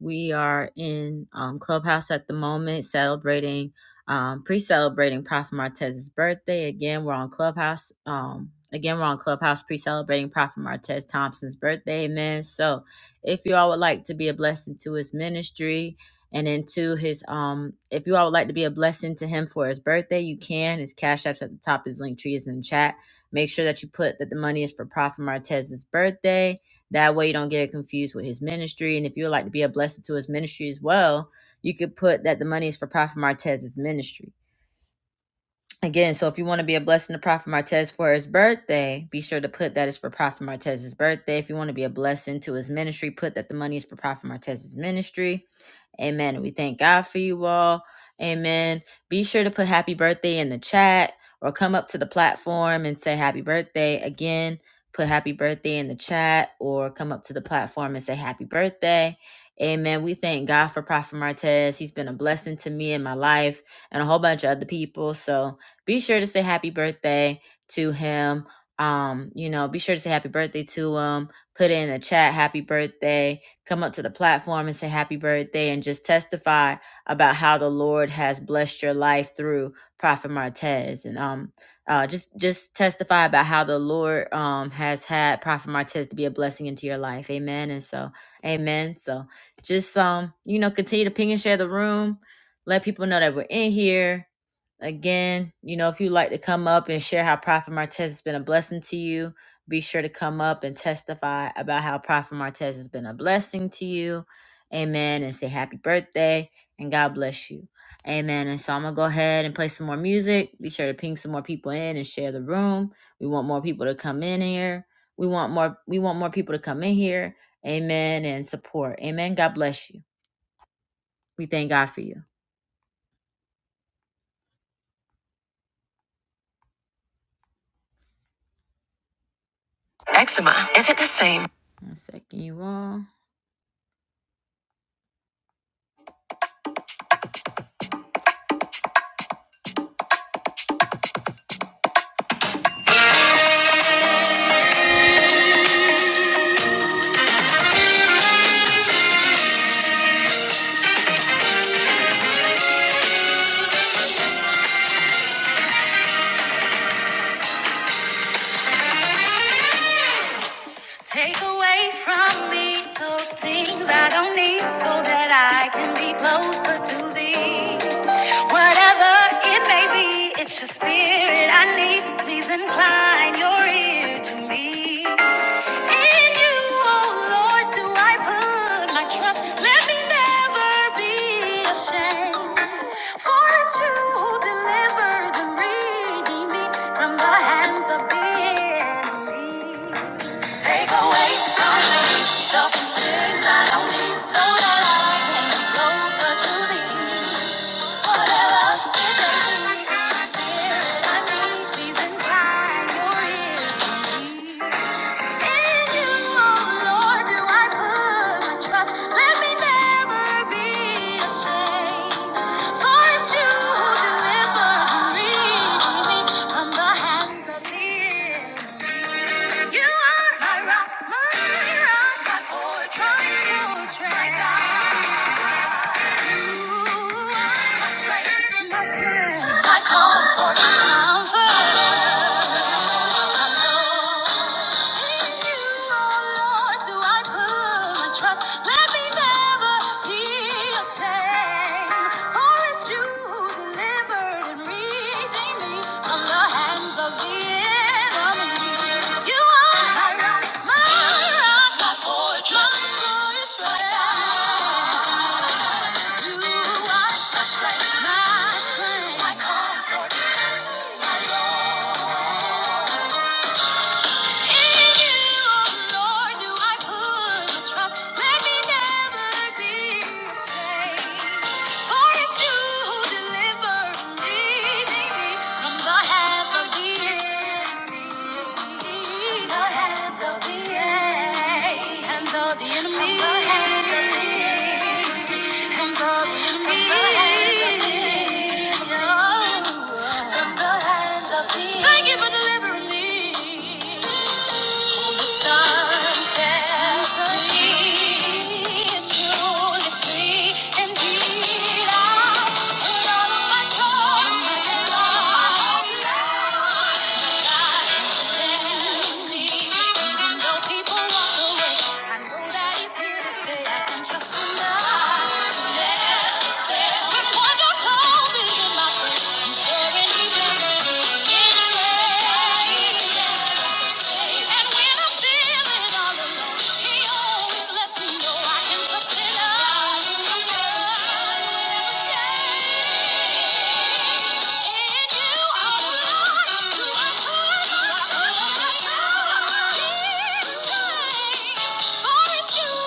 Speaker 1: We are in um, Clubhouse at the moment, celebrating, um, pre-celebrating Prophet Martez's birthday. Again, we're on Clubhouse. Um, again, we're on Clubhouse, pre-celebrating Prophet Martez Thompson's birthday. Amen. So, if you all would like to be a blessing to his ministry and into his, um, if you all would like to be a blessing to him for his birthday, you can. His cash apps at the top. His link tree is in the chat. Make sure that you put that the money is for Prophet Martez's birthday that way you don't get it confused with his ministry. And if you would like to be a blessing to his ministry as well, you could put that the money is for Prophet Martez's ministry. Again, so if you want to be a blessing to Prophet Martez for his birthday, be sure to put that is for Prophet Martez's birthday. If you want to be a blessing to his ministry, put that the money is for Prophet Martez's ministry. Amen. We thank God for you all. Amen. Be sure to put happy birthday in the chat or come up to the platform and say happy birthday. Again, put happy birthday in the chat or come up to the platform and say happy birthday. Amen. We thank God for Prophet Martez. He's been a blessing to me in my life and a whole bunch of other people. So, be sure to say happy birthday to him. Um, you know, be sure to say happy birthday to him. Put in a chat happy birthday. Come up to the platform and say happy birthday and just testify about how the Lord has blessed your life through Prophet Martez. And um uh just just testify about how the Lord um has had Prophet Martez to be a blessing into your life. Amen. And so amen. So just um, you know, continue to ping and share the room let people know that we're in here Again, you know, if you'd like to come up and share how Prophet Martez has been a blessing to you, be sure to come up and testify about how Prophet Martez has been a blessing to you. Amen. And say happy birthday and God bless you. Amen. And so I'm going to go ahead and play some more music. Be sure to ping some more people in and share the room. We want more people to come in here. We want more we want more people to come in here. Amen and support. Amen. God bless you. We thank God for you. Amen. One second, you all. Take away from me those things I don't need so that I can be closer to thee. Whatever it may be, it's your spirit I need. Please incline your ear to me. In you, oh Lord, do I put my trust. Let me never be ashamed. For it's you who delivers and redeems me from the hands of the enemy. Take away something I don't need so that I can get closer to thee. Whatever it takes, spirit I need, please incline your ear to me. In you, oh Lord, do I put my trust? Let me never be ashamed. For it's you who delivers and redeems me from the hands of the You are my rock, my rock, my fortress, fortress. I cannot You delivered me. My rock, my rock, my fortress, fortress. You are my strength, my strength, my comfort, my Lord. In you, oh Lord, do I put my trust. Let me never be ashamed. For it's you who deliver me from the hands of the enemy. the hands of the enemy. From the hands of thee. Thank you for delivering me. Sunset is truly free. Indeed, I put all of my all of my hopes in thee. Even though people walk away, I know that it's here to stay. I can trust in love. Thank you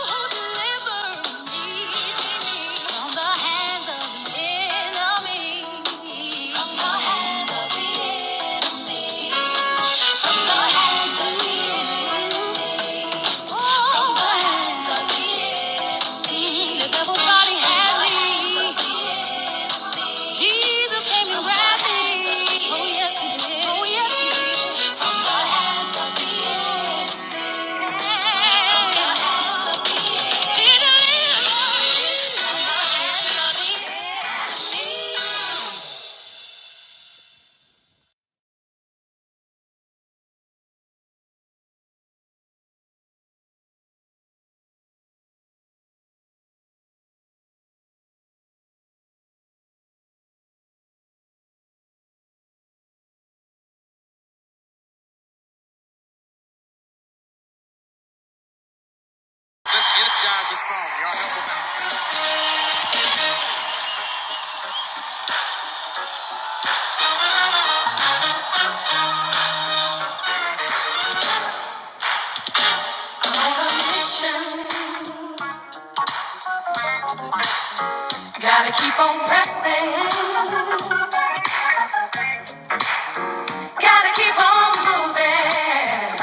Speaker 1: Oh yes, he did. From the hands of the enemy. Gotta keep on pressing, gotta keep on moving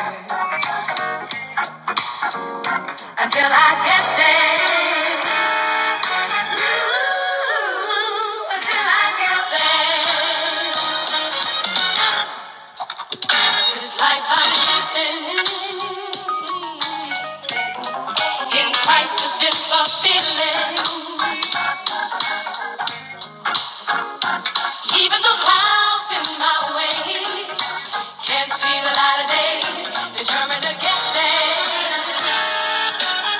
Speaker 1: until I get there. Ooh, until I get there. This life I'm living in Christ is just a feeling. Even though clouds in my way, can't see the light of day, determined to get there.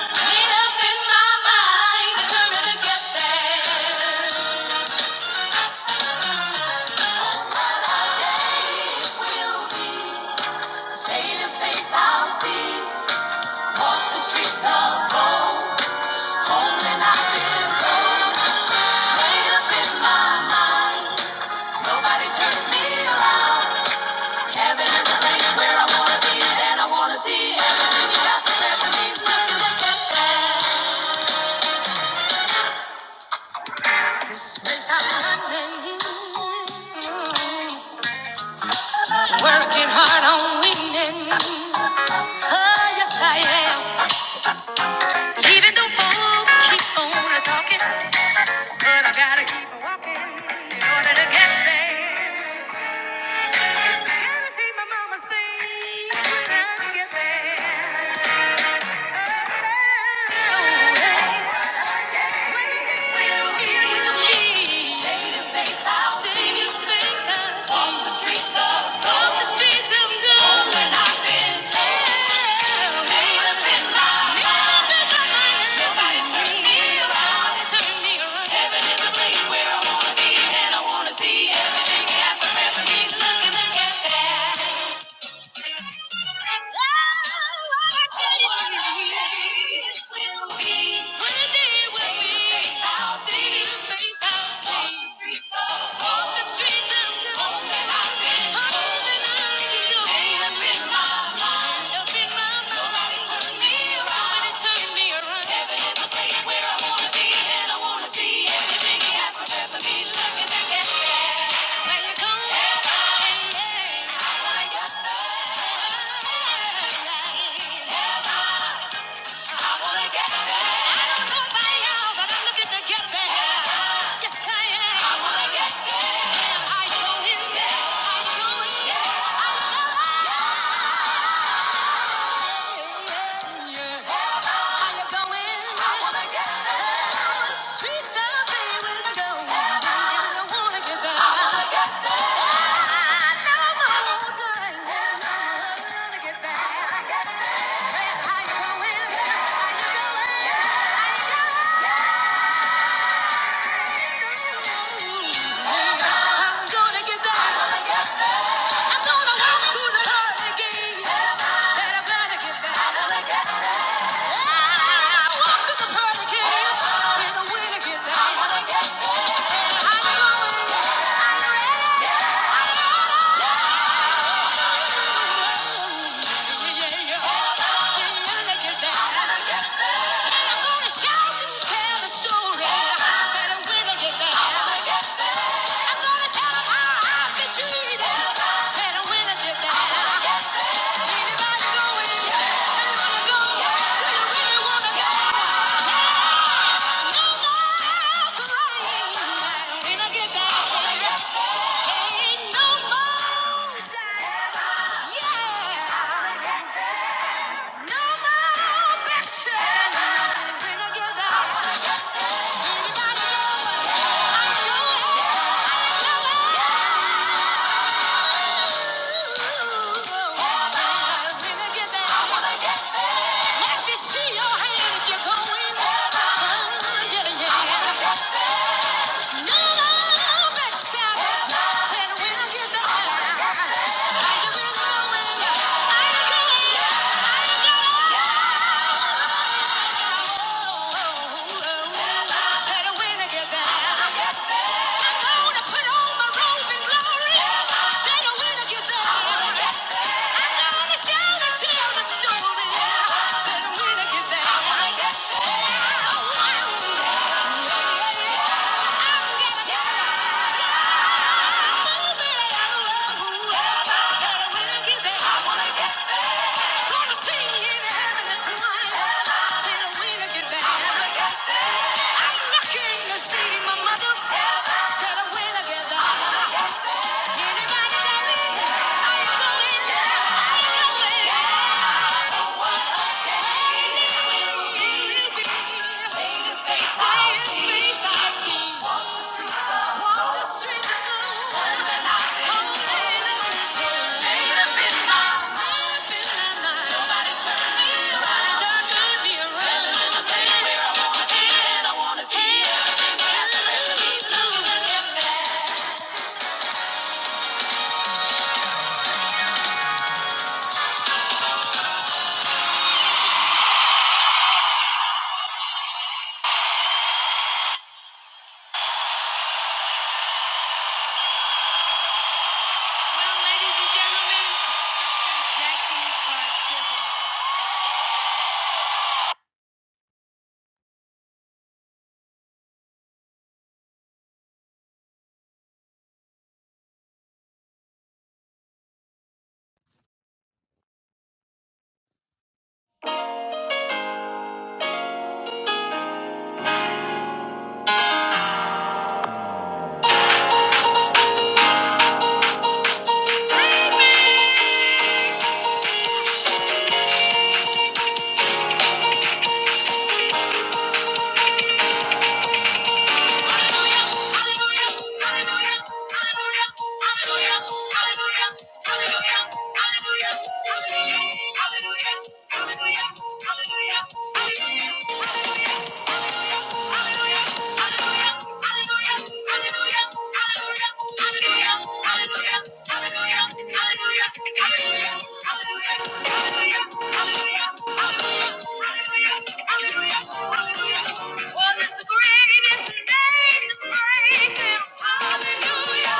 Speaker 1: Made up in my mind, determined to get there. Will in his face I'll see, walk the streets of gold and I feel made up in my mind. Nobody turned me around. Heaven is a place where I wanna be and I wanna see every aspect of me looking to get there. This place I'm running. Working hard on winning. Oh, yes, I am. But I gotta keep walking in order to get there. I Gotta see my mama's face when I get there. Oh. See everything happen for me. Look at that. One day we'll be. One day we'll be. I'll see the streets I'm walking on. I'll see the streets I'm walking on. They've been my mind. Nobody turned me around. Heaven is a place where I wanna be, and I wanna see everything He has prepared for me. Looking back at that, where you going? Heaven, yeah. I wanna get there. Heaven, I wanna get there. I don't know about but I'm looking to get there. yes I am. I wanna get there. Well, are you in? Are you in? going? gonna going? I'm I'm I'm gonna gonna get get get get Yeah. Yeah. Ain't no yeah, no more backsliding. We're together. Anybody ever? We're together. I want get there. See my little winner get there. I wanna get there. I'm gonna shout and tell the story. Said we're together. I want get there. I wanna get there. Oh, wow. Hallelujah. Hallelujah. Hallelujah. Hallelujah. Hallelujah. Hallelujah. Hallelujah. Hallelujah. Hallelujah! Hallelujah!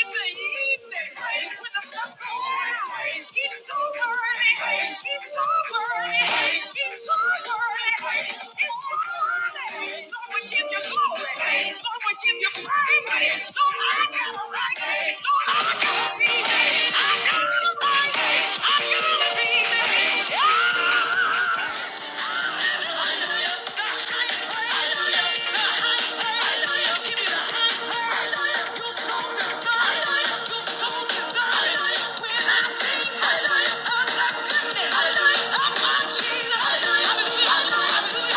Speaker 1: In the evening. Praise when the sun It's so burning. It's so burning. It's so burning. It's so burning. Lord, we give you glory. Lord, we give you praise. Lord, I got a right. Lord, I got a reason. I got a right. I got to a reason. Yeah. Give me the highest praise. You're so deserving. Hallelujah.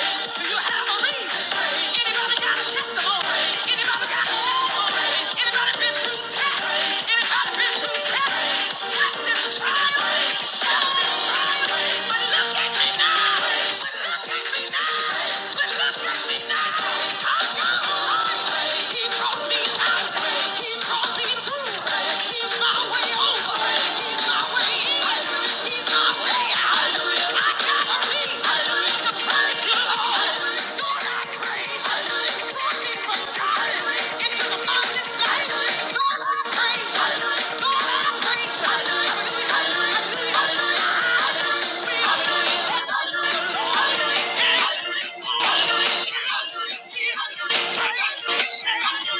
Speaker 1: Do you have a reason? Anybody got a testimony? Anybody got a testimony? Anybody been through tests? Anybody been through tests? Test and trial. Test and But look at me now. But look at me now. But look at me now. I'm God. He brought me out. He brought me through. He's my way over. He's my way He's my way out. He's my way out.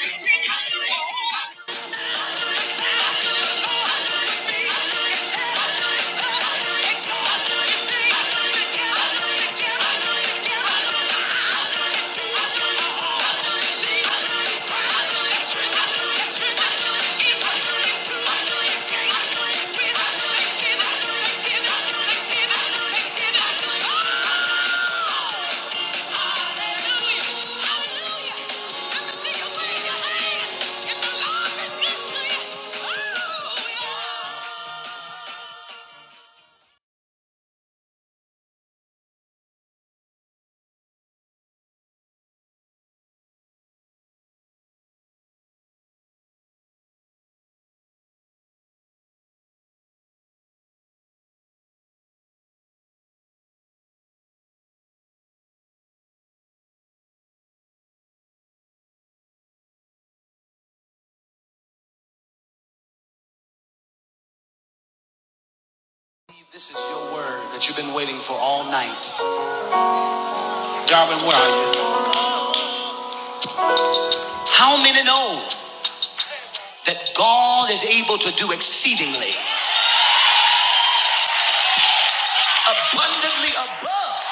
Speaker 1: This is your word that you've been waiting for all night. Darwin, where are you? How many know? that God is able to do exceedingly abundantly above.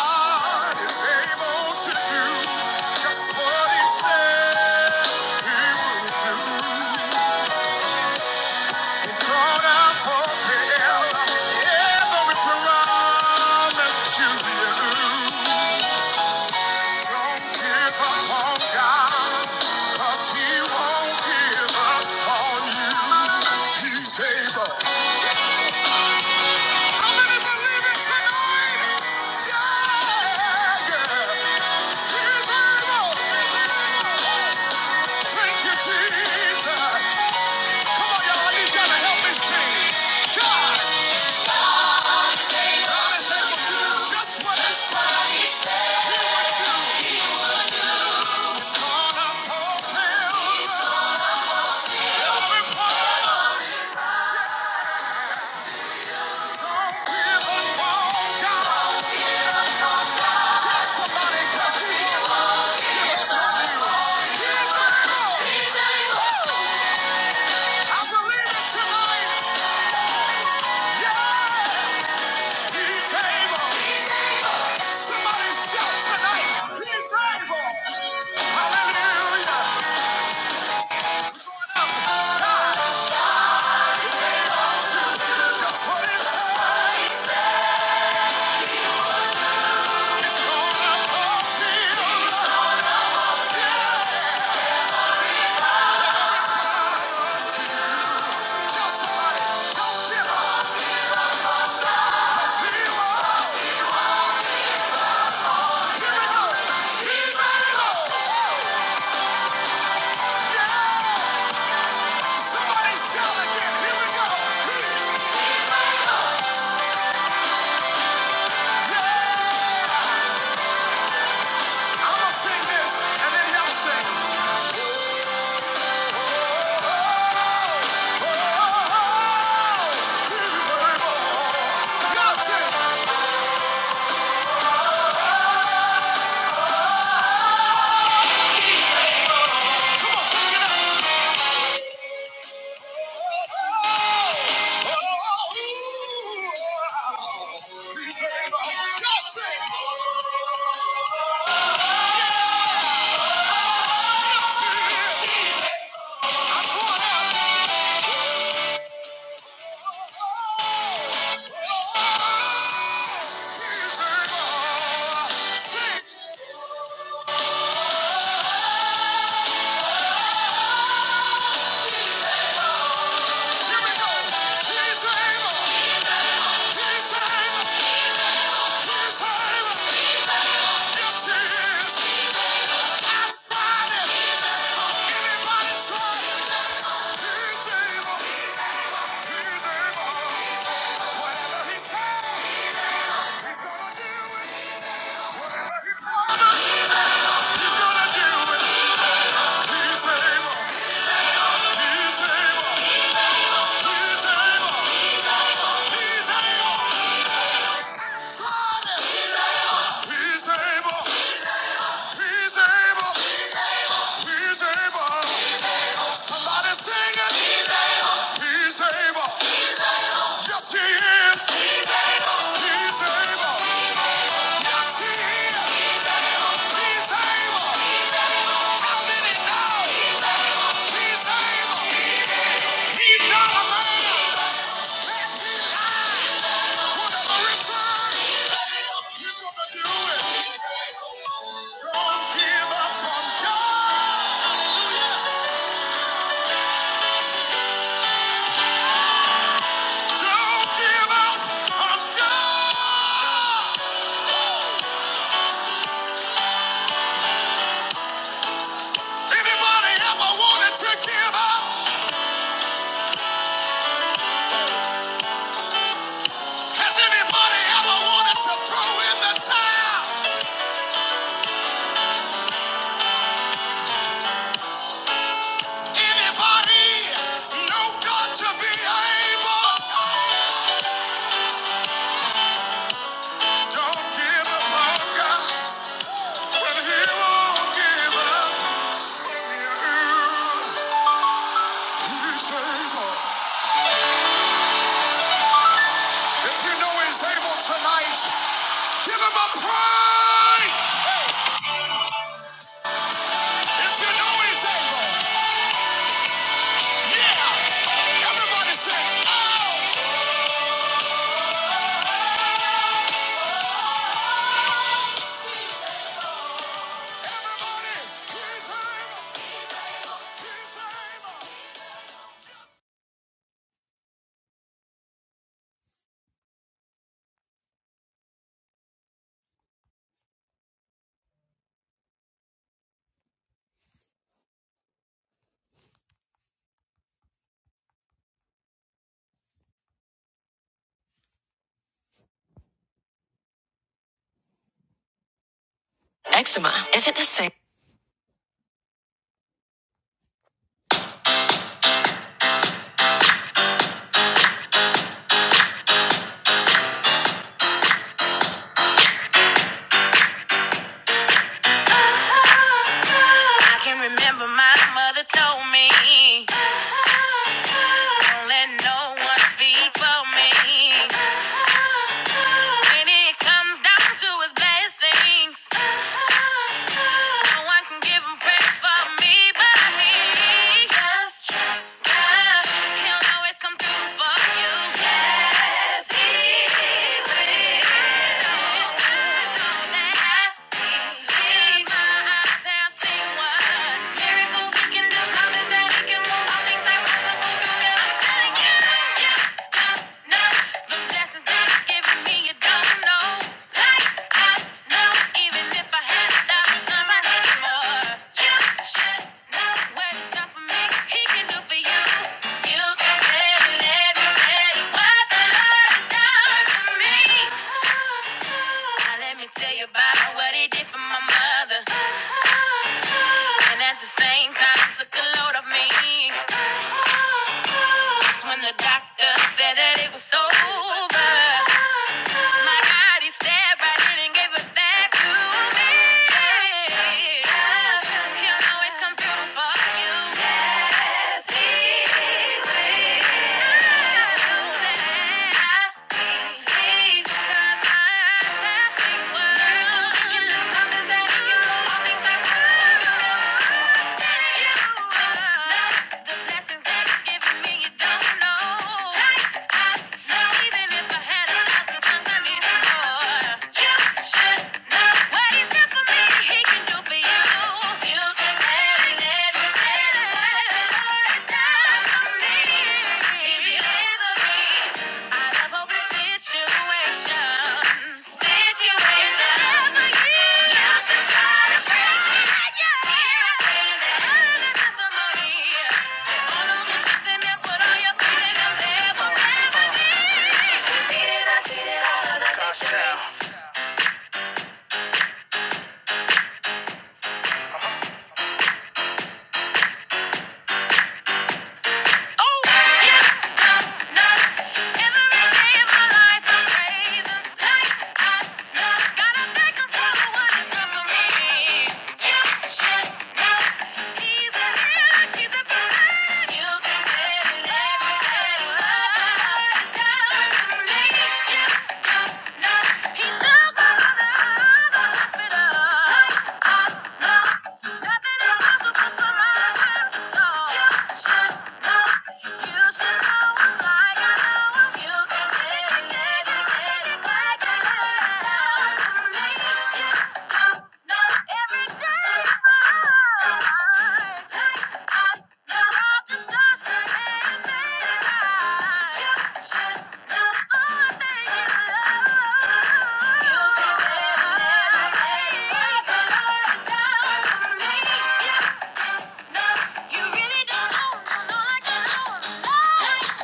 Speaker 1: God is able to do just what He said He would do. He's gonna fulfill every promise to you. Don't give up on God, 'cause He won't give up on you. He He's able. Somebody shout tonight, he's able. He's He's able. He's able. He's able. He's He's able. He's able. He's able. He's able. He's able. Somebody sing it. He's able. Yes, he is. He's able. Yes, he is. He's able. How did know? He's able. He's not a man. Anybody ever wanted to give up? Has anybody ever wanted to throw in the towel? Anybody know God to be able? Don't give up on God. he won't give up. He's able. If you know he's able tonight, give him a praise. If you know he's able, yeah. Everybody say, oh. Everybody, he's able. He's able. He's able. I can remember my mother told me, don't let no one speak for me. When it comes down to his blessings, no one can give him praise for me but me. Just trust God, he'll always come through for you. Yes, he even if I had a thousand I need more. You should know where to start for me he can do for you. You can tell him everything what the Lord done for me. Now let me tell you about what he did for my mother. And at the same time took a load off me. Just when the doctor said that it was over. My God, he stabbed right in and gave it back to me. He'll always come through for you. Yes, he will. I know that. He cut I've seen worlds. Thinking the mountains that he moved, things that could. You never take you. Lessons that it's giving me, you don't know. Like even if I had a thousand tongues, I need more. You should know what he's done for me, he can do for you. You can tell it, tell it, tell it, what the Lord has done for me. Cheated, I cheated all of Oh, you come now. Every day of my life, I'm praising life. I love, gotta thank him for the wonders done for me. You should know he's a man, he's a man. You can never, never have enough for me. He took another. Yeah.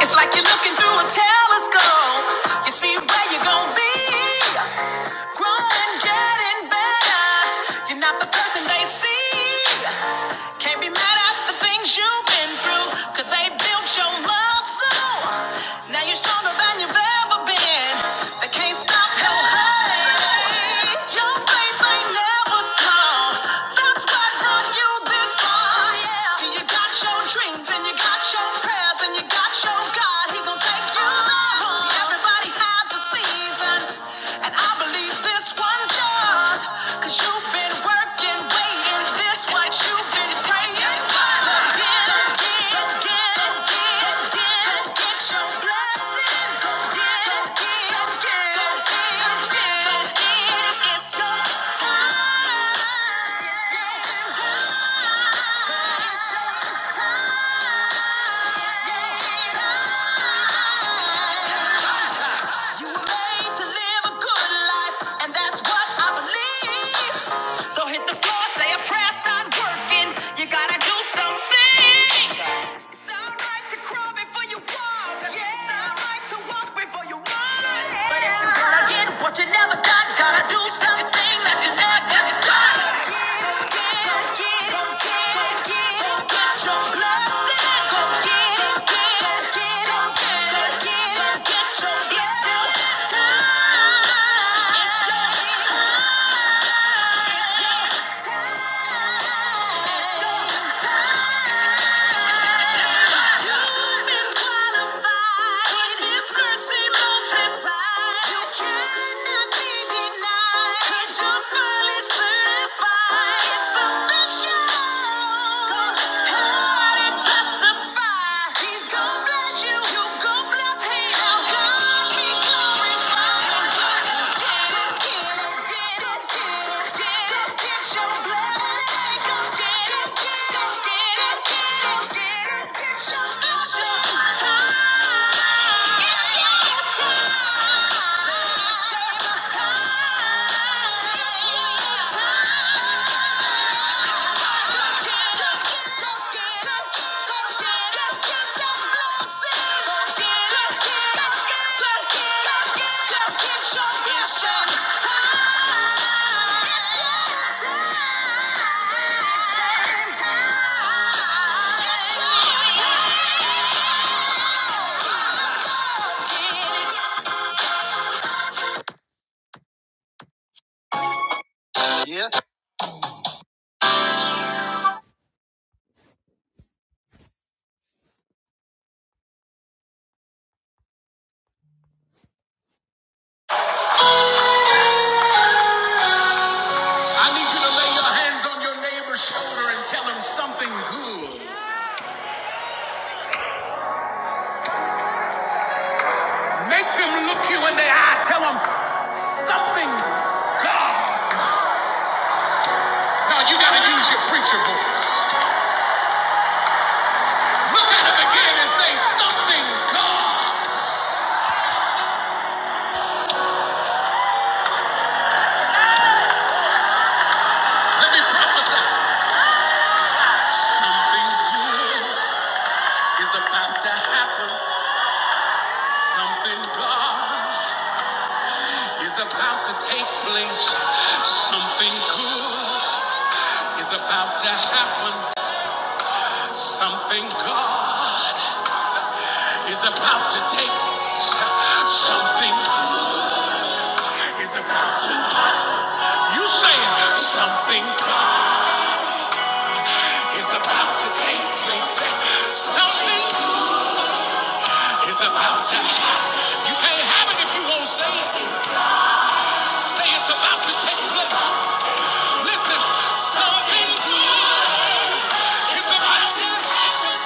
Speaker 1: It's like you're looking through a telescope. You see where you're gonna be. Growing, getting better. You're not the person they see. Can't be mad at the things you've been through, cause they built your muscle. Now you're stronger than you've ever been. They can't stop your hustle. Your faith ain't never small. That's what brought you this far. See, you got your dreams and you got your prayers and you got Thank you, Lord. See, everybody has a season, and I believe this one's yours. you have been working, waiting, this what you've been praying for. Again, again, again, again, again, again. Blessing, again, again, again, again. You were made to live a good life, and that's what I believe. So hit the floor, say a prayer, start working. You gotta do something. It's alright to crawl before you walk. Yeah. It's alright to walk before you run. Yeah. But if you wanna get what you never got, gotta do something that you never start. Go get it, go get it, go get it. Go get your blessing. Go get it, go get it, go get it. Go get it, go get your blessing. Now it's your time. It's your time. It's your I need you to lay your hands on your neighbor's shoulder and tell him something good. Make them look you in the eye. Tell them something God. Now you gotta use your preacher voice. Look at them again and say something God. Let me prophesy. I'm to have God is about to take place. Something good is about to happen. God, you say something good is about to take place. Something is about to happen. You can't have it if you won't say it. Say it's about to take place. Listen, something good is about to happen.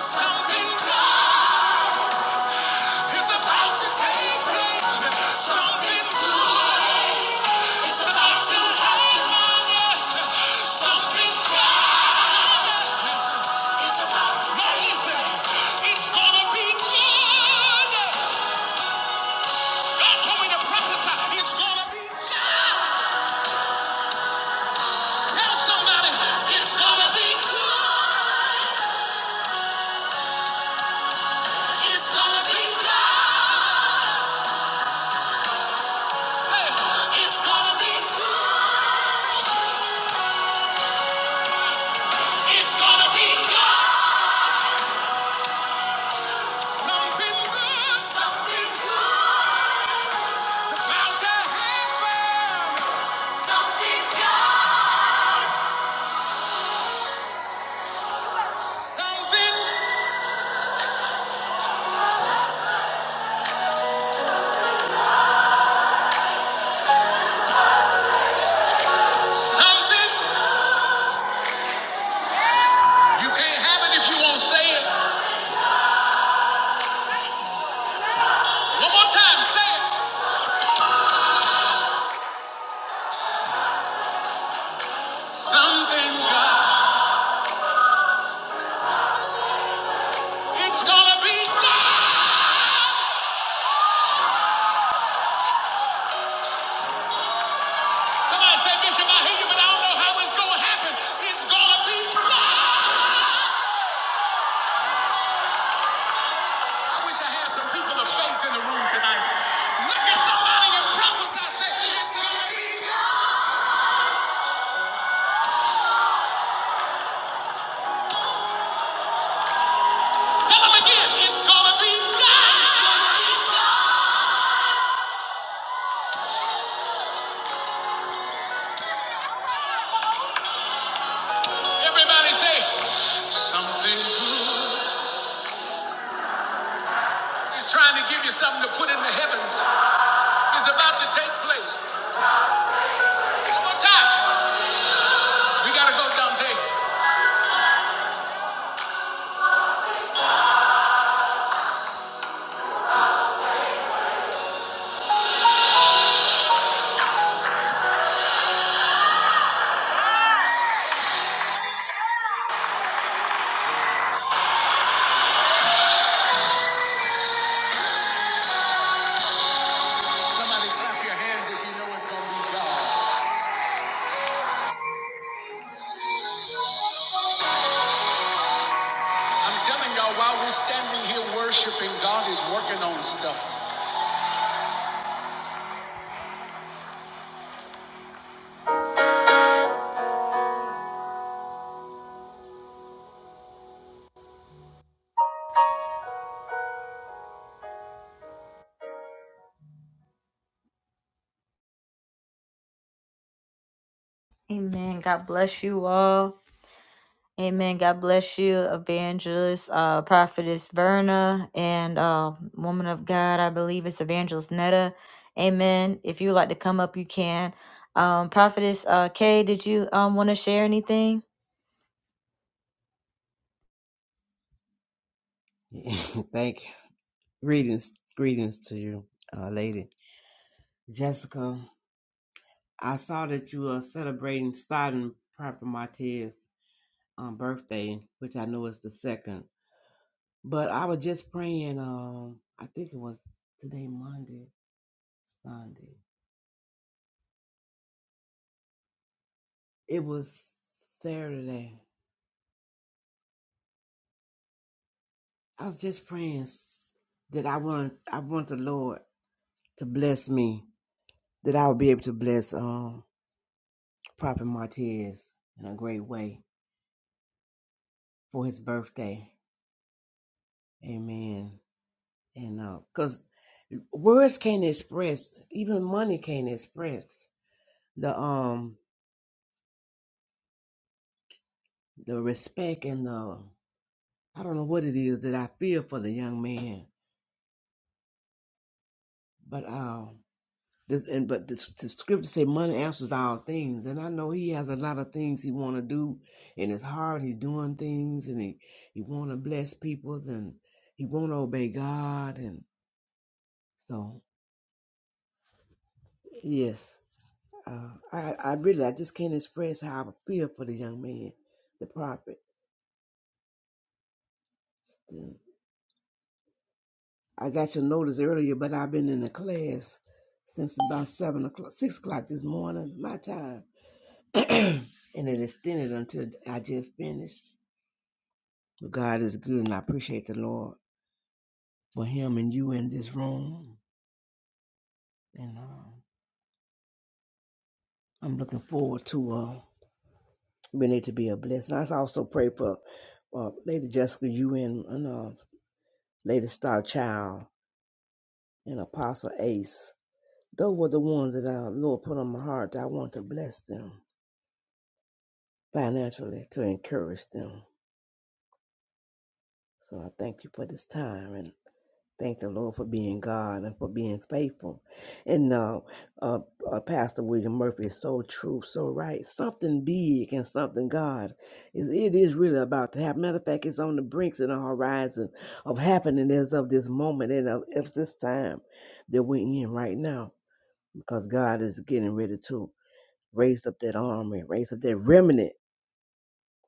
Speaker 1: Something good is about to take place. listen, it's gonna be good. God told me to prophesy. It's gonna be it's gonna be good. It's gonna be good. Hey, It's gonna be good. It's gonna be good. Something good. Something good. About to happen. Something good. Something. Something. You can't have it if you won't say it. One more time, say it. Something God. It's gonna be God. Somebody said, Bishop, I hear you, but I don't know how it's going to happen. It's going to be blood. I wish I had some people of faith in the room tonight. Look at somebody and prophesy, say, it's going to be God. Tell them again, it's going to be God. Everybody say, something good. He's trying to give you something to put in the heavens. It's about to take place. One more time. We got to go, Dante. I'm telling y'all, while we're standing here worshiping, God is working on stuff. Amen. God bless you all. Amen. God bless you, evangelist, uh, prophetess Verna, and uh, woman of God. I believe it's evangelist Netta. Amen. If you would like to come up, you can. Um, prophetess uh, Kay, did you um, want to share anything?
Speaker 4: Thank you. greetings, greetings to you, uh, lady Jessica. I saw that you are celebrating starting Prophet Martez's um, birthday, which I know is the second. But I was just praying. Um, I think it was today, Monday, Sunday. It was Saturday. I was just praying s- that I want I want the Lord to bless me, that I will be able to bless um Prophet Martez in a great way for his birthday. Amen. And uh, cause words can't express, even money can't express the um the respect and the I don't know what it is that I feel for the young man. But uh, this and but this, the scripture say money answers all things, and I know he has a lot of things he want to do in his heart. He's doing things, and he he want to bless people, and he want to obey God, and so yes, Uh, I, I really, I just can't express how I feel for the young man, the prophet. I got your notice earlier, but I've been in the class since about seven o'clock, six o'clock this morning, my time, and it extended until I just finished. But God is good, and I appreciate the Lord for Him and you in this room, and um, I'm looking forward to uh, being able to be a blessing. I also pray for uh, Lady Jessica, you and, and uh, Lady Star Child. and Apostle Ace. Those were the ones that our Lord put on my heart that I want to bless them financially to encourage them. So I thank you for this time and thank the Lord for being God and for being faithful. And uh, uh, uh, Pastor William Murphy is so true, so right. Something big and something God is it is really about to happen. Matter of fact, it's on the brinks and the horizon of happening as of this moment and of, of this time that we're in right now because God is getting ready to. raise up that army, raise up that remnant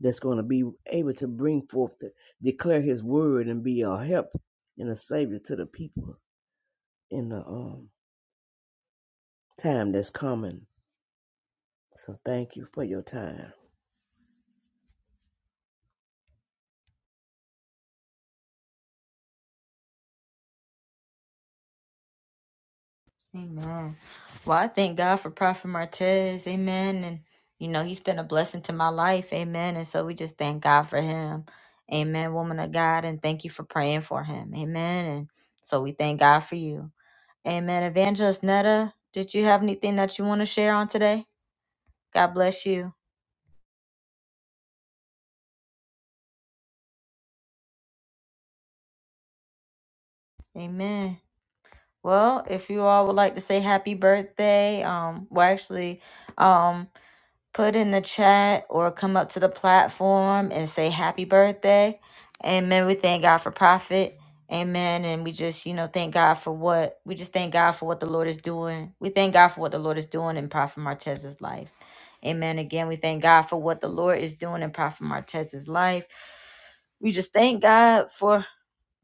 Speaker 4: that's going to be able to bring forth, to declare His word and be a help and a savior to the people in the um, time that's coming. So thank you for your time.
Speaker 1: Amen. Well, I thank God for Prophet Martez. Amen. And, you know, he's been a blessing to my life. Amen. And so we just thank God for him. Amen, woman of God. And thank you for praying for him. Amen. And so we thank God for you. Amen. Evangelist Netta, did you have anything that you want to share on today? God bless you. Amen. Well, if you all would like to say happy birthday, um, well, actually, um, put in the chat or come up to the platform and say happy birthday. Amen. We thank God for profit. Amen. And we just, you know, thank God for what we just thank God for what the Lord is doing. We thank God for what the Lord is doing in Prophet Martez's life. Amen. Again, we thank God for what the Lord is doing in Prophet Martez's life. We just thank God for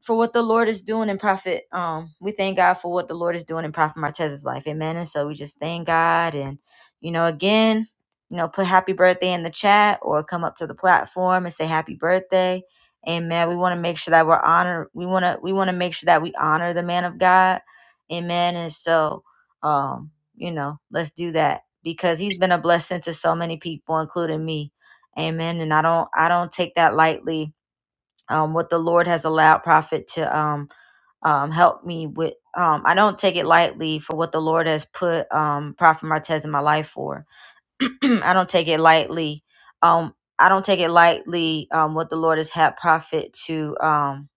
Speaker 1: for what the Lord is doing in Prophet. Um, we thank God for what the Lord is doing in Prophet Martez's life. Amen. And so we just thank God and you know, again, you know, put happy birthday in the chat or come up to the platform and say happy birthday. Amen. We want to make sure that we're honor we wanna we wanna make sure that we honor the man of God. Amen. And so um, you know, let's do that because he's been a blessing to so many people, including me. Amen. And I don't I don't take that lightly um, what the Lord has allowed Prophet to um, um, help me with. Um, I don't take it lightly for what the Lord has put um, Prophet Martez in my life for I don't take it lightly. Um, I don't take it lightly. Um, what the Lord has had prophet to. Um,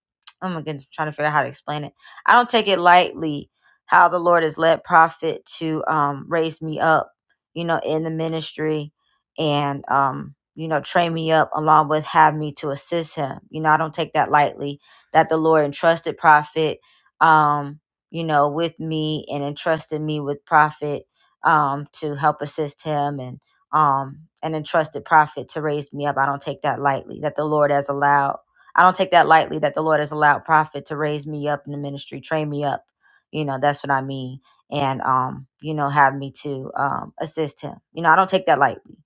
Speaker 1: oh my goodness, I'm trying to figure out how to explain it. I don't take it lightly how the Lord has led prophet to um raise me up. You know, in the ministry, and um, you know, train me up along with have me to assist him. You know, I don't take that lightly that the Lord entrusted prophet. Um, you know, with me and entrusted me with prophet um, to help assist him and um, an entrusted prophet to raise me up. I don't take that lightly that the Lord has allowed. I don't take that lightly that the Lord has allowed prophet to raise me up in the ministry, train me up. You know, that's what I mean. And, um, you know, have me to um, assist him. You know, I don't take that lightly.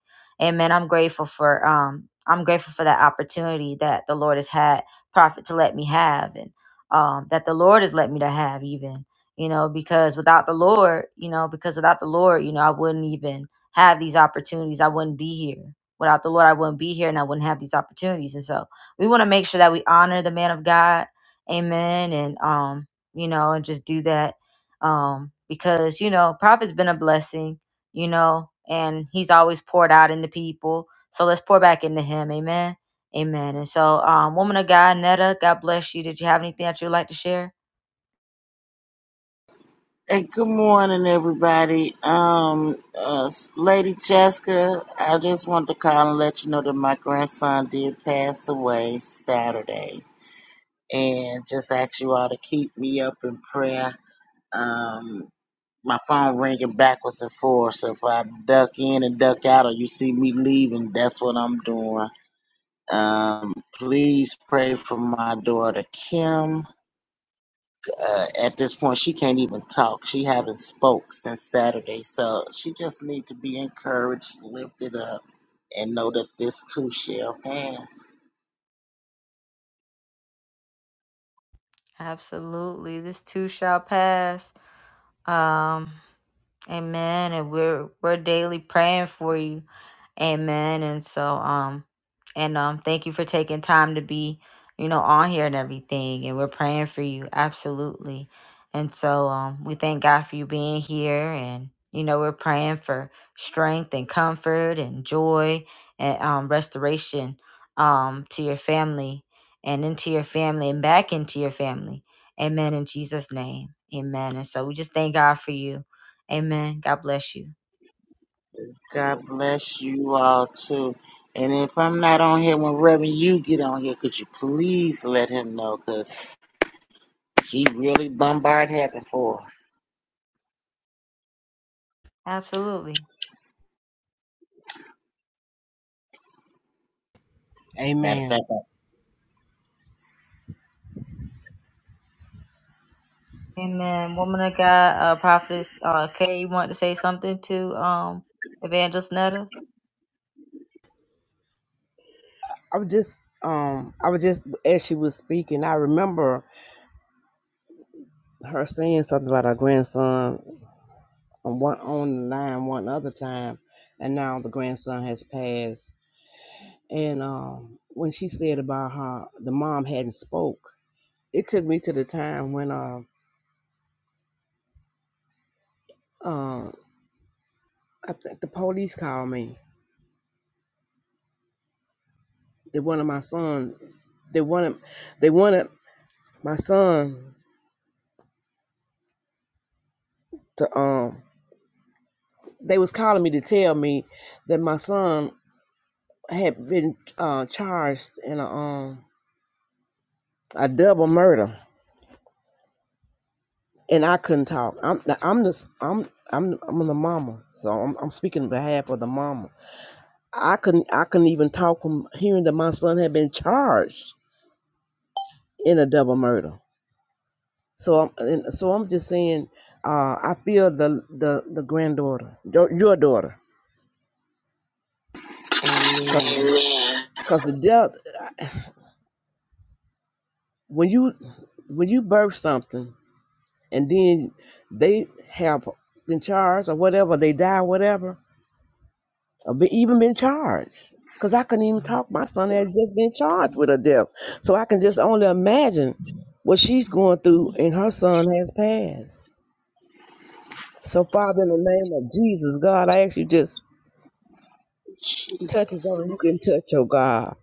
Speaker 1: Amen. I'm grateful for um, I'm grateful for that opportunity that the Lord has had prophet to let me have and um, that the Lord has let me to have even you know, because without the Lord, you know, because without the Lord, you know, I wouldn't even have these opportunities. I wouldn't be here. Without the Lord, I wouldn't be here and I wouldn't have these opportunities. And so we want to make sure that we honor the man of God. Amen. And, um, you know, and just do that. Um, because, you know, prophet's been a blessing, you know, and he's always poured out into people. So let's pour back into him. Amen. Amen. And so, um, woman of God, Netta, God bless you. Did you have anything that you would like to share?
Speaker 5: Hey, good morning, everybody. Um, uh, Lady Jessica, I just wanted to call and let you know that my grandson did pass away Saturday, and just ask you all to keep me up in prayer. Um, my phone ringing backwards and forwards, so if I duck in and duck out, or you see me leaving, that's what I'm doing. Um, please pray for my daughter Kim uh, at this point she can't even talk she haven't spoke since saturday so she just need to be encouraged lifted up and know that this too shall pass
Speaker 1: Absolutely. This too shall pass. Um, Amen. And we're we're daily praying for you. Amen. And so um and um thank you for taking time to be, you know, on here and everything. And we're praying for you. Absolutely. And so um we thank God for you being here and you know, we're praying for strength and comfort and joy and um restoration um to your family and into your family and back into your family. Amen in Jesus' name. Amen. And so we just thank God for you Amen. God bless you.
Speaker 5: god bless you all too and if i'm not on here when reverend you get on here could you please let him know because he really bombard heaven for us
Speaker 1: Absolutely.
Speaker 5: matter of
Speaker 4: Amen.
Speaker 5: fact I-
Speaker 1: Amen. Woman of God, uh, prophetess uh, Kay, you want to say something to um, Evangelist Netta?
Speaker 4: I was just um I was just as she was speaking, I remember her saying something about her grandson on one on the line one other time and now the grandson has passed And um, when she said about how the mom hadn't spoke, it took me to the time when uh, uh, I think the police called me. They wanted my son. They wanted they wanted my son to um. They was calling me to tell me that my son had been uh, charged in a um a double murder, and I couldn't talk. I'm I'm just I'm I'm I'm the mama, so I'm, I'm speaking on behalf of the mama I couldn't I couldn't even talk from hearing that my son had been charged in a double murder. So I'm and so I'm just saying, uh, I feel the the the granddaughter, your your daughter, because
Speaker 5: amen
Speaker 4: the death when you when you birth something and then they have been charged or whatever they die whatever uh, be, even been charged because I couldn't even talk. My son had just been charged with a death, so I can just only imagine what she's going through, and her son has passed. So, Father, in the name of Jesus, God, I ask you just touch as
Speaker 5: jesus
Speaker 4: only you can touch, oh God.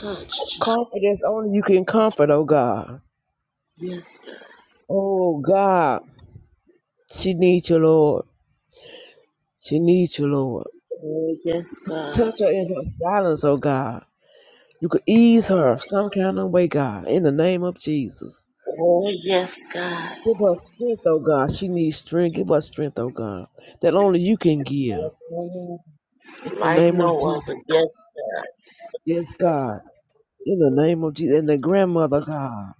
Speaker 5: touch jesus
Speaker 4: Comfort as only you can comfort, oh God.
Speaker 5: yes god
Speaker 4: Oh God, she needs you, Lord. She needs you, Lord.
Speaker 5: oh yes god
Speaker 4: Touch her in her silence, oh God. You could ease her some kind of way, God, in the name of Jesus.
Speaker 5: oh yes god
Speaker 4: Give her strength, oh God. She needs strength. Give her strength, oh God, that only you can give. In the
Speaker 5: Like
Speaker 4: name of
Speaker 5: no
Speaker 4: Jesus,
Speaker 5: other. Yes, God.
Speaker 4: yes, God. In the name of Jesus, and the grandmother, God.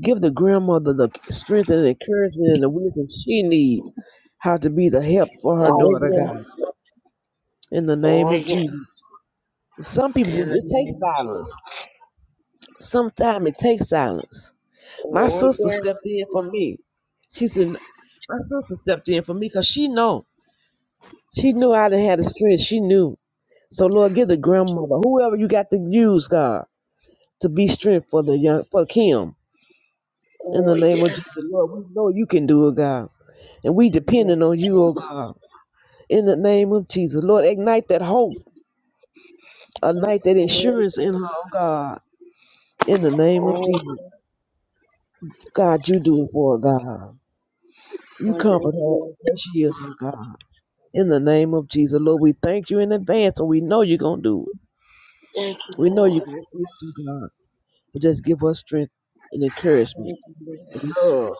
Speaker 4: Give the grandmother the strength and encouragement and the wisdom she needs how to be the help for her
Speaker 5: Oh,
Speaker 4: daughter,
Speaker 5: yes.
Speaker 4: God. In the
Speaker 5: Oh,
Speaker 4: name of Jesus.
Speaker 5: yes.
Speaker 4: Some people, it
Speaker 5: In the
Speaker 4: it takes
Speaker 5: name of Jesus.
Speaker 4: silence. Sometimes it takes silence. My
Speaker 5: Oh,
Speaker 4: sister
Speaker 5: yes.
Speaker 4: stepped in for me. She said, my sister stepped in for me because she know. She knew I done had the strength. She knew. So Lord, give the grandmother, whoever you got to use, God, to be strength for the young for Kim. In the
Speaker 5: Oh,
Speaker 4: name of Jesus,
Speaker 5: yes.
Speaker 4: Lord, we know you can do it, God. And we depending
Speaker 5: Yes,
Speaker 4: on you,
Speaker 5: God.
Speaker 4: oh God. In the name of Jesus. Lord, ignite that hope, ignite that
Speaker 5: Oh,
Speaker 4: insurance
Speaker 5: yes.
Speaker 4: in her, oh God. In the name of
Speaker 5: Oh,
Speaker 4: Jesus. God, you do it for her, God. You
Speaker 5: for your
Speaker 4: comfort her
Speaker 5: glory.
Speaker 4: where she is, oh God. In the name of Jesus, Lord, we thank you in advance, and we know you're gonna do it.
Speaker 5: Thank you,
Speaker 4: We know
Speaker 5: Lord.
Speaker 4: you're gonna do it, God. But just give us strength and encouragement,
Speaker 5: Thank you,
Speaker 4: and
Speaker 5: Lord.
Speaker 4: love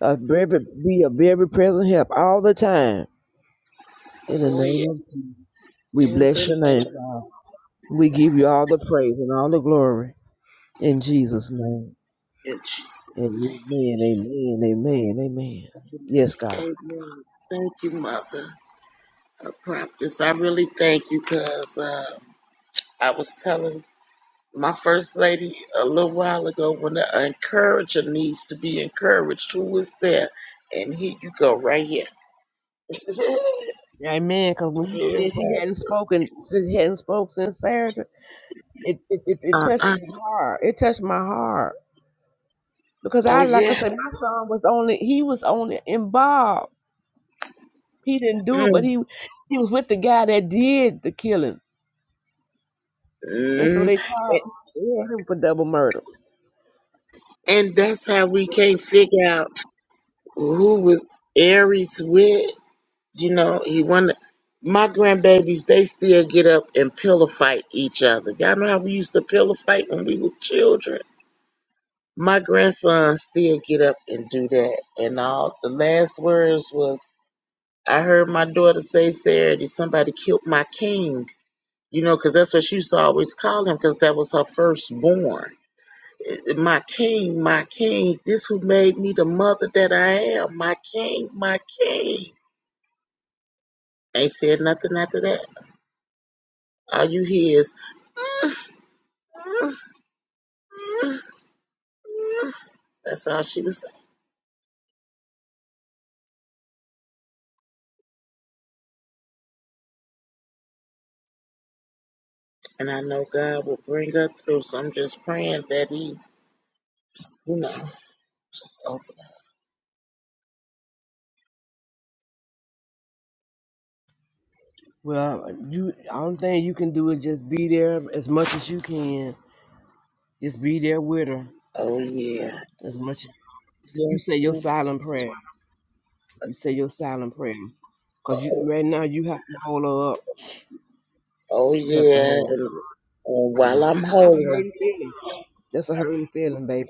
Speaker 4: A very, be a very present help all the time. In the
Speaker 5: Oh,
Speaker 4: name
Speaker 5: yes.
Speaker 4: of Jesus, we
Speaker 5: In
Speaker 4: bless
Speaker 5: the
Speaker 4: your name,
Speaker 5: name
Speaker 4: God. We give you all the praise and all the glory in Jesus' name.
Speaker 5: of
Speaker 4: And
Speaker 5: Jesus. Thank
Speaker 4: Amen, amen, amen, amen.
Speaker 5: you.
Speaker 4: Yes, God.
Speaker 5: Amen. Thank you, Mother. A prophetess. I really thank you because uh, I was telling my first lady a little while ago when the encourager needs to be encouraged. Who is there? And here you go, right here.
Speaker 4: Amen. Because when she
Speaker 5: Here's
Speaker 4: said she
Speaker 5: what.
Speaker 4: hadn't spoken, she hadn't spoken since Saturday, it, it, it, it
Speaker 5: Uh
Speaker 4: touched
Speaker 5: uh.
Speaker 4: my heart. It touched my heart. Because
Speaker 5: Oh
Speaker 4: I, like I
Speaker 5: yeah.
Speaker 4: said, my son was only, he was only involved. He didn't do it, but
Speaker 5: Mm.
Speaker 4: he, he was with the guy that did the killing And so
Speaker 5: Mm.
Speaker 4: they tried
Speaker 5: And
Speaker 4: they had him for double murder.
Speaker 5: and that's how we can't figure out who was Aries with. You know, he wanted. My grandbabies, they still get up and pillow fight each other. Y'all know how we used to pillow fight when we was children My grandson still get up and do that. And all the last words was, I heard my daughter say, Saturday, somebody killed my king. You know, 'cause that's what she used to always call him, 'cause that was her firstborn. Eh, eh, My king, my king, this who made me the mother that I am. My king, my king. Ain't said nothing after that. All you hear is, that's all she was saying. And I know God will bring her through. So I'm just praying that he, you know, just open.
Speaker 4: Well, you I don't think you can do is just be there as much as you can. Just be there with her
Speaker 5: Oh yeah.
Speaker 4: as much. You
Speaker 5: Yes.
Speaker 4: say your
Speaker 5: Oh,
Speaker 4: silent prayer. You say your silent prayers. Cause you right now you have to hold her up.
Speaker 5: oh,
Speaker 4: You have to
Speaker 5: yeah.
Speaker 4: hold
Speaker 5: And,
Speaker 4: her
Speaker 5: while
Speaker 4: hurting.
Speaker 5: I'm
Speaker 4: That's a
Speaker 5: holding her.
Speaker 4: hurting feeling. That's a hurting feeling, baby.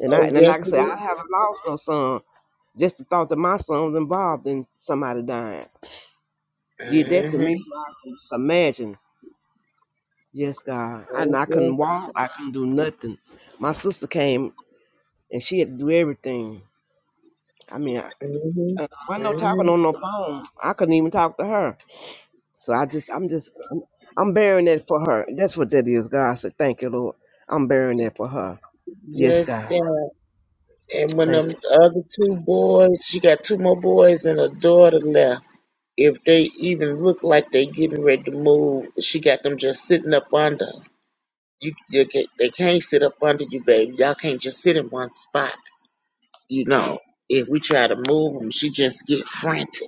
Speaker 4: And I
Speaker 5: Oh
Speaker 4: and like I
Speaker 5: yes it
Speaker 4: said,
Speaker 5: is.
Speaker 4: I haven't lost no son. Just the thought that my son was involved in somebody dying did that to
Speaker 5: Mm-hmm.
Speaker 4: me. Imagine. Yes, God. And
Speaker 5: Oh
Speaker 4: I couldn't
Speaker 5: yeah.
Speaker 4: walk. I couldn't do nothing. My sister came and she had to do everything. I mean, I,
Speaker 5: Mm-hmm.
Speaker 4: I wasn't no talking
Speaker 5: Mm-hmm.
Speaker 4: on no phone. I couldn't even talk to her. So I just, I'm just, I'm bearing that for her. That's what that is, God. I said, thank you, Lord. I'm bearing that for her. Yes,
Speaker 5: Yes,
Speaker 4: God.
Speaker 5: God. And when
Speaker 4: Thank you.
Speaker 5: them other two boys, she got two more boys and a daughter left. If they even look like they getting ready to move, she got them just sitting up under. You, you ca- they can't sit up under you, baby. Y'all can't just sit in one spot. You know, if we try to move them, she just get frantic.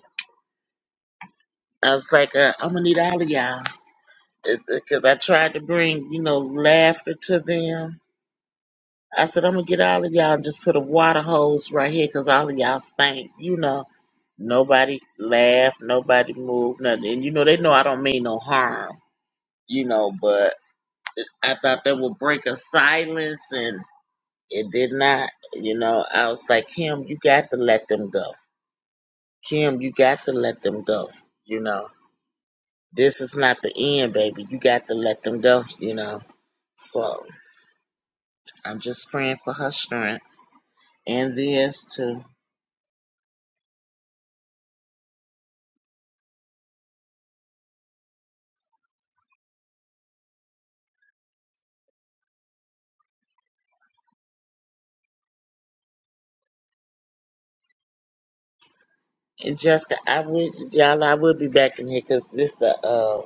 Speaker 5: I was like, uh, I'm gonna need all of y'all, because I tried to bring, you know, laughter to them. I said, I'm gonna get all of y'all and just put a water hose right here, because all of y'all stink, you know. Nobody laughed, nobody moved, nothing. And you know, they know I don't mean no harm, you know, but I thought that would break a silence, and it did not. You know, I was like, Kim, you got to let them go. Kim, you got to let them go, you know. this is not the end, baby. You got to let them go, you know. So I'm just praying for her strength and this too. And Jessica, I would y'all, I will be back in here because this the uh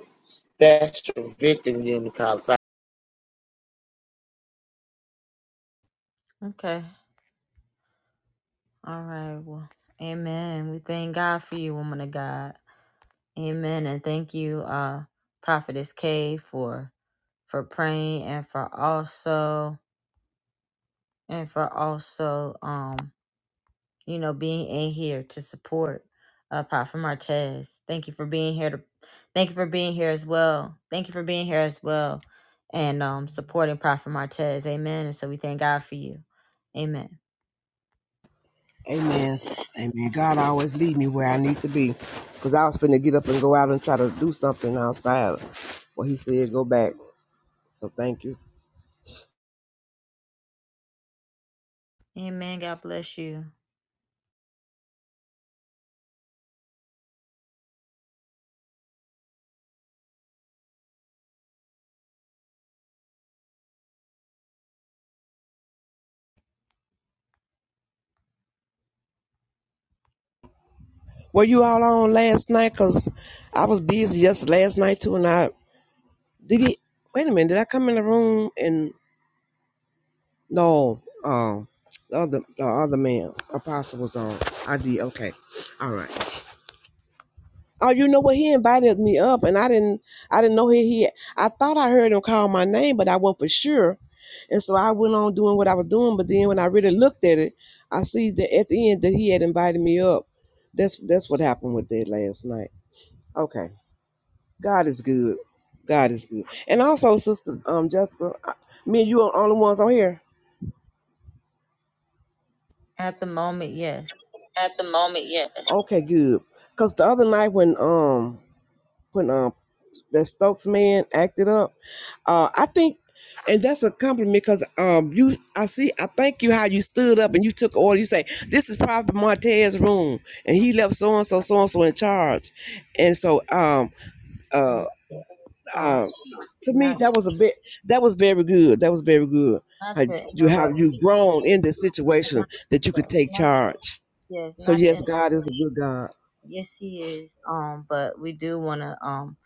Speaker 5: best victim union call.
Speaker 1: Okay. All right. Well, amen. We thank God for you, woman of God. Amen. And thank you, uh, Prophetess K for for praying and for also and for also um, you know, being in here to support uh Prophet Martez. Thank you for being here to thank you for being here as well. Thank you for being here as well and um supporting Prophet Martez. Amen. And so we thank God for you. Amen.
Speaker 4: Amen. Amen. God always lead me where I need to be. Because I was finna get up and go out and try to do something outside. Well, he said, go back. So thank you.
Speaker 1: Amen. God bless you.
Speaker 4: Were you all on last night? Cause I was busy just last night too, and I did it. Wait a minute, did I come in the room and no? Um, the other the other man, Apostle was on. I did okay. All right. Oh, you know what? He invited me up, and I didn't I didn't know he he. I thought I heard him call my name, but I wasn't for sure. And so I went on doing what I was doing, but then when I really looked at it, I see that at the end that he had invited me up. That's that's what happened with that last night. Okay. God is good. God is good. And also, Sister um, Jessica, I- me and you are the only ones on here.
Speaker 1: At the moment, yes.
Speaker 4: At the moment, yes. Okay, good. Cause the other night when um when um that Stokes man acted up, uh I think, and that's a compliment because um you I see I thank you how you stood up and you took order. You say this is Prophet Martez's room and he left so and so so and so in charge, and so um uh,
Speaker 1: Amen. Um,
Speaker 4: um, to me
Speaker 1: not
Speaker 4: that was a bit that was very good that was very good
Speaker 1: Not
Speaker 4: How
Speaker 1: to
Speaker 4: you
Speaker 1: interrupt.
Speaker 4: have you grown
Speaker 1: Yes,
Speaker 4: in this situation
Speaker 1: not,
Speaker 4: that you
Speaker 1: yes,
Speaker 4: could take
Speaker 1: not,
Speaker 4: charge
Speaker 1: yes,
Speaker 4: so
Speaker 1: not to.
Speaker 4: yes
Speaker 1: inter-
Speaker 4: god is a good god
Speaker 1: Yes, he is. Um, but we do want to. Um,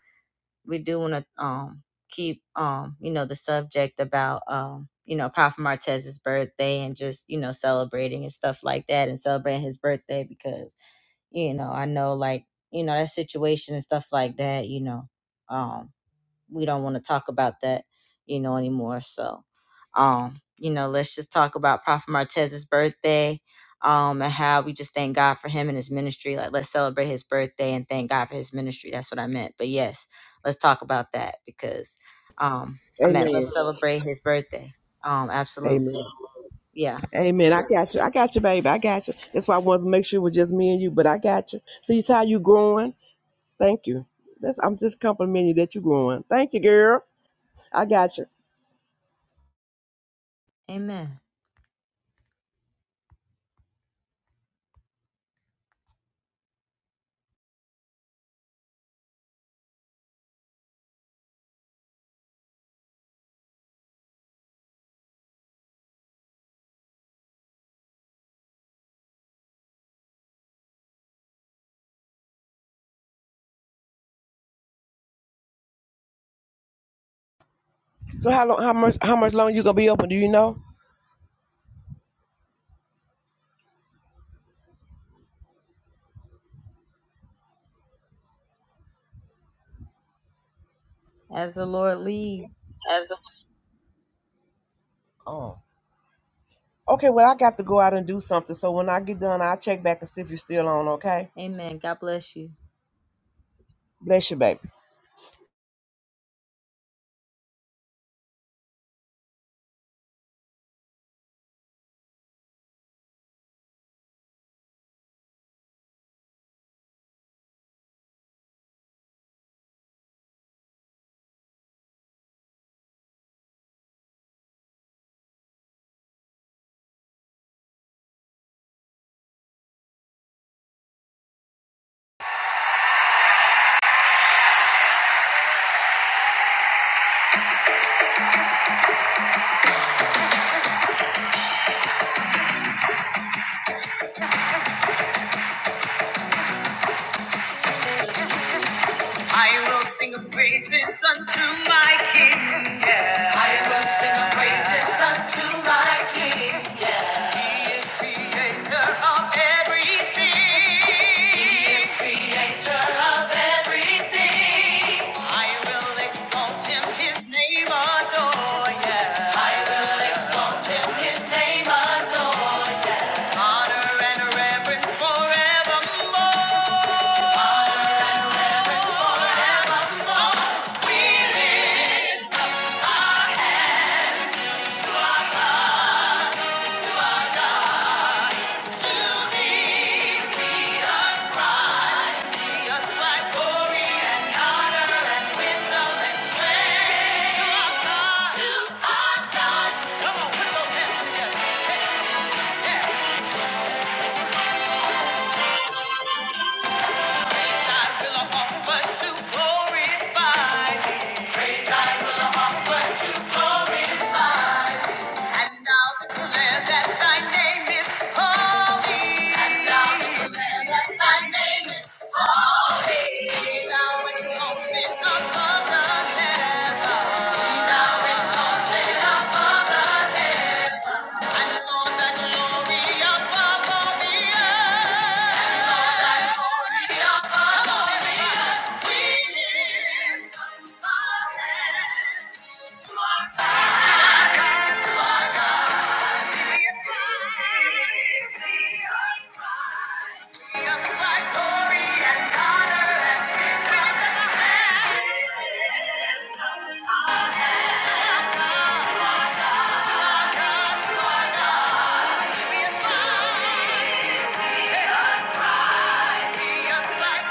Speaker 1: we do want to. Um, keep. Um, you know, the subject about. Um, you know, Prophet Martez's birthday and just you know celebrating and stuff like that and celebrating his birthday because you know I know like you know that situation and stuff like that. You know, um we don't want to talk about that, you know, anymore. So, um, you know, let's just talk about Prophet Martez's birthday, um, and how we just thank God for him and his ministry. Like, let's celebrate his birthday and thank God for his ministry. That's what I meant. But yes, let's talk about that because, um, I meant let's
Speaker 4: amen
Speaker 1: celebrate his birthday. Um, absolutely,
Speaker 4: amen
Speaker 1: yeah,
Speaker 4: amen i got you i got you baby i got you that's why i wanted to make sure it was just me and you but i got you so you see how you growing thank you that's i'm just complimenting you that you're growing thank you girl i got you
Speaker 1: Amen.
Speaker 4: so how long how much how much longer you gonna be open do you know
Speaker 1: As the Lord lead,
Speaker 4: As Oh. Okay, well, I got to go out and do something. So when I get done, I'll check back and see if you're still on, okay?
Speaker 1: Amen. God bless you.
Speaker 4: Bless you, baby.
Speaker 1: I will sing of praises unto my King. Yeah. I will sing of praises unto my King. Yeah. He is creator of everything. He is creator of everything. I will exalt him, his name adore. Yeah. I will exalt him, his name adore. Honor and reverence forevermore. Yeah. Yes, my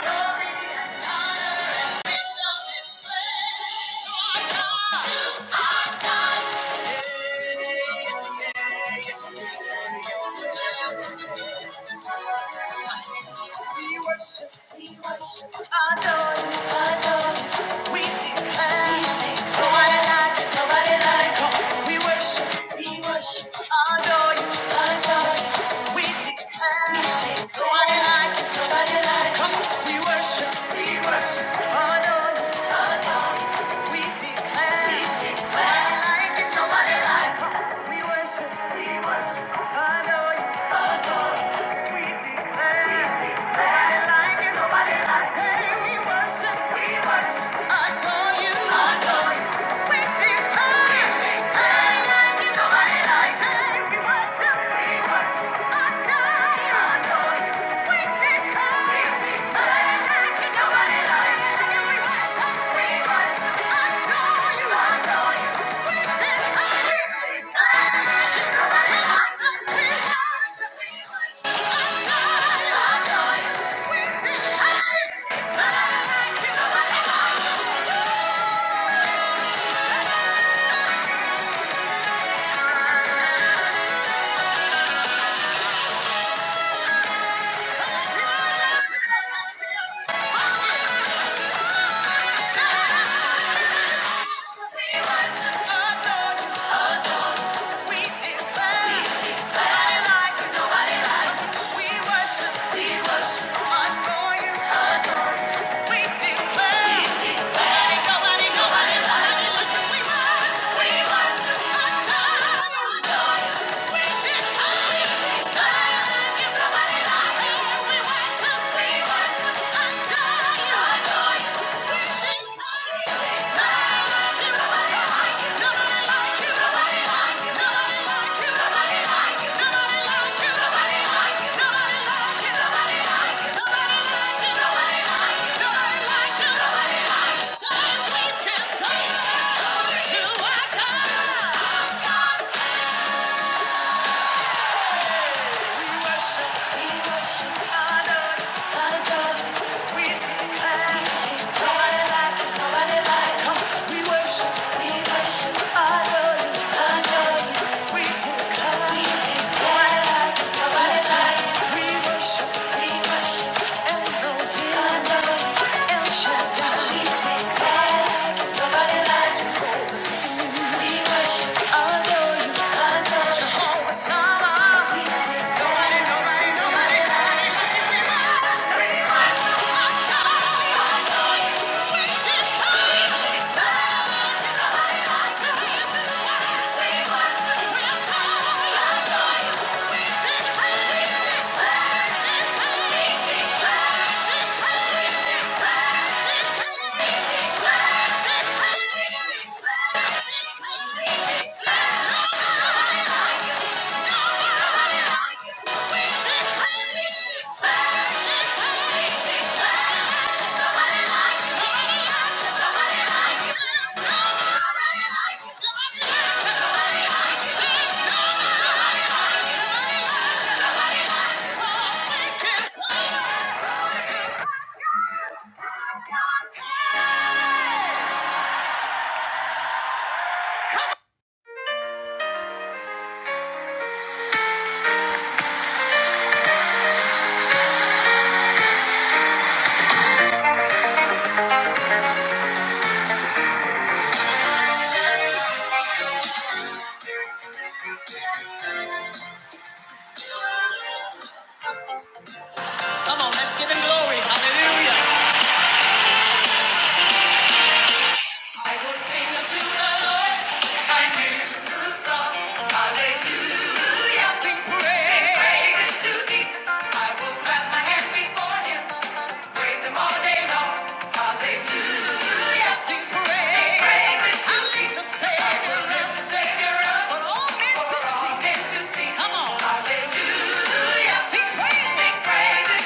Speaker 1: glory. We worship, we worship, adore you, adore you. We declare, we declare. nobody like you, nobody like you. We worship, we worship, adore you, adore you. We worship, adore you. We declare, we declare. Thank you. Nobody, nobody, Thank you. We worship, we worship, honor, adore. We declare, nobody like, nobody like. we worship, we worship, honor, adore. We declare, we declare, nobody like, nobody like. We worship, we worship, El Shaddai. Sama, nobody, nobody, nobody, nobody. Let's give him glory. I will sing unto the Lord my new song. Hallelujah. Sing praise to thee. I will clap my hands before him. Praise him all day long. Hallelujah. Sing praise. I lift the Savior for all men to see. Come on. Sing praises. For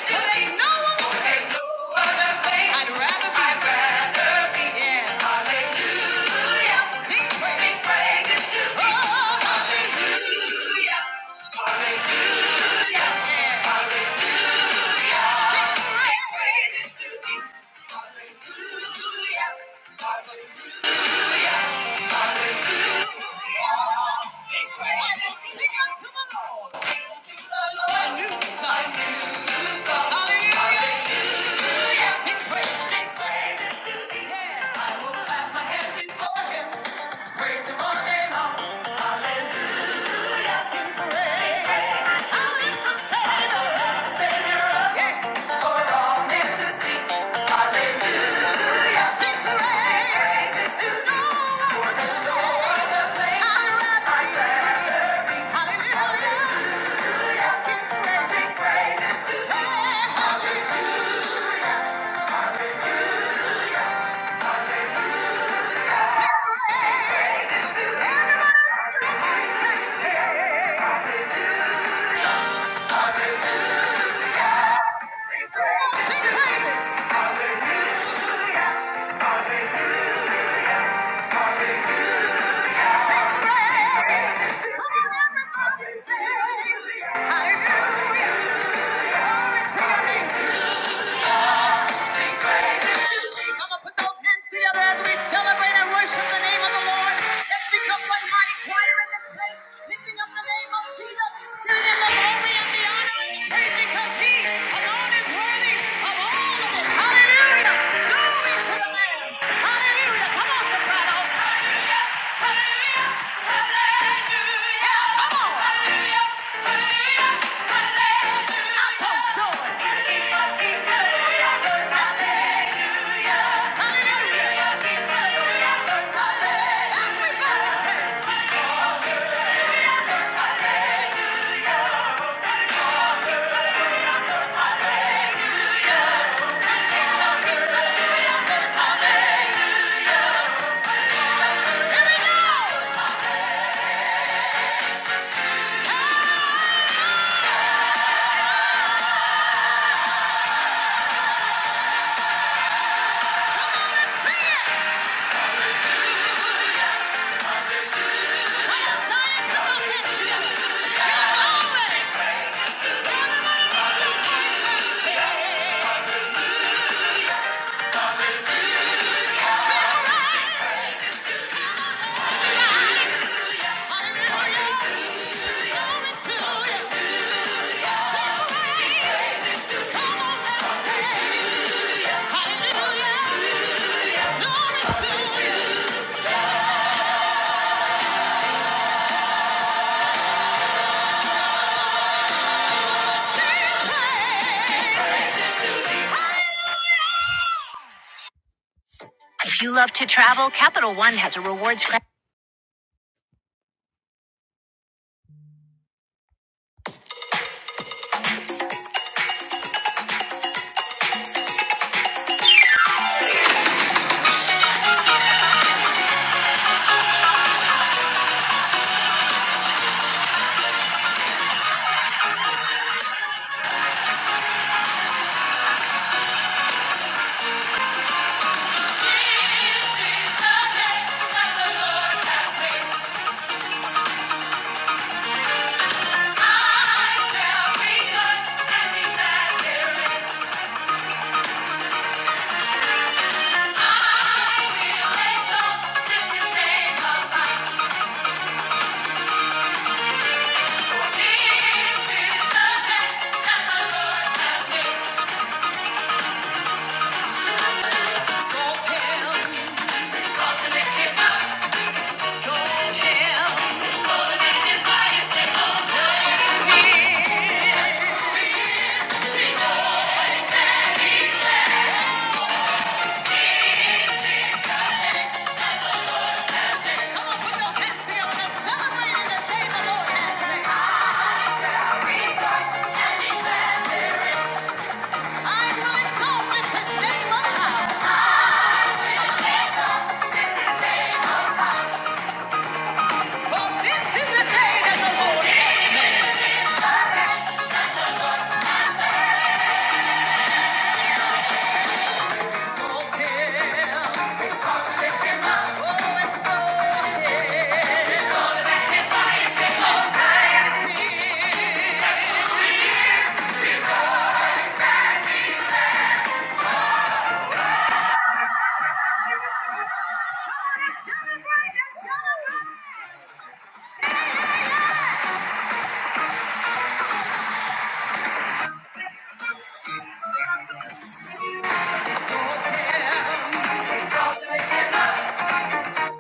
Speaker 1: there's no other place I'd rather be. Yeah. Sing praises. Oh, hallelujah. Hallelujah. Hallelujah! Hallelujah! Sing praise to the Lord. Sing to the Lord. Sing praise to the Lord. I'd rather Hallelujah. hands together as we celebrate and worship the name of the Lord. Let's become one mighty choir in this place, lifting up the name of Jesus, giving him the glory and the honor and the praise because he alone is worthy of all of it. Hallelujah! Glory to the Lamb! Hallelujah! Come on, sopranos! Hallelujah! Hallelujah! If you love to travel, Capital One has a rewards credit. This is the day that the Lord has made.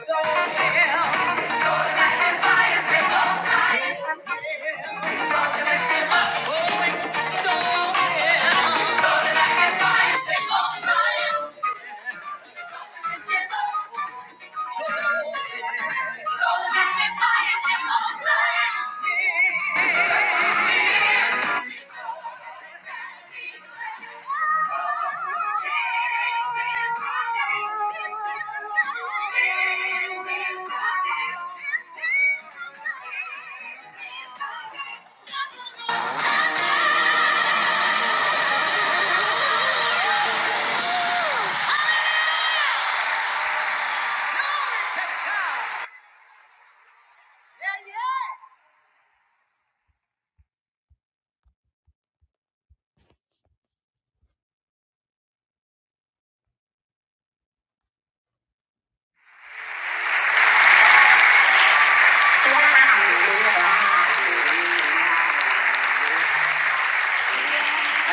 Speaker 1: I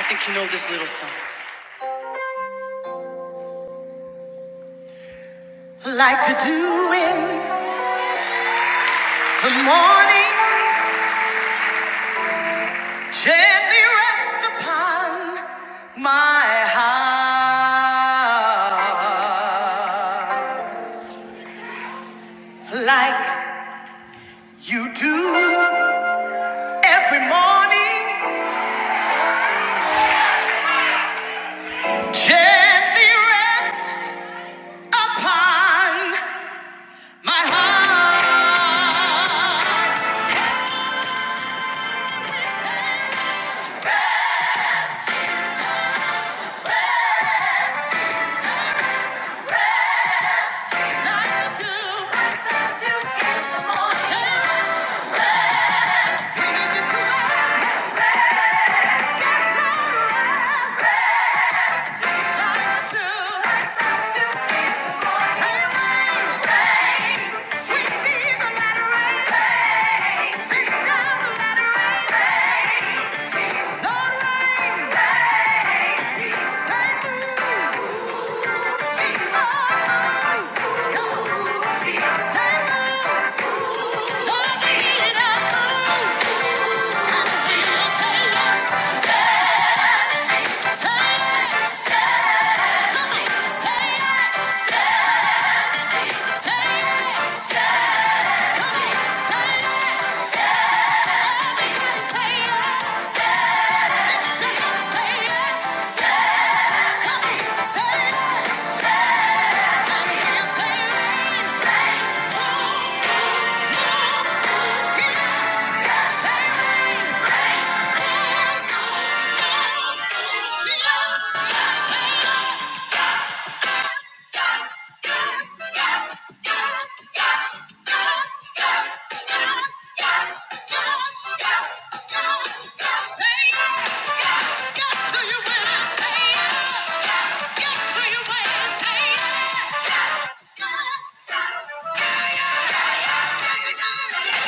Speaker 1: think you know this little song. Like the dew in the morning, gently rest upon my heart. Like you do every morning, gently rest. upon my heart. Like the dew that still in the morning. Turning into my best friend. Yes, my best friend. Like the dew Say yes! Say yes. Come on, say yes. Say yes. Yes to your will. Say yes. Yes to your will. Say yes. Yes to your will. Say yes.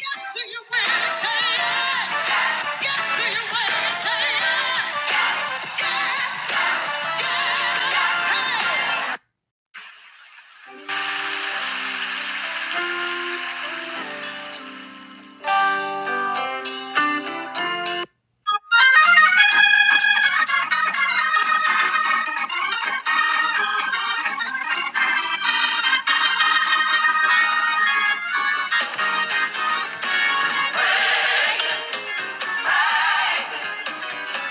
Speaker 1: Yes to your will. Say yes.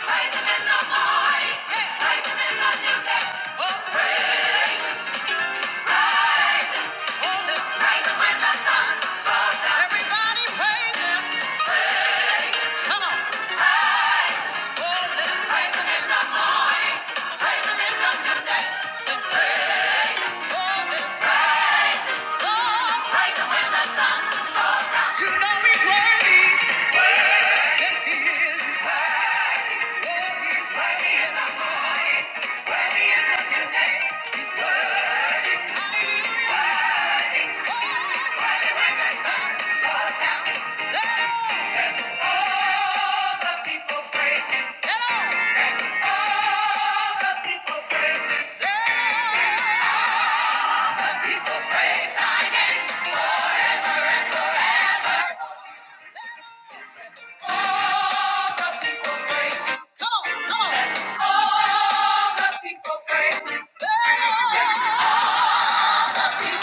Speaker 1: Praise him in the morning. Praise him in the noonday. Oh, praise He's worthy. Yes, he's worthy. Come on, come on. All the people. Praise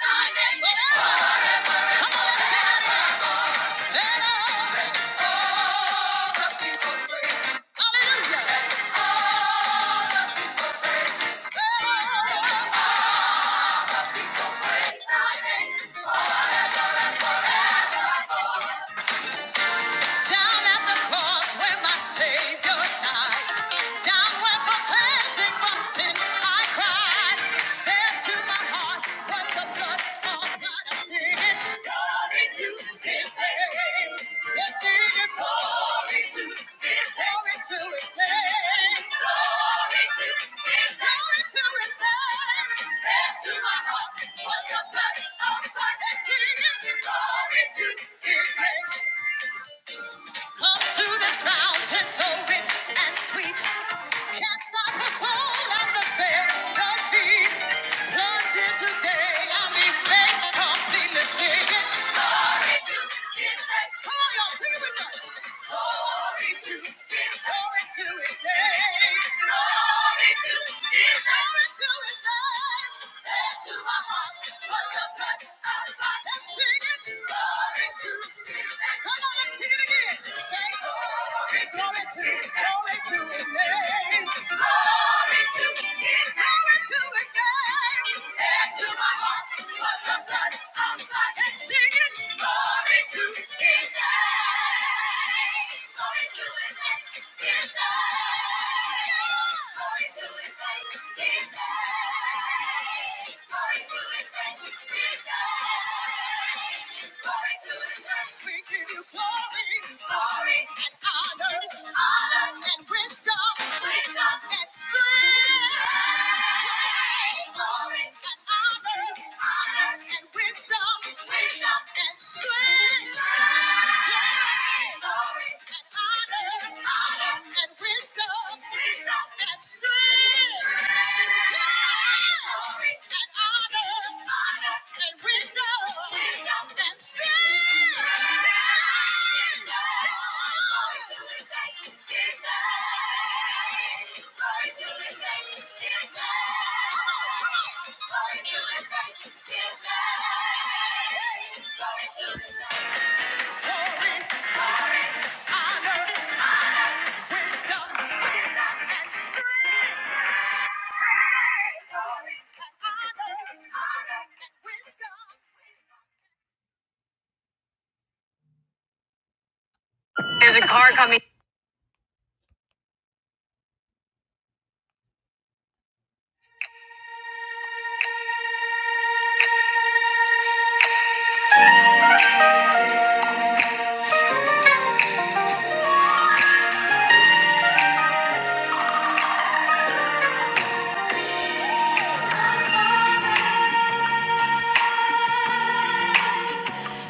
Speaker 1: thy name. Cast out the soul of the sin, thus he plunged into Glory to His name! Oh, y'all, sing with us! Glory to His name! Glory to His name! Hands to my heart, put your hands up high. Let's sing it! Glory to His name! Come on, let's sing it again. glory, to, his name. Glory to his name. Glory my heart was the blood of my and sing it. Glory to his name.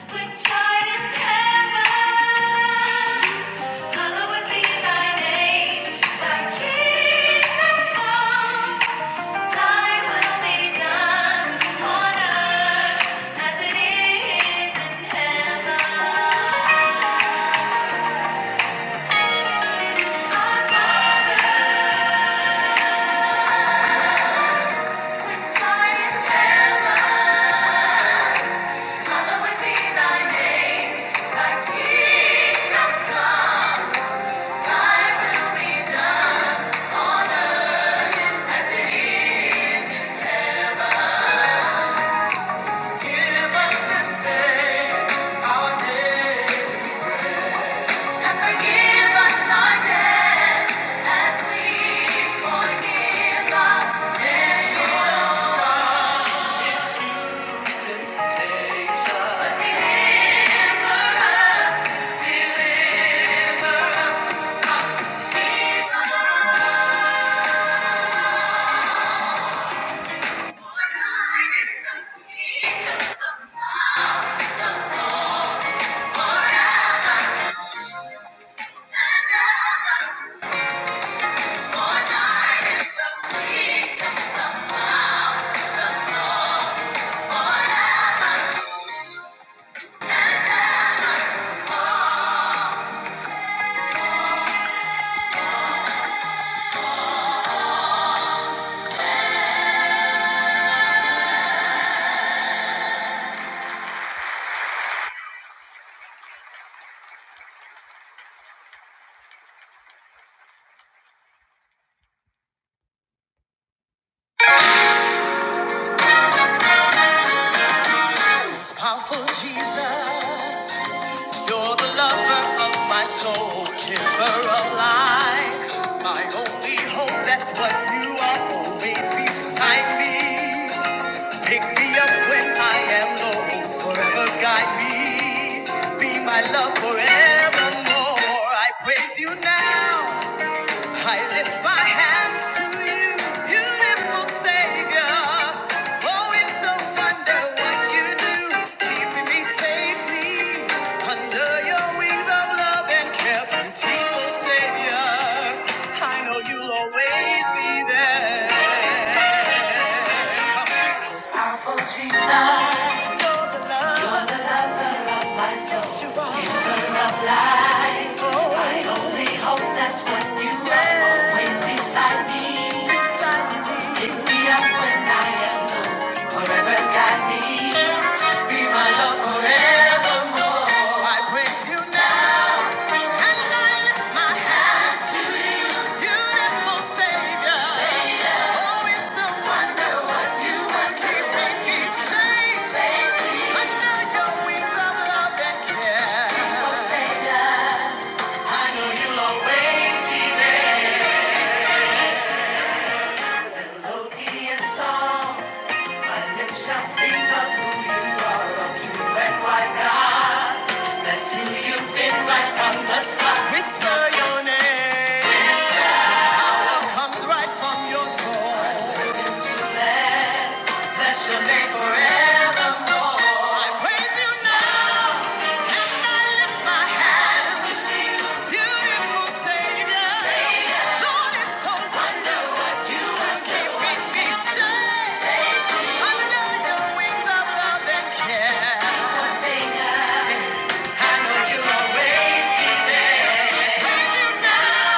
Speaker 1: Which art in heaven, hallowed be thy name. Thy kingdom come. Give us this day our day. And forgive us our debts as we forgive our debtors. For thine is the kingdom forever. Most powerful Jesus, you're the lover of my soul, giver of life. My only hope, that's what you are always beside me. Pick me up when I am low, forever guide me. Be my love forevermore. I praise you now. I lift my hands to you, beautiful Savior. Oh, it's a wonder what you do, keeping me safely under your wings of love and care, beautiful Savior. I know you'll always be there. I only hope that's what you are always beside me. Pick me up when I am low, wherever God me. Be my love forevermore. I praise you now. My hands to you. Say, oh, it's a wonder what you are keeping me safe. Save me Under your wings of love and care. Savior, Savior, I know you'll always be the melody and song. And it shall sing of who you are, of true and wise God. That's who you've been right from the start. Whisper your name, it comes right from your core. Bless your name forevermore. I praise you now, and I lift my hands to see you. Beautiful Savior. Savior. Lord, it's so wonder what you are keeping me safe. Savior. Under the wings of love and care. Savior. I know you'll always be. Praise you now.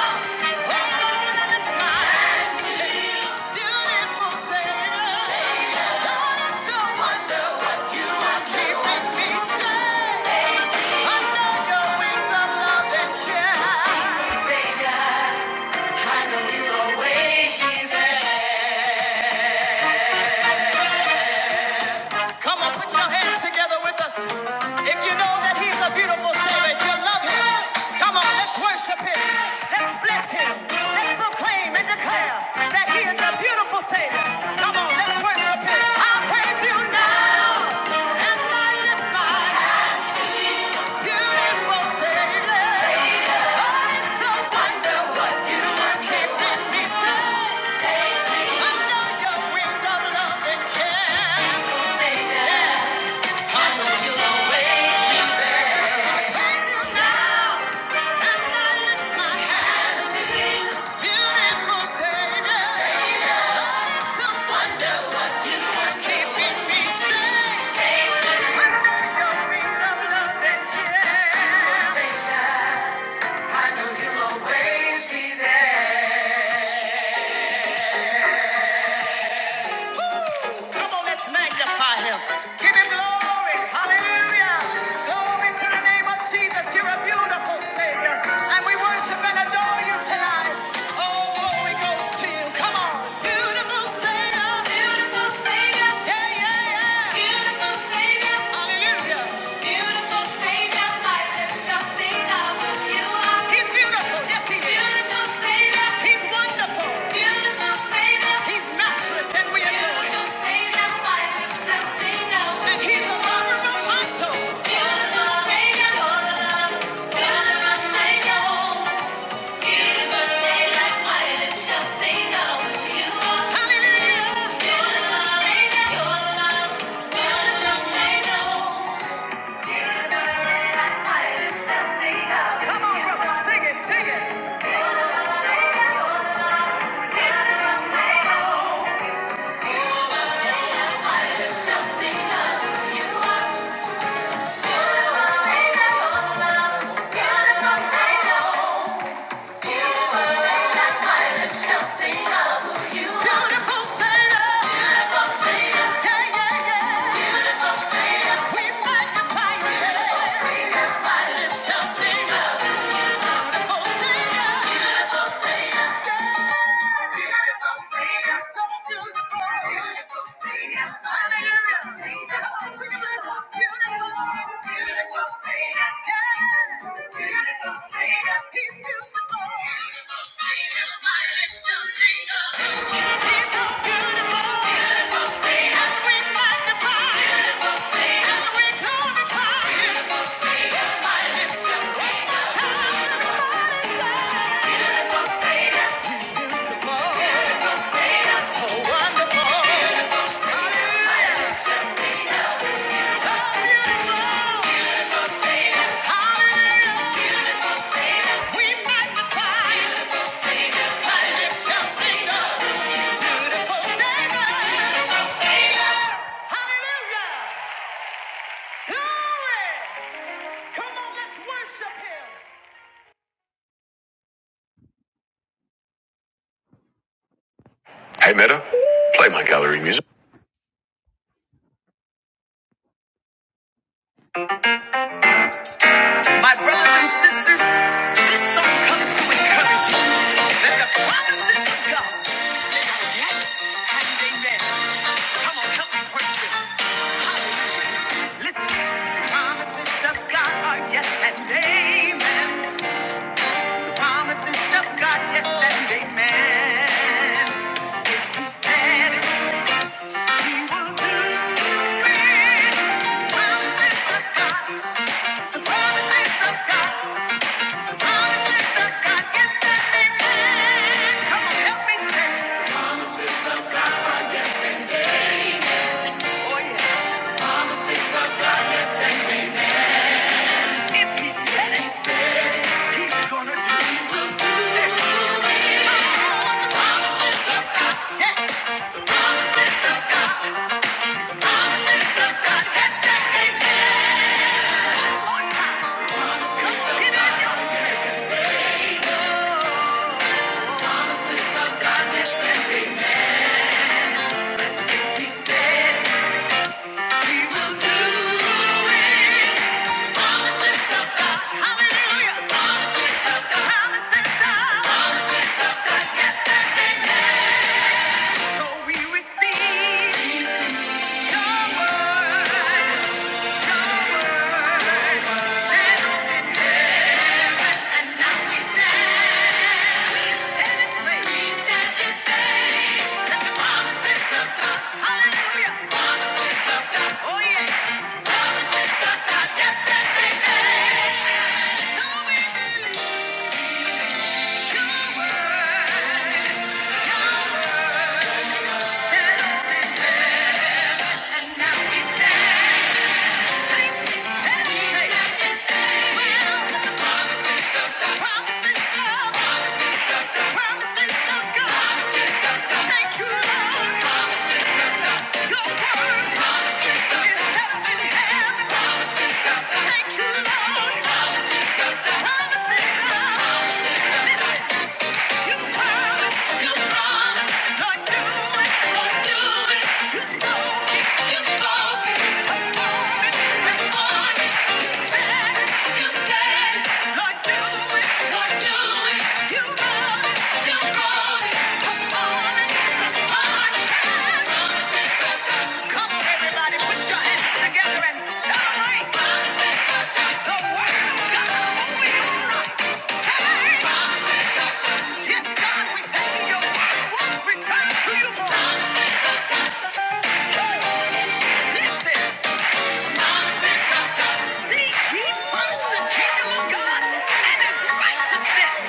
Speaker 1: I know you're always be there. Come on, put your hands together with us. If you know that He's a beautiful Savior, if you love Him, come on, let's worship Him. Let's bless Him. Let's proclaim and declare that He is a beautiful Savior. Come on, let's worship Him. I praise you now. Under your wings of love and care, I know you'll always. Always be there. Come on, let's magnify him. Give him glory. Hallelujah. Glory to the name of Jesus. You're a beautiful Savior. And we worship and adore you tonight. Oh, glory goes to you. Come on. Beautiful Savior. Beautiful Savior. Yeah, yeah, yeah. Beautiful Savior. Hallelujah. Beautiful Savior, my lips shall sing of who you are. He's beautiful. Yes, he is. Beautiful Savior, He's wonderful. beautiful Savior, He's matchless, and we adore him. beautiful Savior, my lips shall sing of And who he's you the are. lover of my soul. Beautiful Savior, you're the love. Beautiful Savior, beautiful Savior, my lips shall sing of who you are. Hallelujah. Beautiful Savior, you're the love. Beautiful Savior. Come on, brother, sing it, sing it. Beautiful Savior. Yeah, yeah, yeah. We magnify your name. My lips shall sing. Beautiful Savior, He's beautiful. Hallelujah! Glory! Come on, let's worship him. Hey Meta, play my gallery music.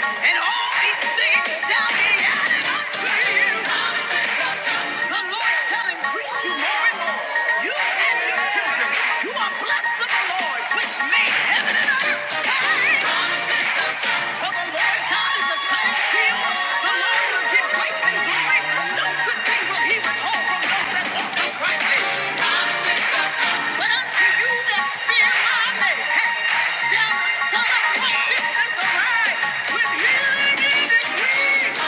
Speaker 1: And all these things shall be added unto you. The Lord shall increase you more and more. You and your children. You are blessed of the Lord, which made heaven and earth. Say, For the Lord God is a sun and shield. The Lord will give grace and glory. No good thing will he withhold from those that walk uprightly. You that with healing in his wings.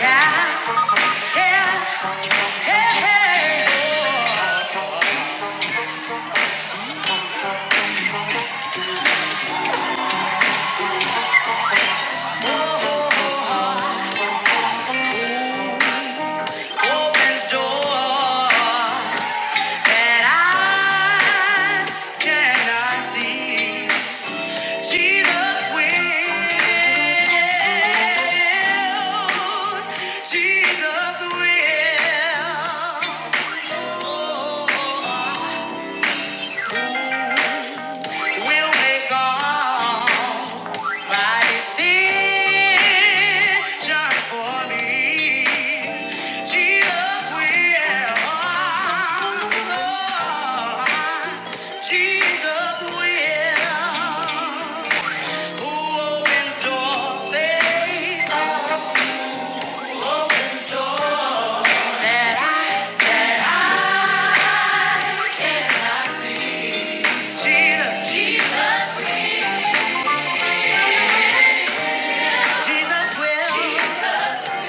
Speaker 1: Yeah, yeah, hey, yeah. Opens doors. that I cannot see. Jesus will. Jesus will. Oh, will make all my decisions for me. Jesus will. Jesus will. Who opens doors says that I. Jesus. Jesus will. Jesus will. Jesus.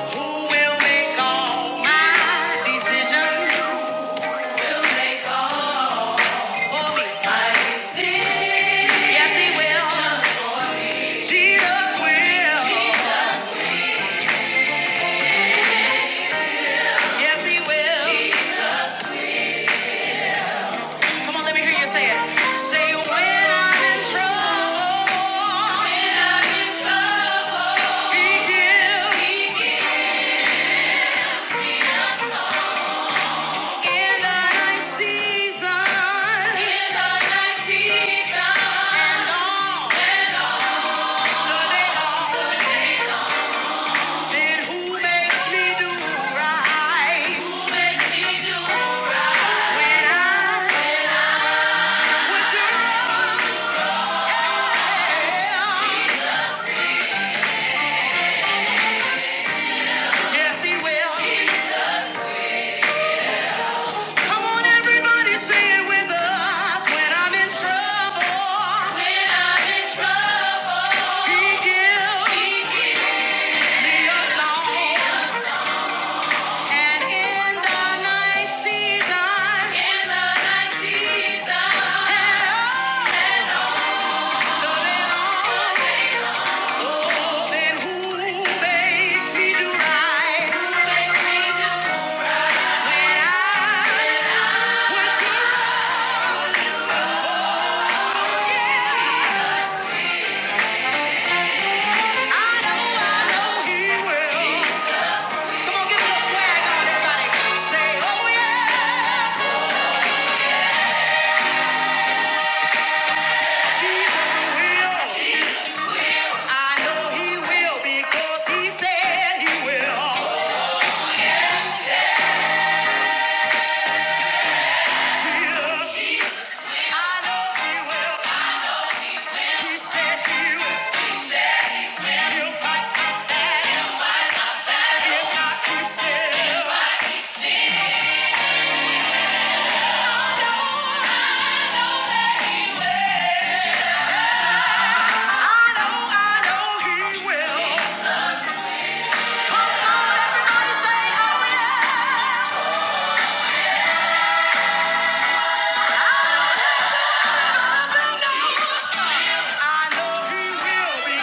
Speaker 1: Who will make all my decisions? Yes, he will. Jesus will. Yes, he will. Come on, let me hear you say it. Say when I'm in trouble, in the night season and all And who makes me do right? Who makes me do right? When I would do wrong. Yes, he will. Come on, everybody, say it with us. When I'm in trouble. When I'm in trouble. He gives He gives me a song. me a song. And in the night season. In the night season. And oh, Oh, then who makes me do right? Who makes me do right? When yeah, I know, I know he will. Come on, give me a swag everybody. Say, oh yeah, Jesus will. I know he will because he said he will. I know he will. He said he will. I know he will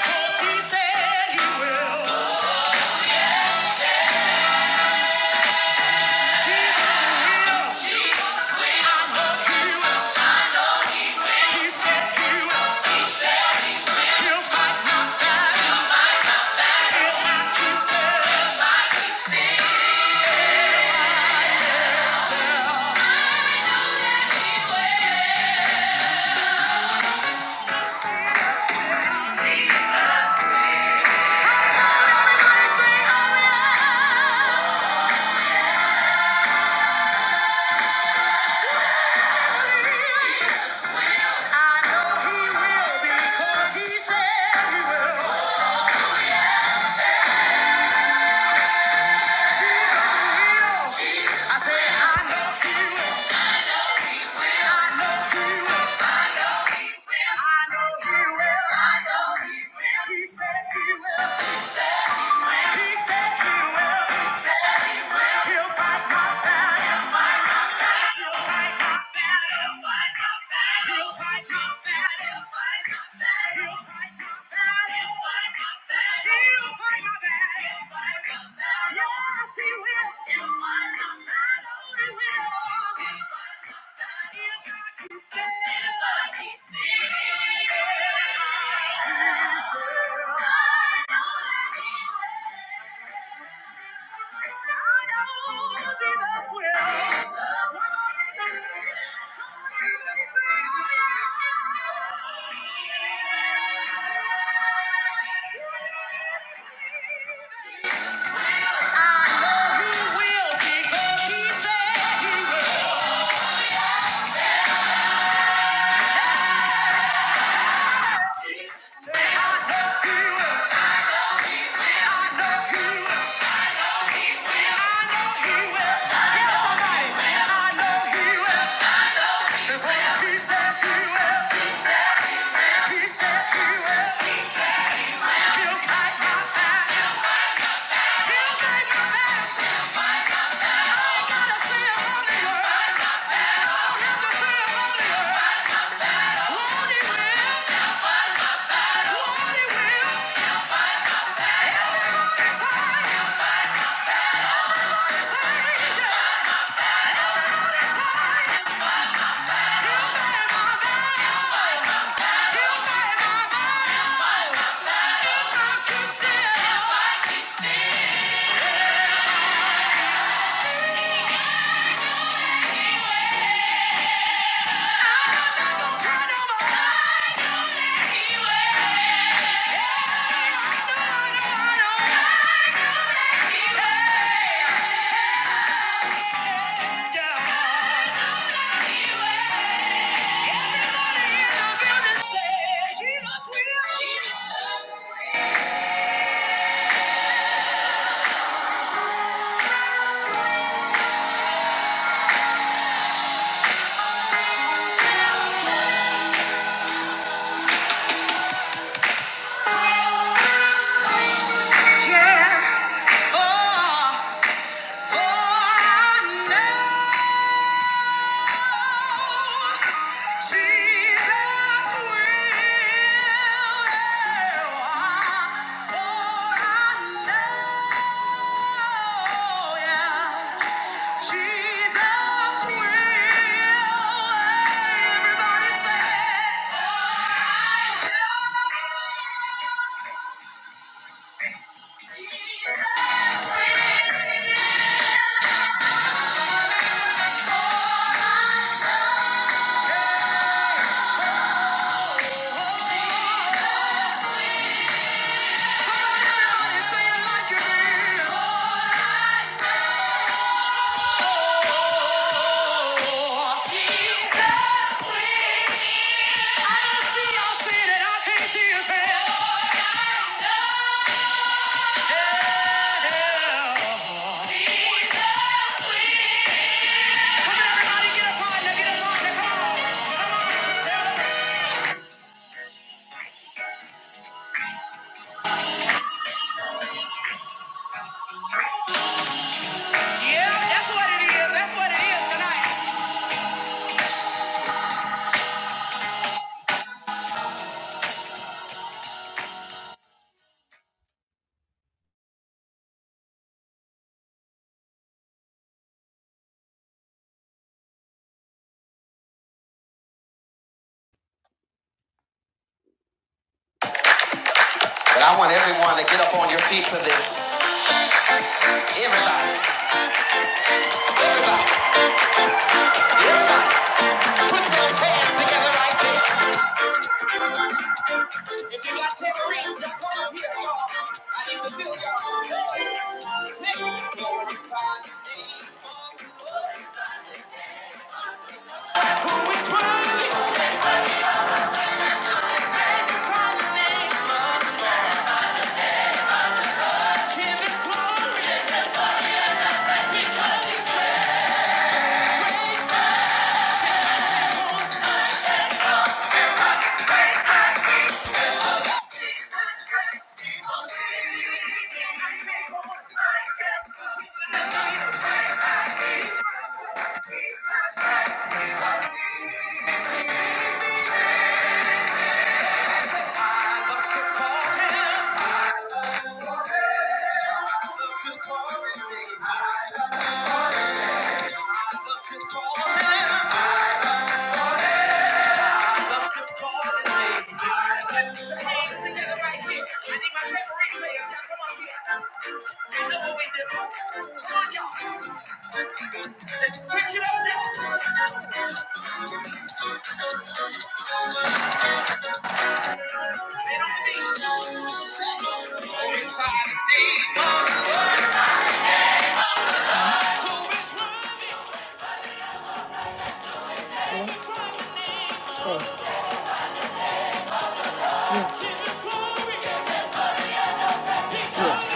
Speaker 1: because he said he will. I say, I know he will. I know he will. I know he will. I know he will. He said he will. He will. He said, he will. he will. He'll make my mind up. I keep saying, Come on, see. Well, I'll see you. Everybody say. But I want everyone to get up on your feet for this. Everybody. Everybody. Put those hands together right there. Yeah, yeah, yeah.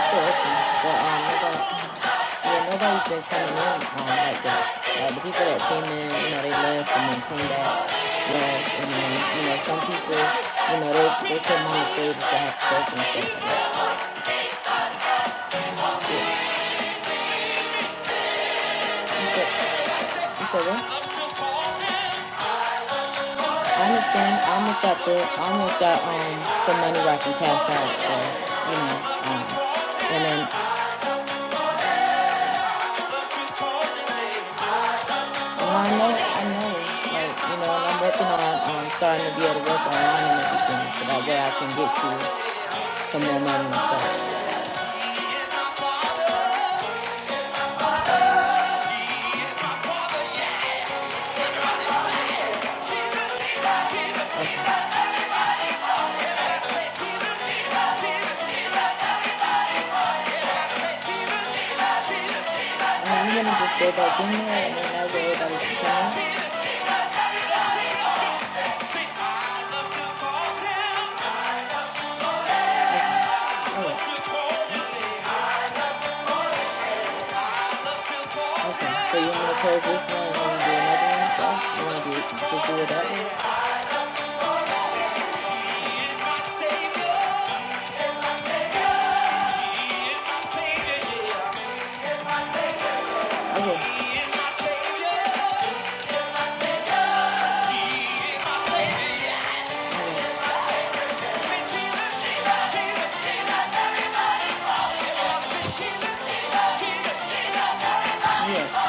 Speaker 1: of course. But um nobody yeah nobody's been coming in um like that. Like the people that came in, you know, they left and then came back, left and then you know some people, you know, they they come on the stage to have sex and stuff like that. Yeah, you said you said what? I understand. I almost got the I almost got um some money where I can cash out. So you know um. and then. No, I know, I know. Like, you know, and I'm working on um, starting to be able to work online and everything so that way I can get you some more money and stuff. And I'm gonna just go back in there and then that way everybody can come Oh, okay. So you wanna close this one and then do another one and stuff? You wanna do just do it that way? Okay, yeah.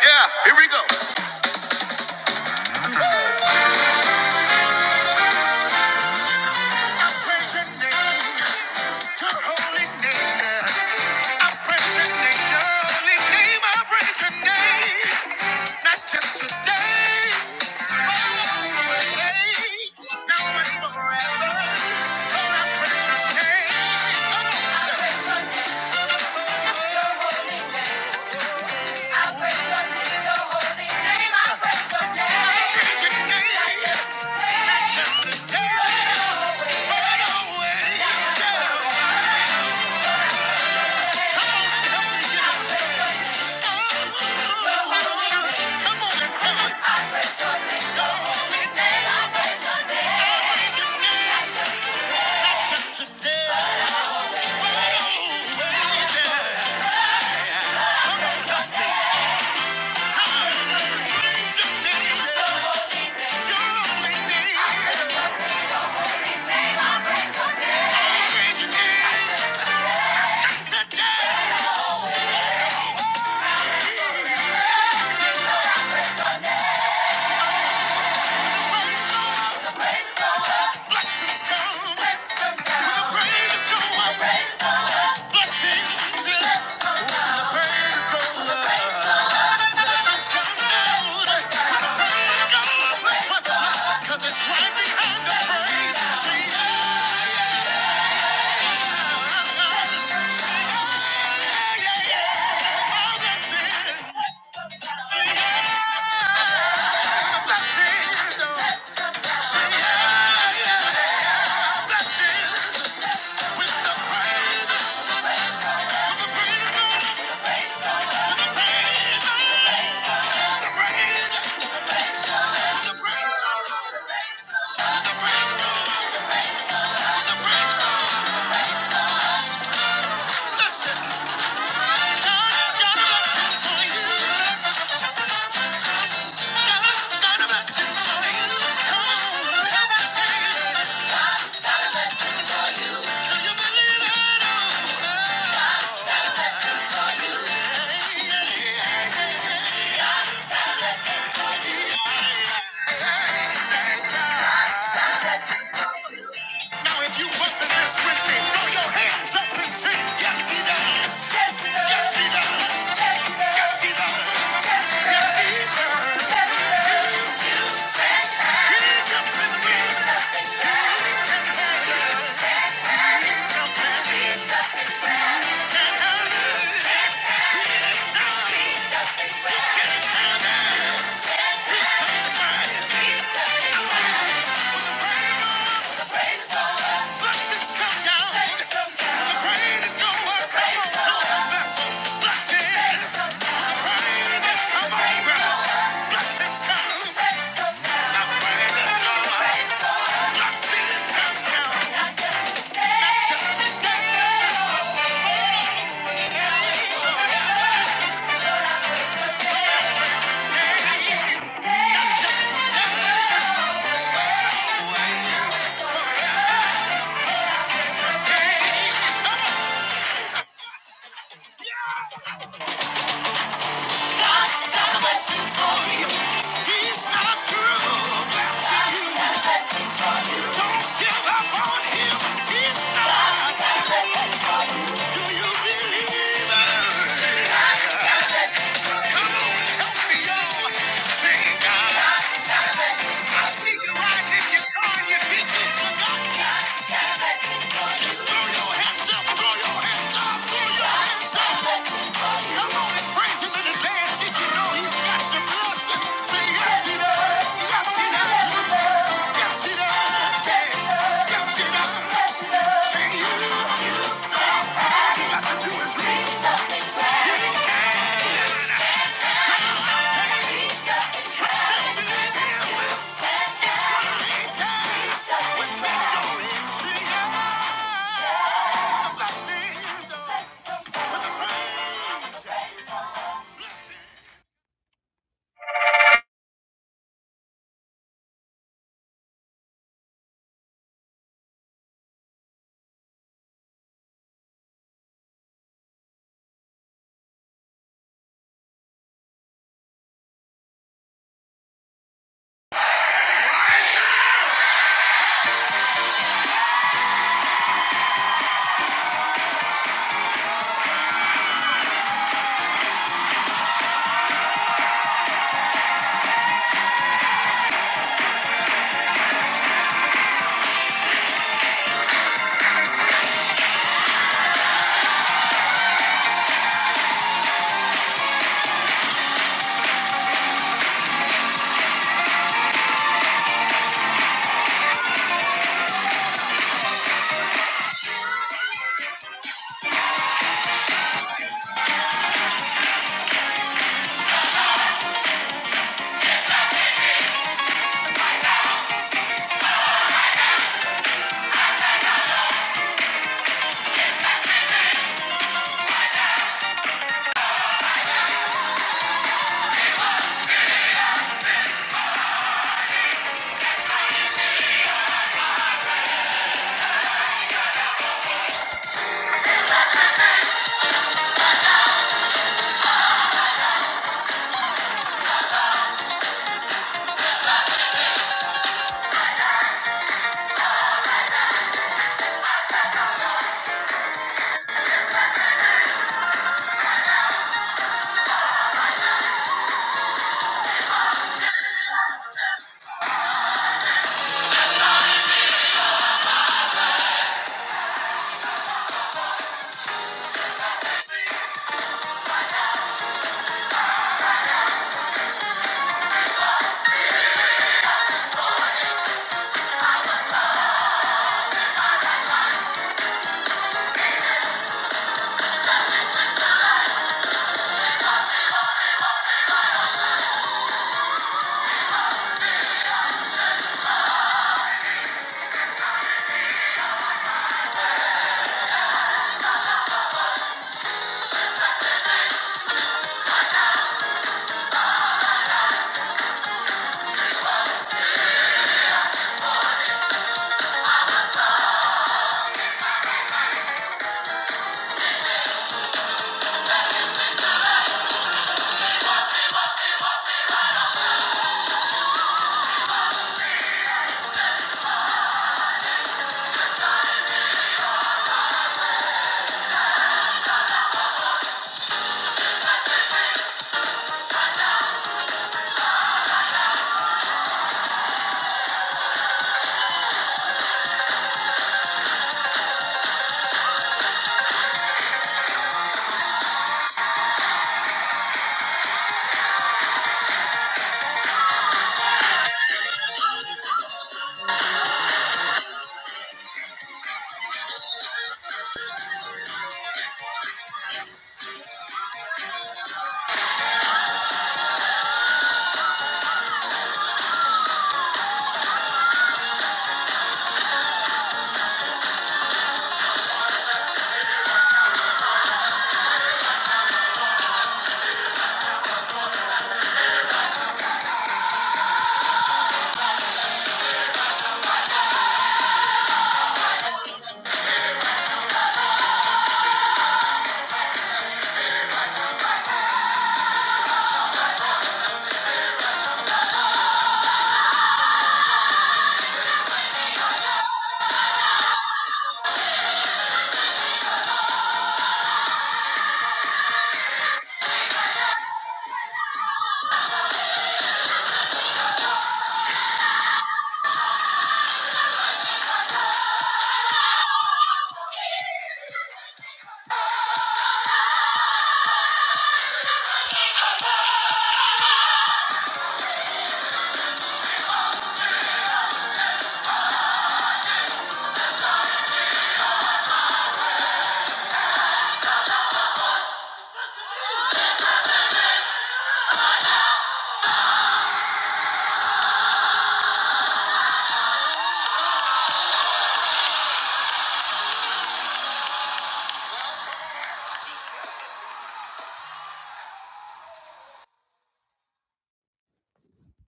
Speaker 1: Yeah, here we go. Now if you put the list with me, throw your hands up and sing. Yes, he does. Yes, he does. Yes, he does. Yes, he does. Yes, he does. He's not through. Him is, do you believe? Praise him in advance if you know he's got your blessing. Say yes, he does. Yes, he does. Yes, he does. Yes, he does.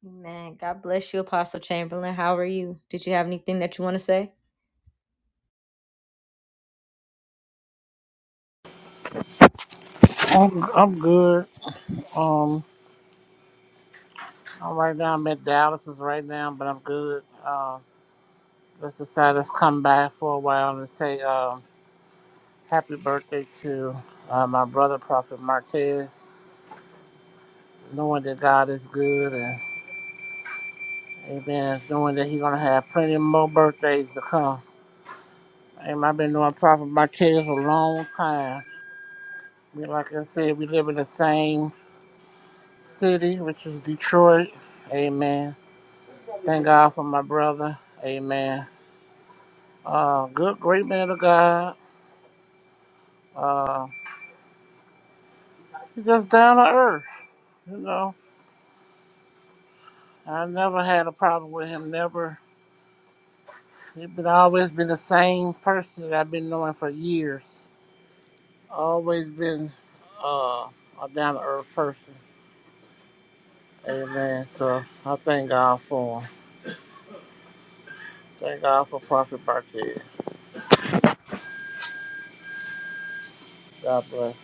Speaker 1: Amen. God bless you, Apostle Chamberlain. How are you? Did you have anything that you want to say?
Speaker 6: I'm I'm good. Um, I'm right now I'm at Dallas's right now, but I'm good. Uh, let's decide let's come back for a while and say um, happy birthday to uh, my brother Prophet Martez, knowing that God is good and Amen, knowing that he's gonna have plenty more birthdays to come. Amen. I've been knowing Prophet Martez for a long time. We, like I said, we live in the same city, which is Detroit. Amen. Thank God for my brother. Amen. Uh, good, great man of God. Uh, he's just down to earth, you know. I never had a problem with him. Never. He's been always been the same person that I've been knowing for years. Always been uh, a down to earth person. Amen. So I thank God for him. Thank God for Prophet Bartez. God bless.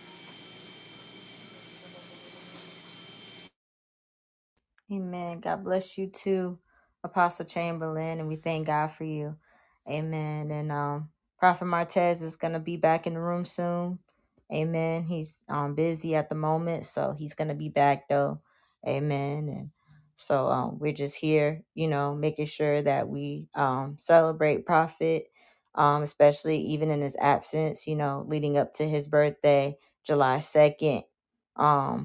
Speaker 1: Amen. God bless you too, Apostle Chamberlain, and we thank God for you. Amen. And um, Prophet Martez is gonna be back in the room soon. Amen. He's um busy at the moment, so he's gonna be back though. Amen. And so um, we're just here, you know, making sure that we um celebrate Prophet, um, especially even in his absence. You know, leading up to his birthday, July second. Um,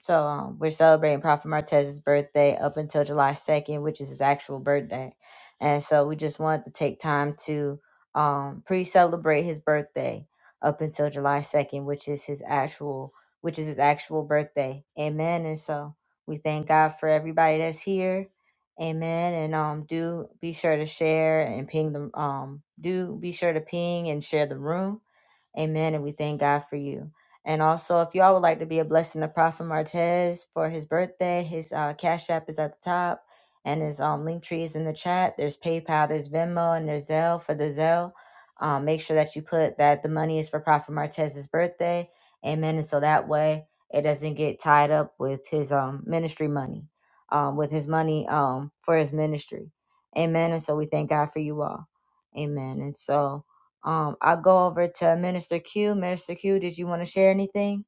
Speaker 1: so um, we're celebrating Prophet Martez's birthday up until July 2nd, which is his actual birthday. And so we just wanted to take time to um, pre-celebrate his birthday up until July 2nd, which is his actual which is his actual birthday. Amen. And so we thank God for everybody that's here. Amen. And um do be sure to share and ping the um do be sure to ping and share the room. Amen. And we thank God for you. And also, if y'all would like to be a blessing to Prophet Martez for his birthday, his uh, Cash App is at the top, and his um, link tree is in the chat. There's PayPal, there's Venmo, and there's Zelle for the Zelle. Um, make sure that you put that the money is for Prophet Martez's birthday. Amen. And so that way it doesn't get tied up with his um, ministry money, um, with his money um, for his ministry. Amen. And so we thank God for you all. Amen. And so. Um, I'll go over to Minister Q. Minister Q, did you want to share anything?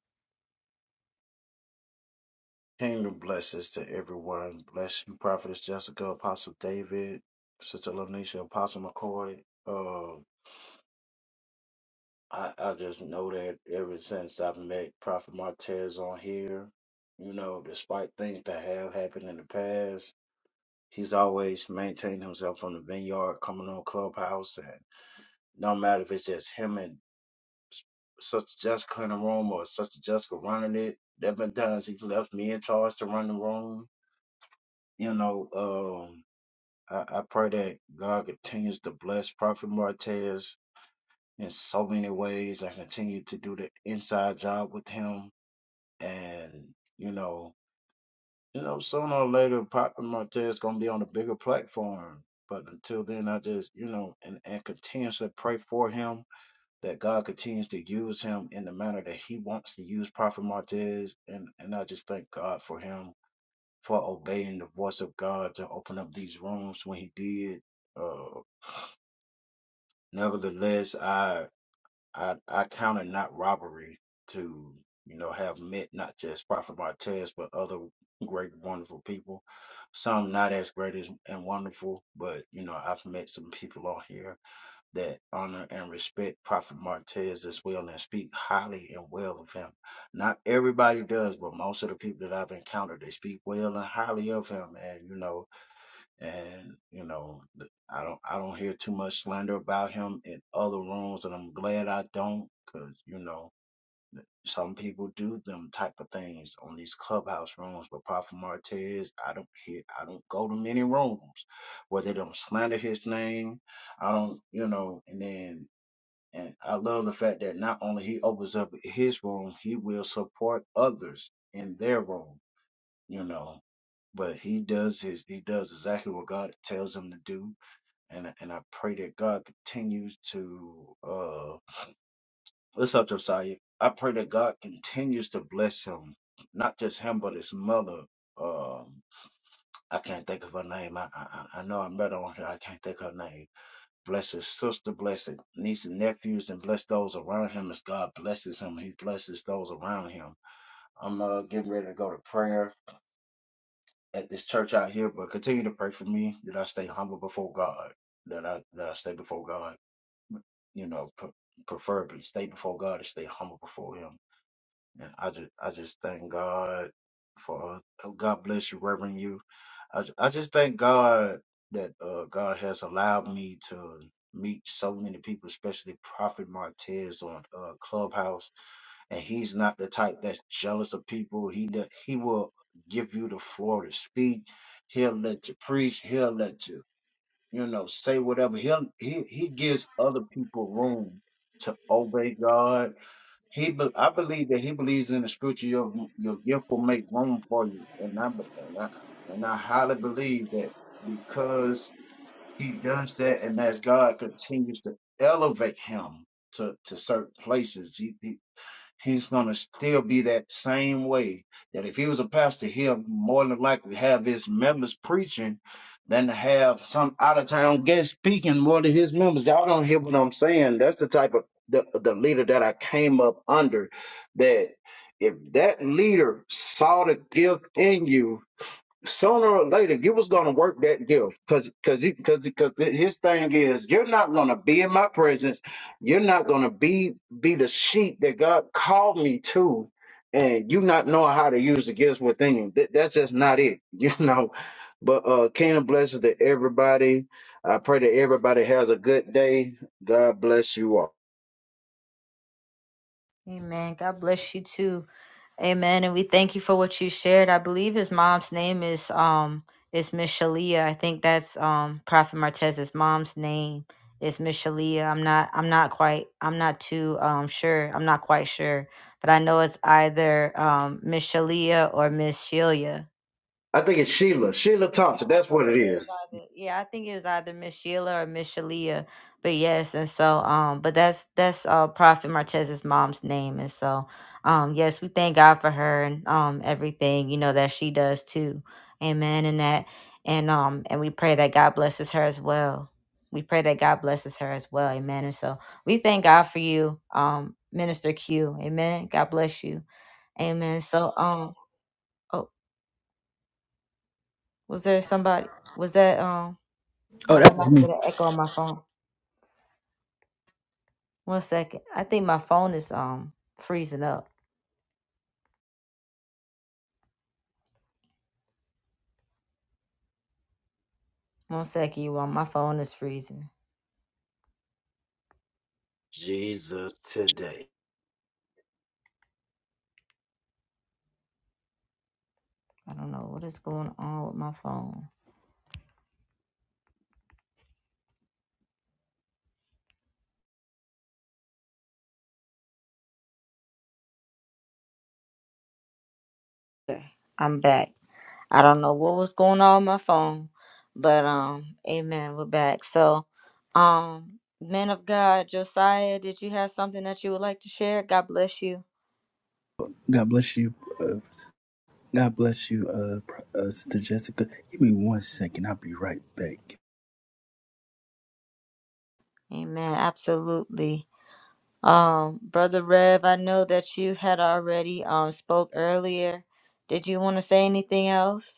Speaker 7: Kingdom blessings to everyone. Bless you, Prophetess Jessica, Apostle David, Sister Lanisha, Apostle McCoy. Uh, I, I just know that ever since I've met Prophet Martez on here, you know, despite things that have happened in the past, he's always maintained himself on the vineyard, coming on Clubhouse. And no matter if it's just him and S- Sister Jessica in the room or Sister Jessica running it, there have been times he's left me in charge to run the room. You know, um, I, I pray that God continues to bless Prophet Martez in so many ways. I continue to do the inside job with him, and you know, you know, sooner or later, Prophet Martez gonna be on a bigger platform. But until then, I just you know, and and continuously pray for him that God continues to use him in the manner that He wants to use Prophet Martez, and and I just thank God for him for obeying the voice of God to open up these rooms when He did. Uh, Nevertheless, I I I count it not robbery to you know have met not just Prophet Martez but other great wonderful people. Some not as great as and wonderful, but you know I've met some people on here that honor and respect Prophet Martez as well and speak highly and well of him. Not everybody does, but most of the people that I've encountered they speak well and highly of him, and you know and you know th- I don't I don't hear too much slander about him in other rooms, and I'm glad I don't, cause you know some people do them type of things on these clubhouse rooms. But Prophet Martez, I don't hear I don't go to many rooms where they don't slander his name. I don't you know, and then. And I love the fact that not only he opens up his room, he will support others in their room, you know. But he does his he does exactly what God tells him to do and and I pray that God continues to uh what's up, Josiah? I pray that God continues to bless him, not just him, but his mother. Um, I can't think of her name. I I, I I know I met her on here. I can't think of her name. Bless his sister, bless his niece and nephews, and bless those around him as God blesses him. He blesses those around him. I'm uh, getting ready to go to prayer at this church out here, but continue to pray for me that I stay humble before God, that I that I stay before God you know, pre- preferably stay before God and stay humble before Him. And I just, I just thank God for oh, God bless you, Reverend. You, I, ju- I just thank God that uh, God has allowed me to meet so many people, especially Prophet Martez on uh, Clubhouse. And he's not the type that's jealous of people. He do- he will give you the floor to speak. He'll let you preach. He'll let you you know, say whatever. He'll, he he gives other people room to obey God. He be, I believe that he believes in the scripture. Your your gift will make room for you, and I be- and I and I highly believe that because he does that, and as God continues to elevate him to to certain places, he, he he's going to still be that same way. That if he was a pastor, he'll more than likely have his members preaching than to have some out of town guest speaking more to his members. Y'all don't hear what I'm saying. That's the type of the, the leader that I came up under. That if that leader saw the gift in you, sooner or later you was gonna work that deal because because you, because because his thing is you're not gonna be in my presence you're not gonna be be the sheep that god called me to and you not knowing how to use the gifts within you That- that's just not it you know but uh kingdom blessings to everybody i pray that everybody has a good day god bless you all
Speaker 1: Amen. God bless you too. Amen. And we thank you for what you shared. I believe his mom's name is um is Miss Shalia. I think that's um Prophet Martez's mom's name is Miss Shalia. I'm not I'm not quite I'm not too um sure. I'm not quite sure. But I know it's either um Miss Shalia or Miss Shelia
Speaker 7: i think it's sheila sheila
Speaker 1: Yeah,
Speaker 7: thompson
Speaker 1: I was
Speaker 7: that's
Speaker 1: about
Speaker 7: what
Speaker 1: to
Speaker 7: it
Speaker 1: say it's
Speaker 7: is
Speaker 1: either- yeah, I think it was either Miss Sheila or Miss Shalia, but yes, and so um, but that's that's uh Prophet Martez's mom's name, and so um, yes, we thank God for her and um everything you know that she does too, Amen, and that and um and we pray that God blesses her as well. We pray that God blesses her as well, Amen, and so we thank God for you, um, Minister Q, Amen. God bless you, Amen. So um, oh, was there somebody? Was that um?
Speaker 8: Oh,
Speaker 1: But I
Speaker 8: that was
Speaker 1: might have
Speaker 8: me.
Speaker 1: been an echo on my phone. One second. I think my phone is um freezing up. One second, you all, my phone is freezing.
Speaker 7: Jesus today.
Speaker 1: I don't know what is going on with my phone. I'm back. I don't know what was going on with my phone, but um, amen. We're back. So, um, man of God, Josiah, did you have something that you would like to share? God bless you.
Speaker 8: God bless you. Uh, God bless you, uh, Pr- uh, Sister Jessica. Give me one second. I'll be right back.
Speaker 1: Amen. Absolutely. Um, brother Rev, I know that you had already um spoke earlier. Did you want to say anything else?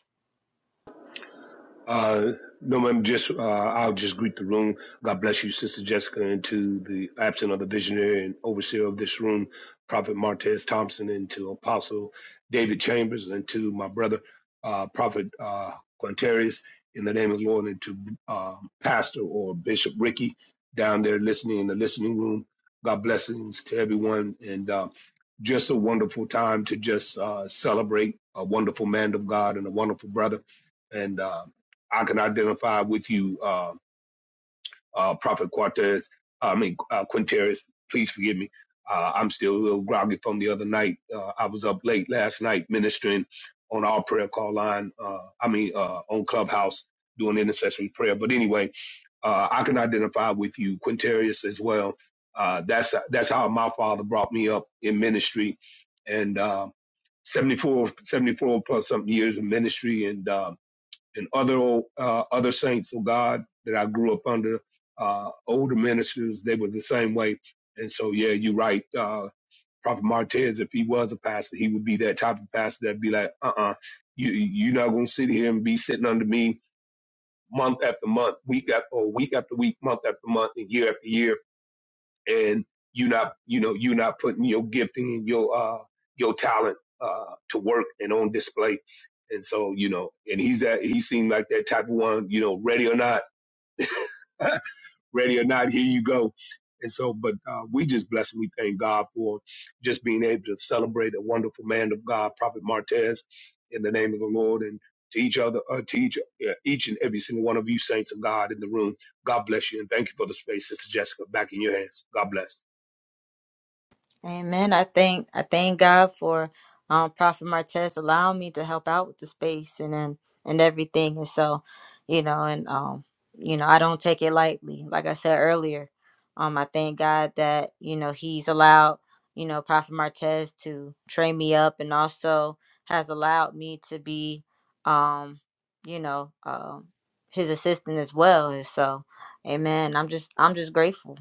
Speaker 1: Amen. I thank I thank God for um, Prophet Martez allowing me to help out with the space and and, and everything. And so, you know, and um, you know, I don't take it lightly. Like I said earlier, um, I thank God that you know He's allowed you know Prophet Martez to train me up, and also has allowed me to be, um, you know, um, His assistant as well. And so, Amen. I'm just I'm just grateful.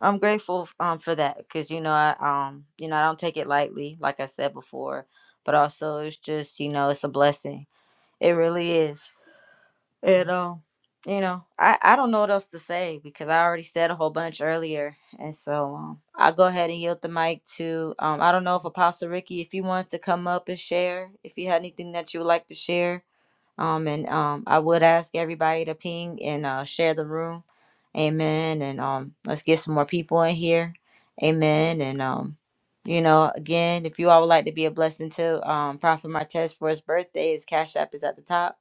Speaker 1: I'm grateful um for that because you know I um you know I don't take it lightly like I said before, but also it's just you know it's a blessing. It really is. And um you know I I don't know what else to say because I already said a whole bunch earlier, and so um, I'll go ahead and yield the mic to um I don't know if Apostle Ricky if you wanted to come up and share if you had anything that you would like to share um, and um, I would ask everybody to ping and uh, share the room. Amen. And um, let's get some more people in here. Amen. And um, you know, again, if you all would like to be a blessing to um, Prophet Martez for his birthday, his cash app is at the top.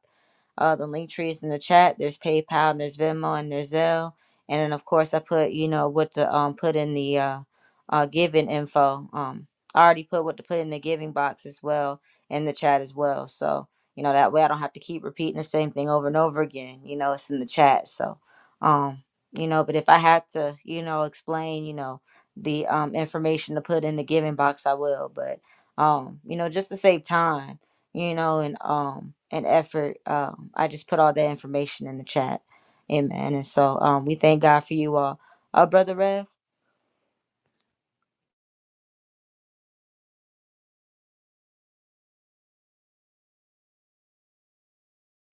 Speaker 1: Uh, the link trees in the chat. There's PayPal and there's Venmo and there's Zelle. And then of course I put you know what to um put in the uh, uh giving info. Um, I already put what to put in the giving box as well in the chat as well. So you know that way I don't have to keep repeating the same thing over and over again. You know it's in the chat. So um you know but if I had to you know explain you know the um information to put in the giving box I will. But um you know just to save time you know, and um and effort. Um, I just put all that information in the chat. Amen. And so um we thank God for you all. Uh brother Rev,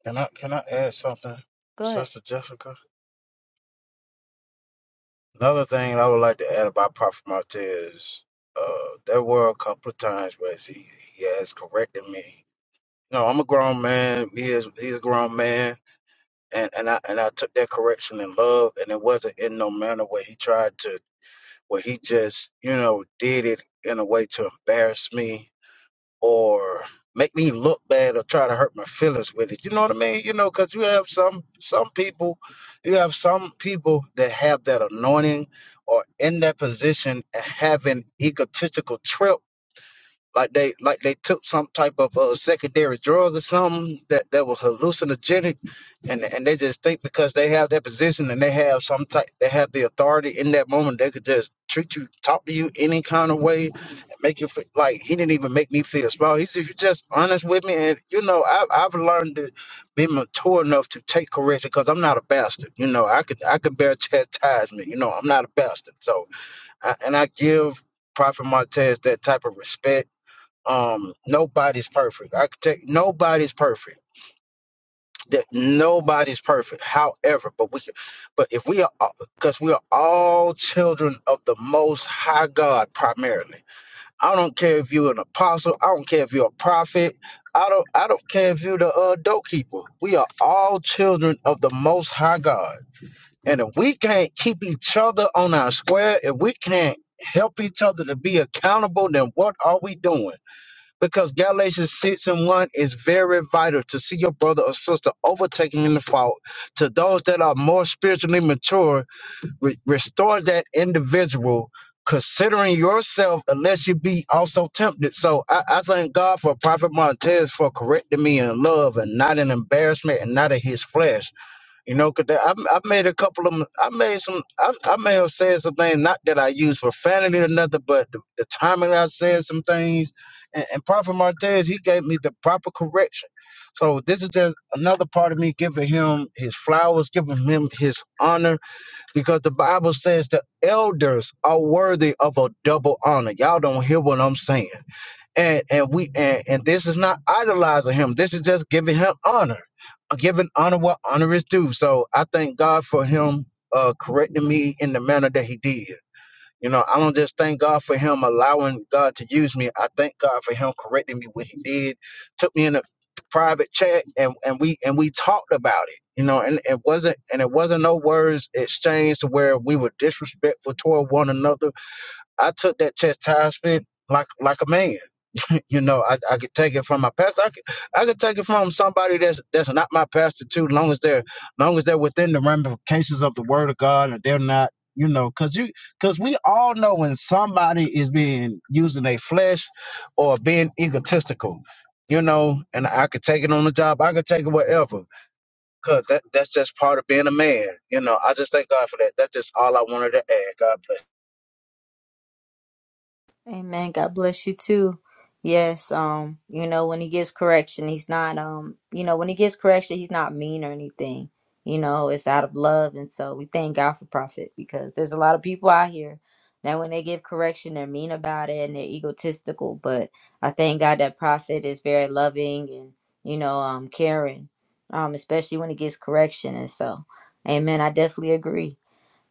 Speaker 7: Can I can I add something,
Speaker 1: go ahead.
Speaker 7: Sister Jessica? Another thing I would like to add about Prophet Martez is uh, there were a couple of times where he, he has corrected me. No, I'm a grown man. He is he's a grown man, and, and I and I took that correction in love, and it wasn't in no manner where he tried to where he just you know did it in a way to embarrass me or make me look bad or try to hurt my feelings with it. You know what I mean? You know, because you have some some people, you have some people that have that anointing or in that position having egotistical trip like they like they took some type of uh, secondary drug or something that, that was hallucinogenic and and they just think because they have that position and they have some type they have the authority in that moment they could just treat you talk to you any kind of way and make you feel like he didn't even make me feel small he said you just honest with me and you know I, have i've learned to be mature enough to take correction because i'm not a bastard you know i could i could bear chastisement you know i'm not a bastard so I, and i give prophet martez that type of respect um nobody's perfect i could take nobody's perfect that nobody's perfect however but we but if we are because we are all children of the most high god primarily i don't care if you're an apostle i don't care if you're a prophet i don't i don't care if you're the uh, dope keeper. we are all children of the most high god and if we can't keep each other on our square if we can't help each other to be accountable then what are we doing because Galatians 6 and 1 is very vital to see your brother or sister overtaken in the fault. To those that are more spiritually mature, re- restore that individual, considering yourself, unless you be also tempted. So I, I thank God for Prophet Montez for correcting me in love and not in embarrassment and not in his flesh. You know, cause I, I made a couple of, I made some, I, I may have said some things, not that I used profanity or nothing, but the, the timing I said some things, and, and Prophet Martez, he gave me the proper correction. So this is just another part of me giving him his flowers, giving him his honor, because the Bible says the elders are worthy of a double honor. Y'all don't hear what I'm saying and and we and, and this is not idolizing him. This is just giving him honor, uh, giving honor what honor is due. So I thank God for him uh, correcting me in the manner that he did. You know, I don't just thank God for him allowing God to use me. I thank God for him correcting me what he did. Took me in a private chat and, and we and we talked about it. You know, and it wasn't and it wasn't no words exchanged to where we were disrespectful toward one another. I took that chastisement like like a man. You know, I, I could take it from my pastor. I could, I could take it from somebody that's that's not my pastor too, long as they're long as they're within the ramifications of the word of God and they're not, you know, cause you cause we all know when somebody is being using their flesh or being egotistical, you know, and I could take it on the job, I could take it wherever. Cause that, that's just part of being a man. You know, I just thank God for that. That's just all I wanted to add. God bless.
Speaker 1: Amen. God bless you too. Yes, um, you know, when he gives correction, he's not um, you know, when he gives correction, he's not mean or anything. You know, it's out of love. And so we thank God for Prophet because there's a lot of people out here that when they give correction, they're mean about it and they're egotistical. But I thank God that Prophet is very loving and, you know, um caring. Um, especially when he gives correction. And so, Amen. I definitely agree.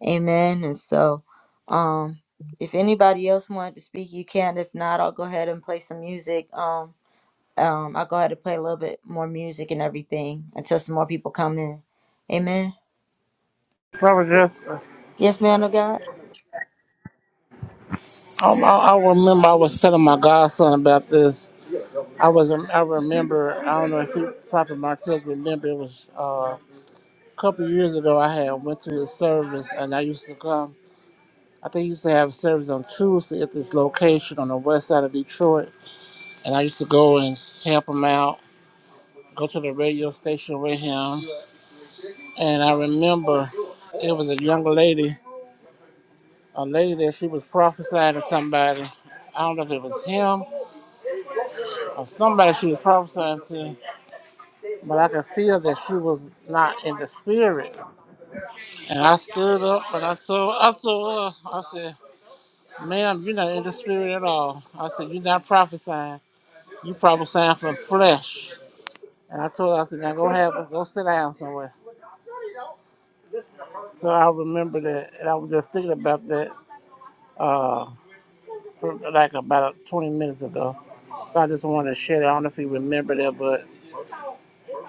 Speaker 1: Amen. And so, um, if anybody else wanted to speak, you can. If not, I'll go ahead and play some music. Um, um, I'll go ahead and play a little bit more music and everything until some more people come in. Amen.
Speaker 6: Prophet Jessica.
Speaker 1: Yes, man of God.
Speaker 6: Um, I, I remember I was telling my godson about this. I was I remember I don't know if he, Prophet Martez remember it was. uh, A couple of years ago, I had went to his service, and I used to come. I think he used to have a service on Tuesday at this location on the west side of Detroit, and I used to go and help him out, go to the radio station with him. And I remember it was a young lady, a lady that she was prophesying to somebody. I don't know if it was him or somebody she was prophesying to, but I could feel that she was not in the spirit. And I stood up and I told, I told her, I said. Ma'am, you're not in the spirit at all. I said, You're not prophesying. You prophesying from flesh. And I told her, I said, Now go have go sit down somewhere. So I remember that and I was just thinking about that uh from like about twenty minutes ago. So I just wanted to share that. I don't know if you remember that, but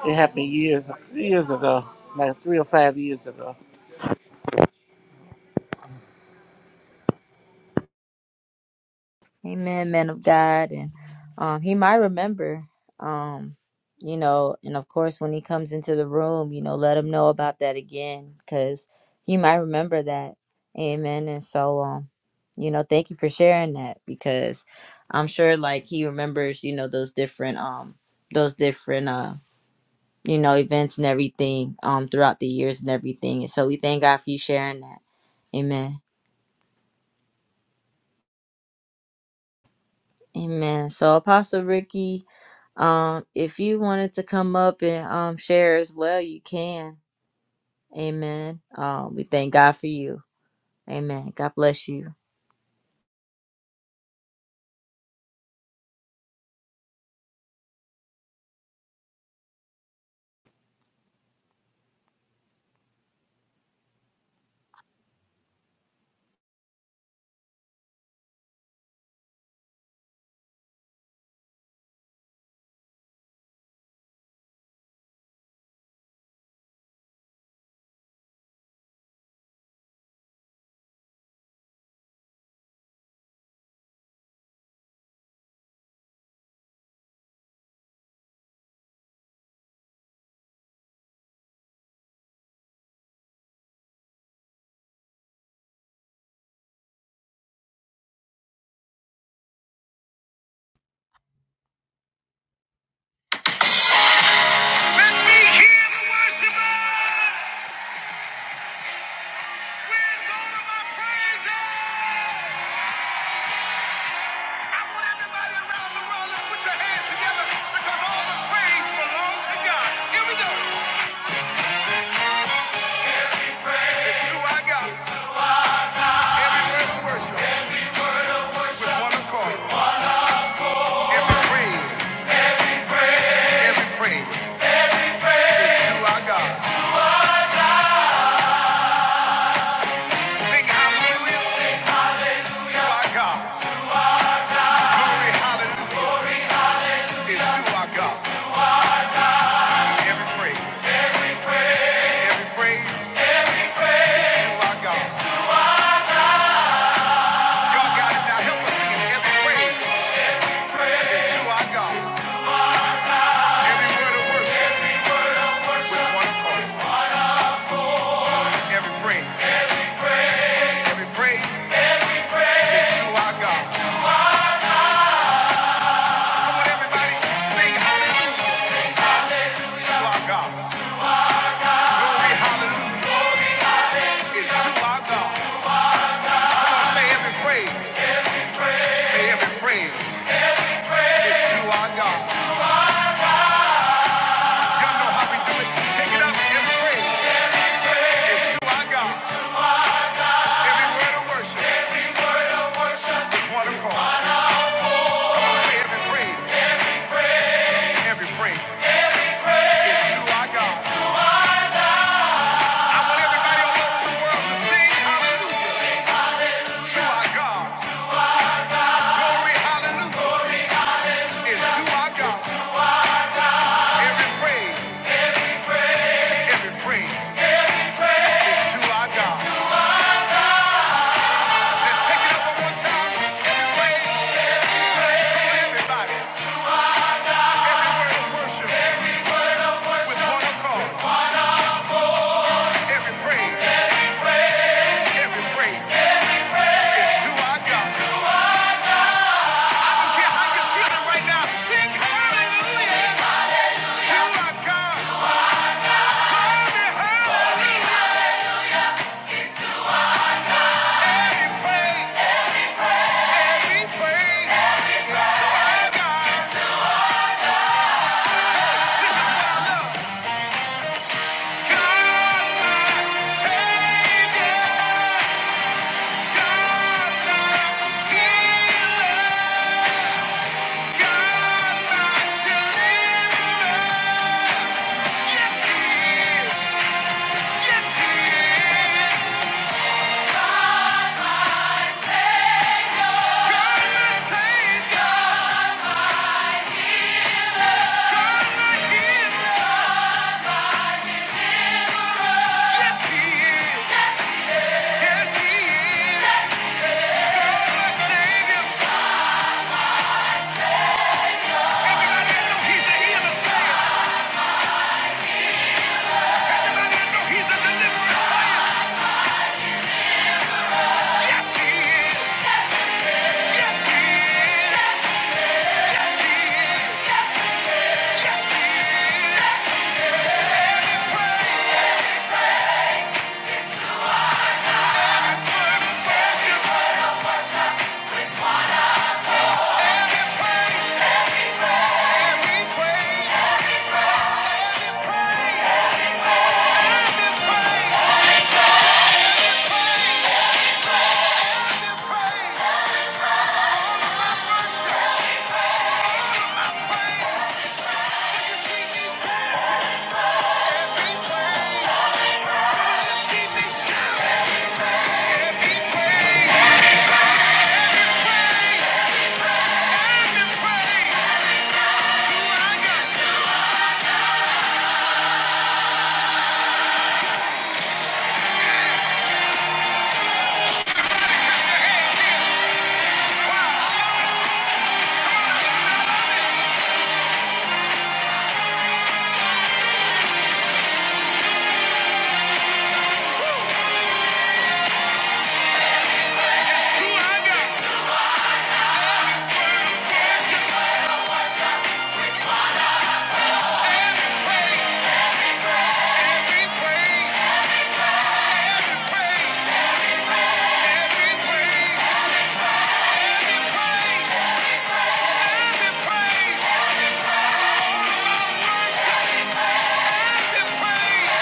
Speaker 6: it happened years years ago, like three or five years ago.
Speaker 1: Amen, man of God. And um, he might remember, um, you know, and of course, when he comes into the room, you know, let him know about that again because he might remember that. Amen. And so, um, you know, thank you for sharing that because I'm sure like he remembers, you know, those different, um, those different, uh, you know, events and everything, um, throughout the years and everything. And so we thank God for you sharing that. Amen. Amen. So, Apostle Ricky. Um, if you wanted to come up and um share as well, you can. Amen. Um, we thank God for you. Amen. God bless you. Sing hallelujah to our God. Glory, hallelujah. is to our God. Every praise, every praise is to our God. Y'all got it now. Help us sing it. Every praise is to our God. Every word of worship with one accord. Every praise, every praise is to our God. Come on, everybody, sing hallelujah to our God. Glory, hallelujah is to our God. Come on, say every praise. Say every praise is to our God. Y'all know how we do it. Take it up. Every praise is to our God. Every word of worship is one accord. Say every praise, every praise is to our God. Want everybody all over the world to sing hallelujah to our God. Glory, hallelujah is to our God. Every praise, every praise is to our God. Let's take it up one more time. Every praise, for everybody. Every word of worship with one accord. Every praise, every praise is to our God. care how you're feeling right now. Sing hallelujah to our God. Only hallelujah and praise. Every praise is to our God. This is what I love. God, my Savior. God, my healer. God, my deliverer. Yes, He is. Yes, He is. The Savior. Yes, He is. Yes, he is. Yes, he is. Yes, he is. Who I got? Word of worship. Every praise, every praise, every praise, every praise, every praise. All of our worship, every praise.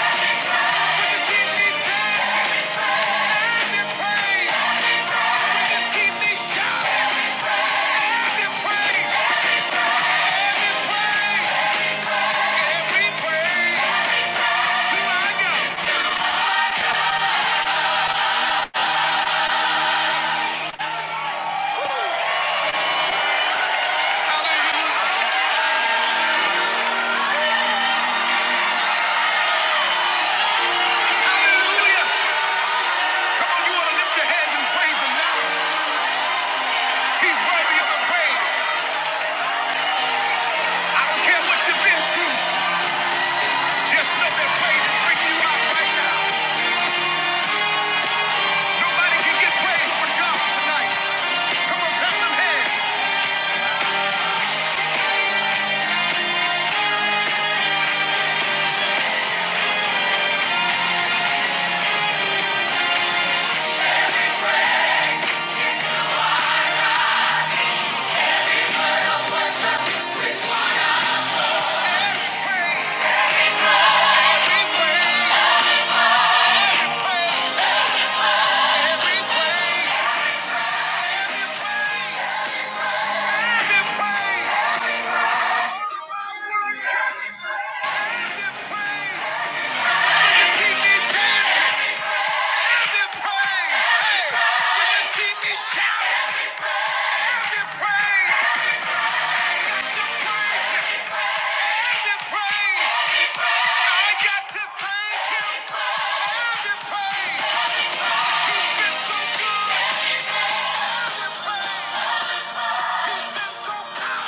Speaker 1: Shout! Give him praise! the praise. I got to thank him for praise. He's been so good. He's been so kind.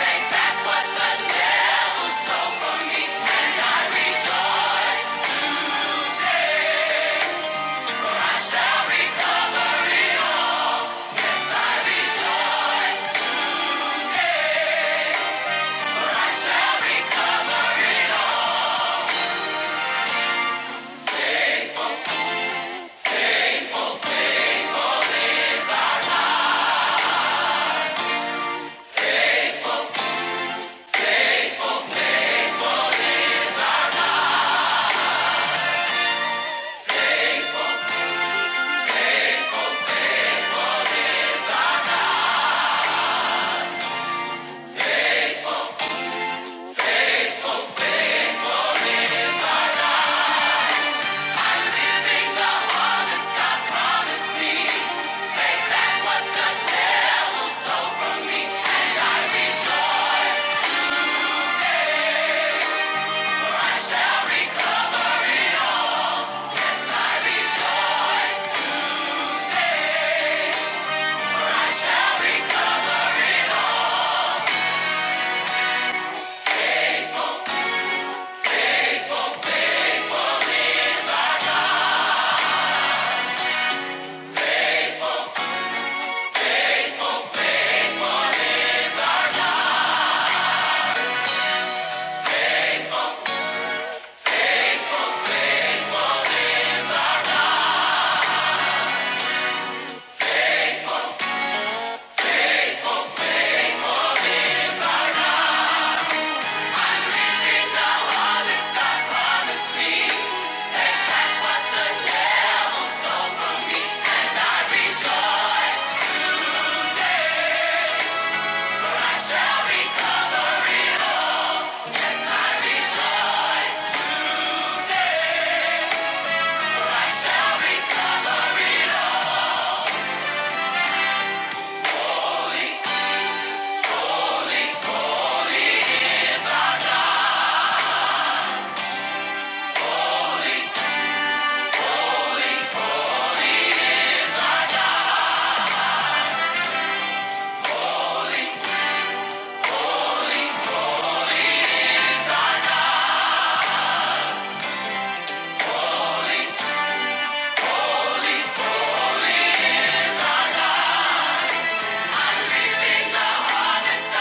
Speaker 1: Take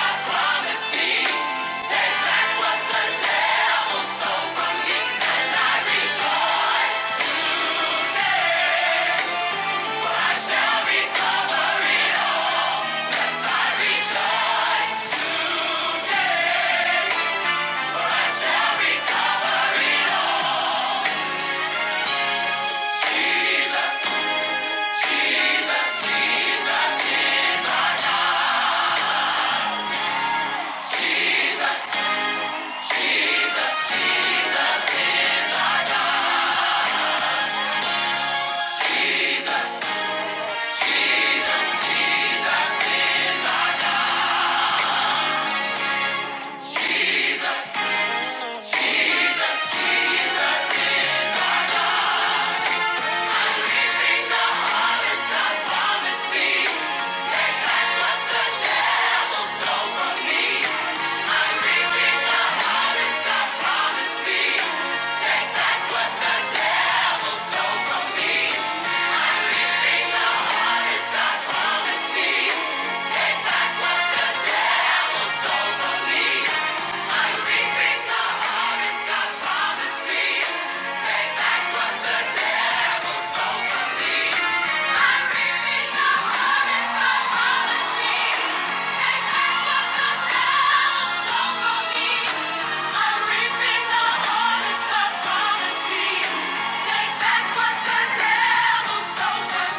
Speaker 1: the promise, what the devil stole from me. Take back what the devil stole. I'm leaving the heart and the heart. Take back what the devil stole from me.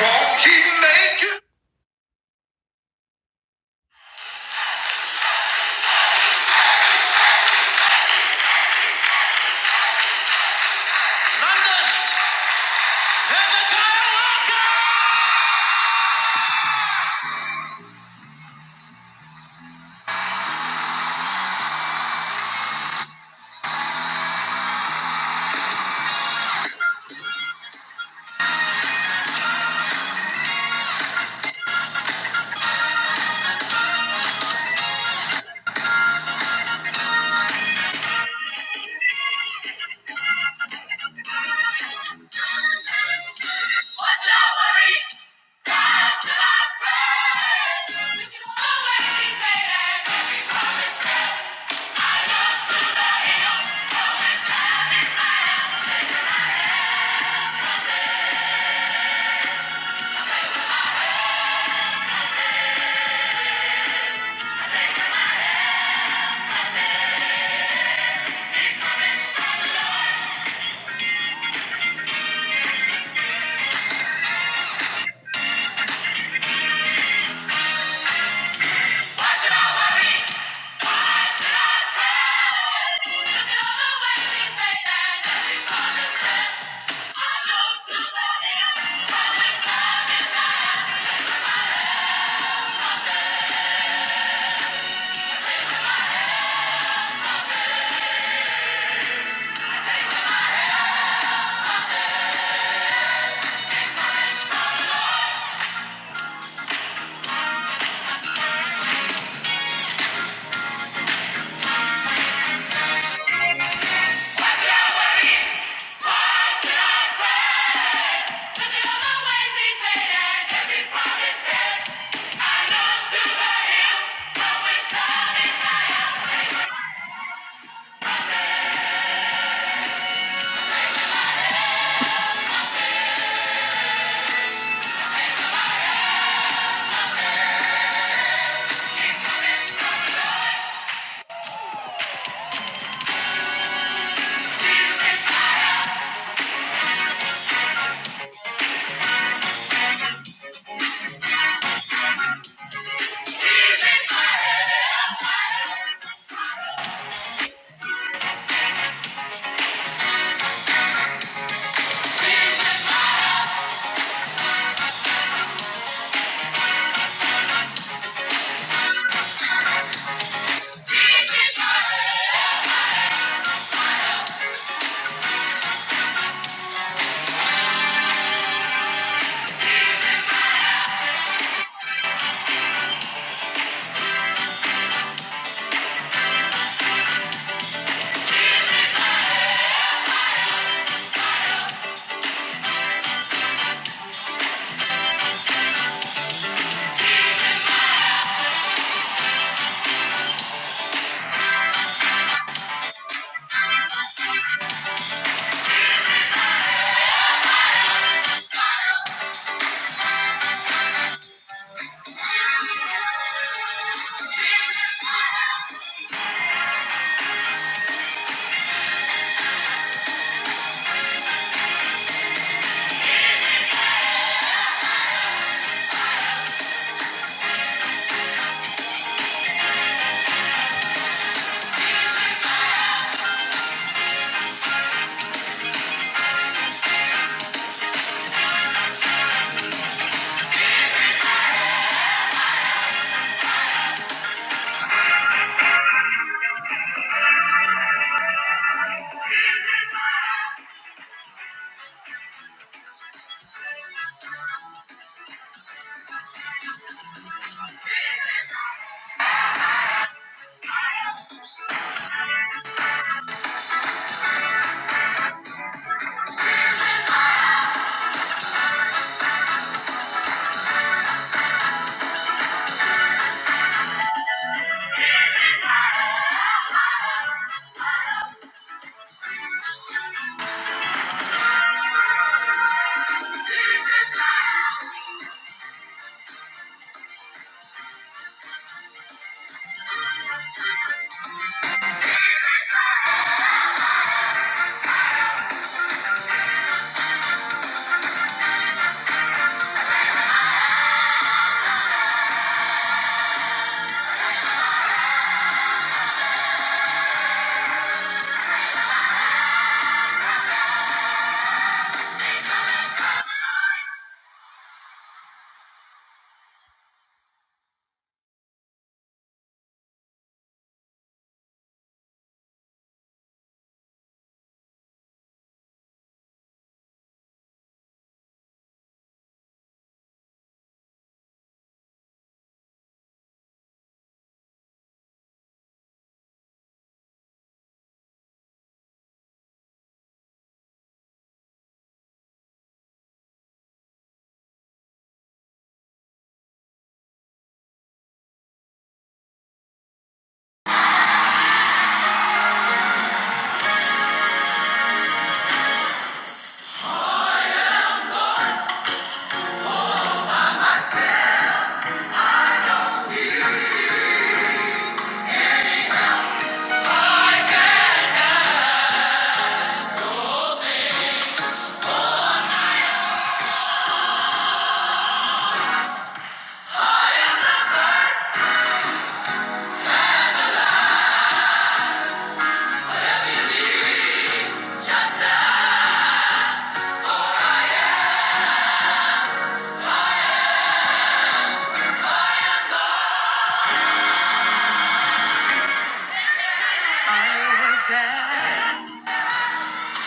Speaker 1: Won't he make it? Was I worried? God, should I pray? We can always the hill. Always high. Why should I I pray. We can always be Every promise I love to the hill. I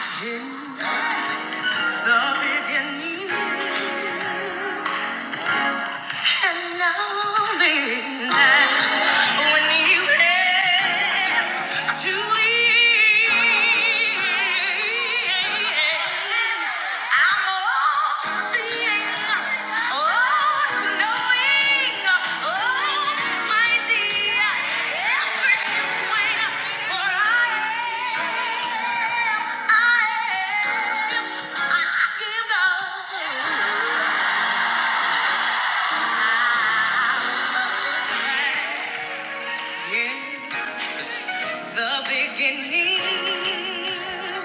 Speaker 1: was there in the beginning. And I'll when you have to leave. I'm all seeing, all knowing, Almighty, every swing, for I, I, I know. Yeah. the beginning.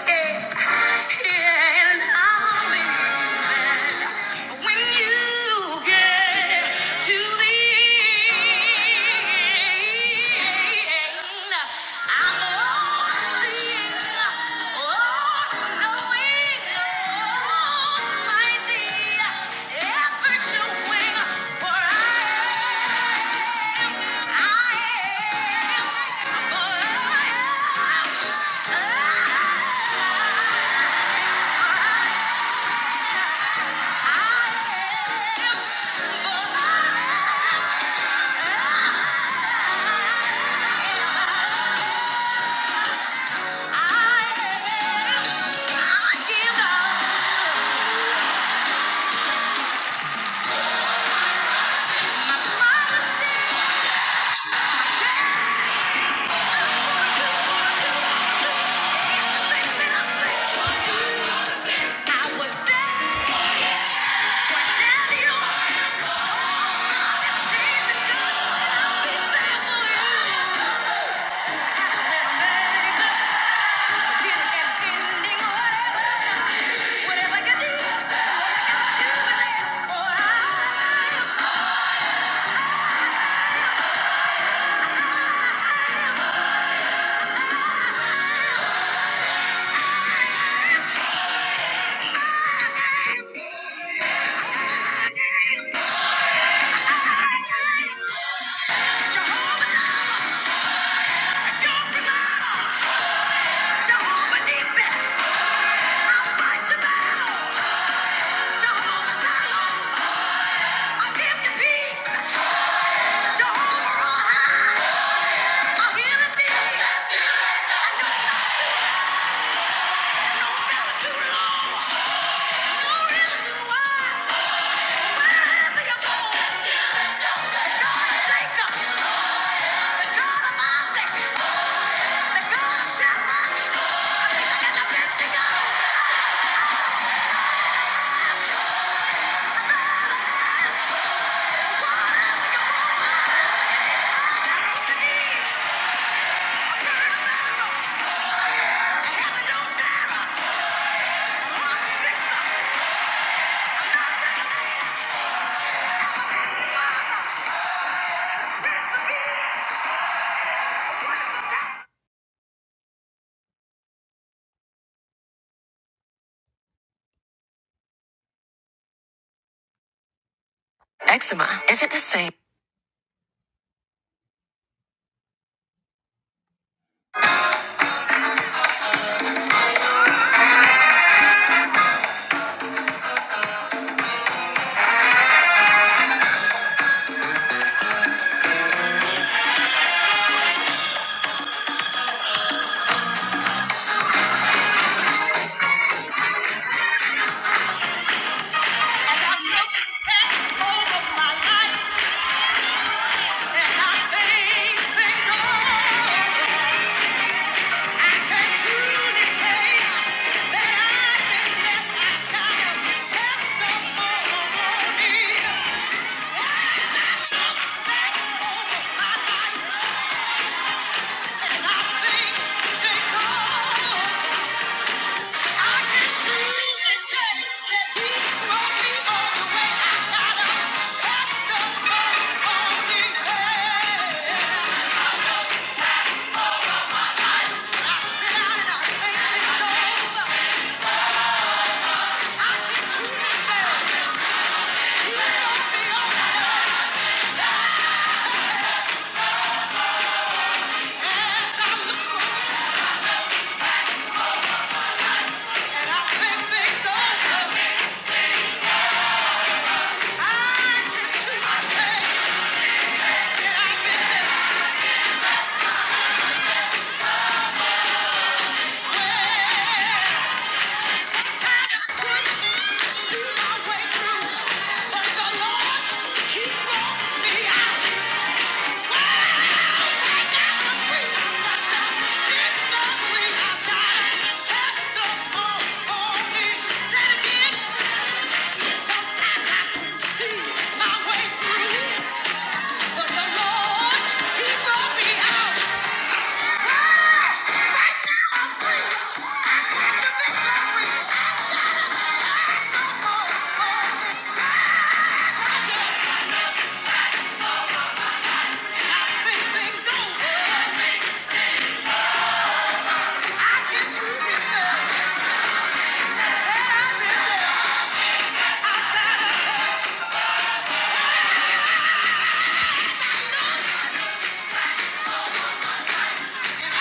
Speaker 1: Yeah, yeah, and I'll be there. When you get to the end, I'm all seeing, all knowing, almighty, ever showing, for I am, I am, for I am, I am, for I am. Eczema, is it the same? I look back over my life and I think things over. Sometimes I couldn't see my way through, but the Lord, He brought me out. I get through this. Wait a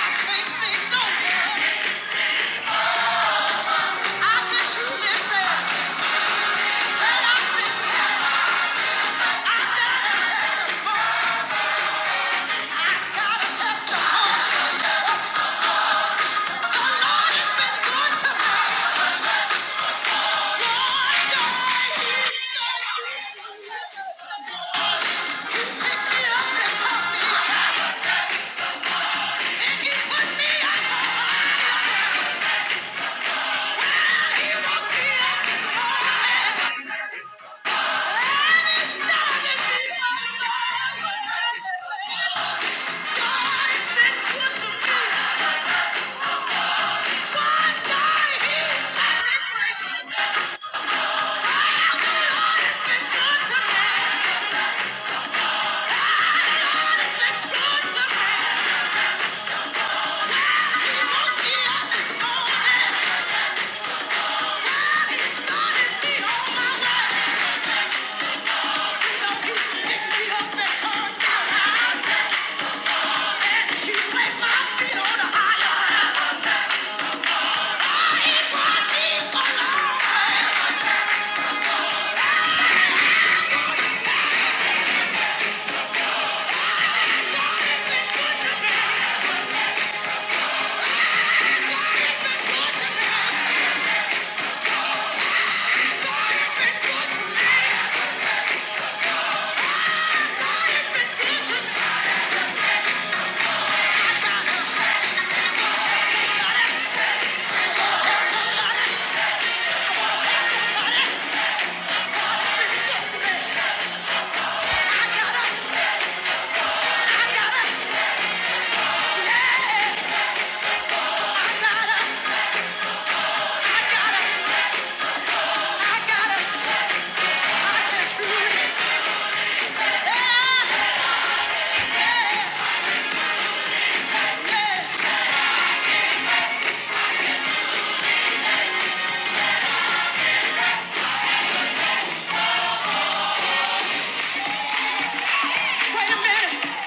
Speaker 1: minute,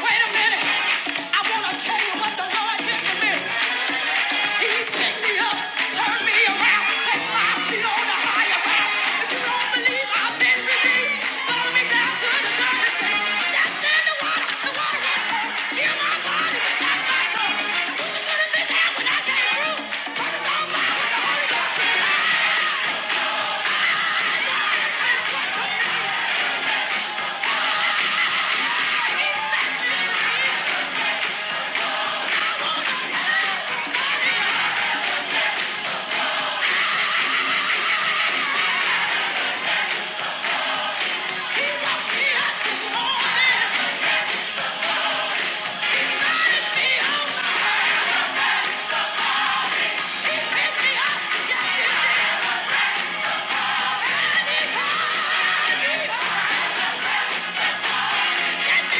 Speaker 1: wait a minute. I want to tell you what the Lord did for me. He picked me up, turned me around, placed my feet on the higher ground. If you don't believe I've been redeemed, follow me down to the dirty sea. Stepped in the water, the water was cold. Healed my body, not my soul. Now who could have been there when I came through? Turned it on fire with the Holy Ghost. He helped me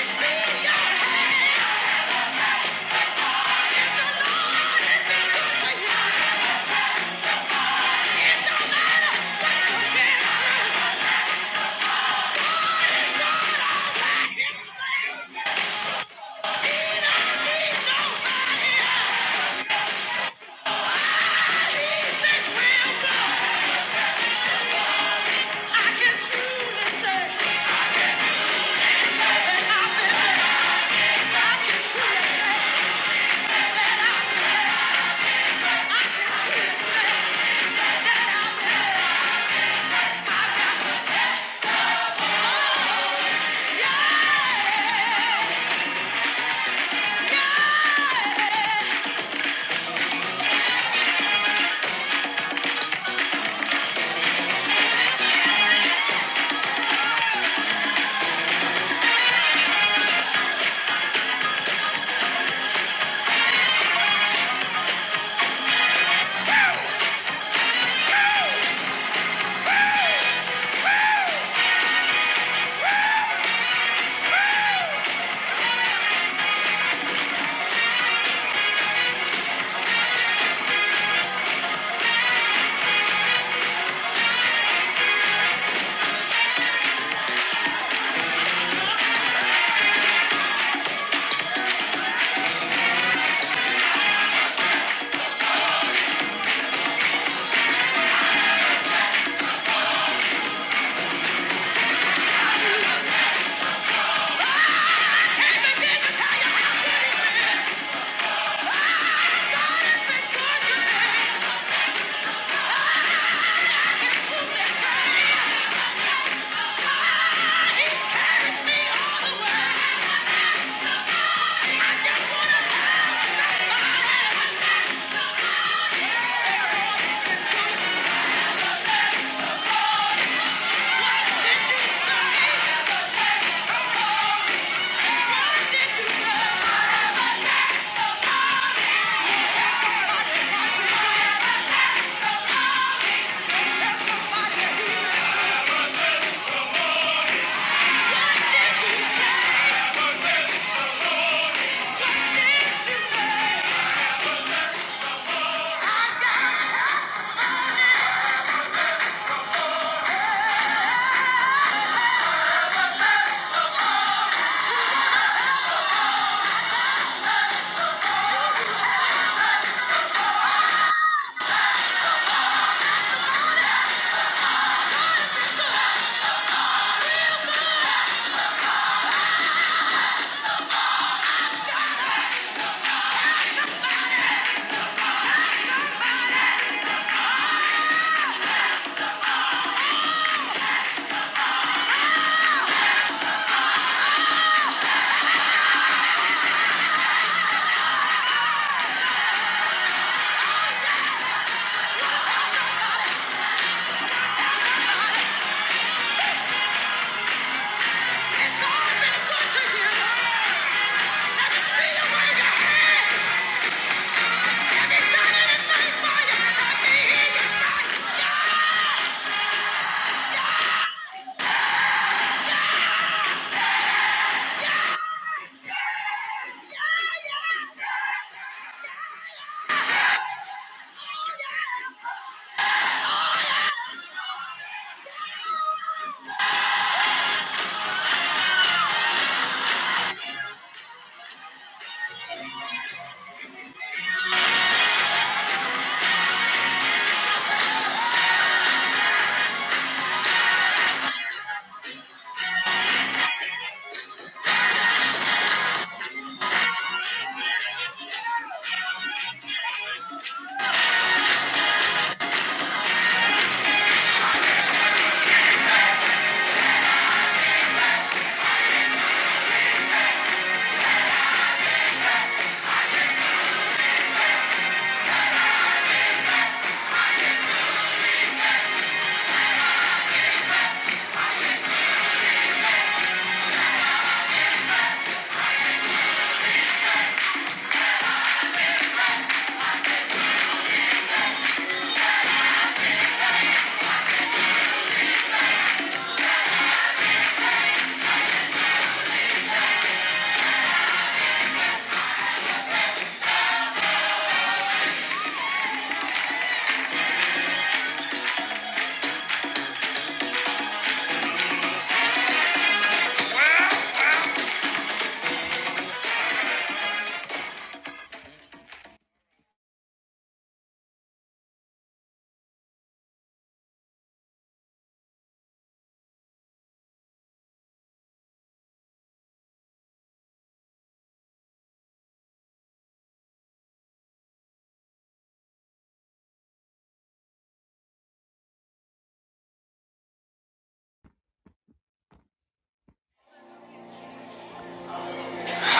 Speaker 1: I can truly say that I've been blessed. Yeah, yeah.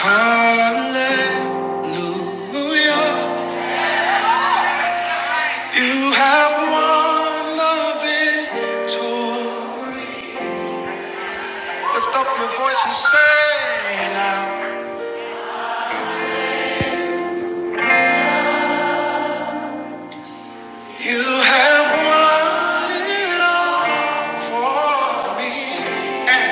Speaker 1: Hallelujah. You have won the victory. Lift up your voice and say now. You have won it all for me. And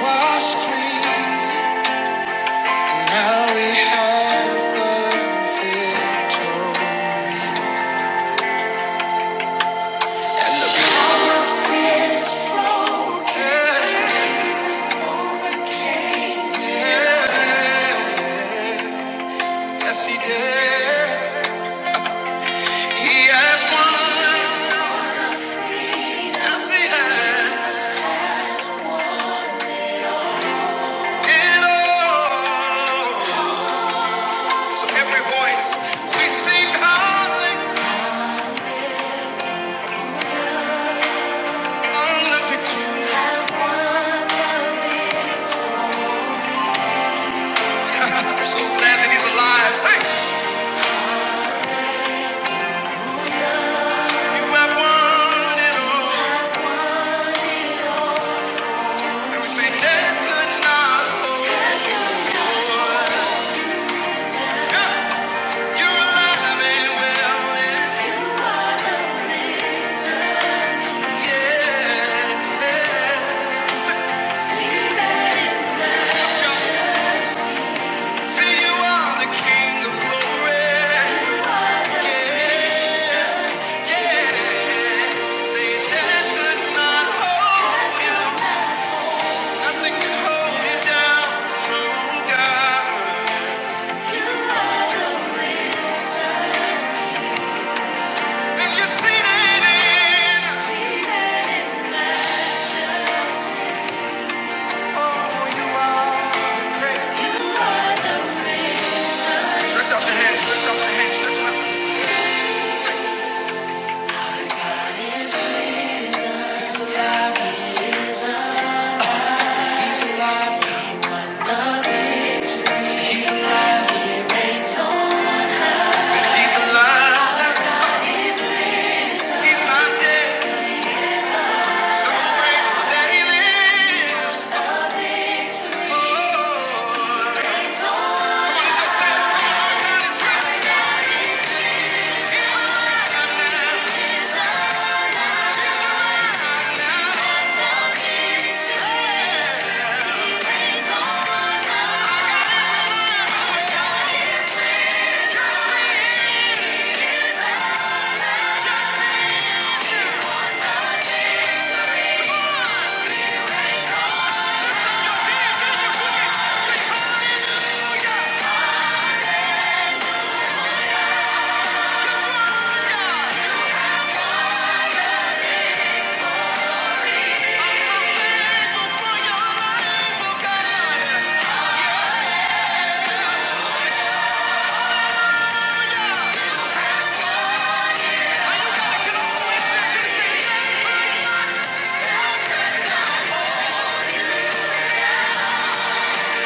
Speaker 1: washed clean. Now we have the victory. Yes, he did. He has won, yes, he has it all. So every voice we sing hallelujah on the victory. We're so glad that he's alive. Say, you have won it all. And we say, death could not. hold. You're alive and well. And yeah. Say, see, you are the King of glory. Say, death could not hold you. Nothing can hold me down, oh God. And you see that it is, oh, you are the great. Stretch out your hands, stretch out your hands, stretch out. He's alive, I said he's alive, I said he's alive. He's not dead. I'm grateful that he lives. Oh, for your life, oh,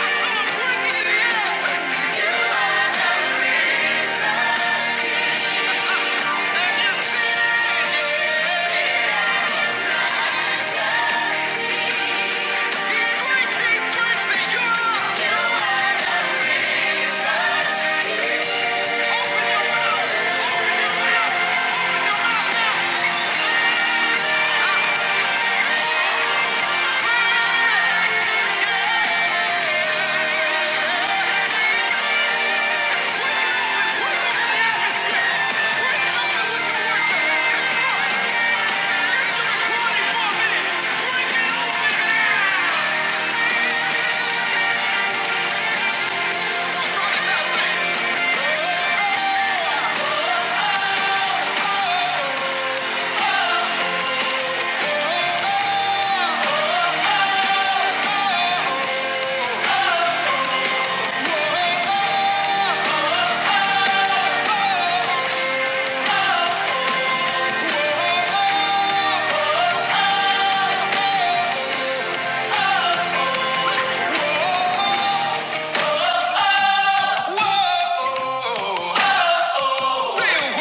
Speaker 1: great that he is. He's great, he's great, and you are. Open your mouth.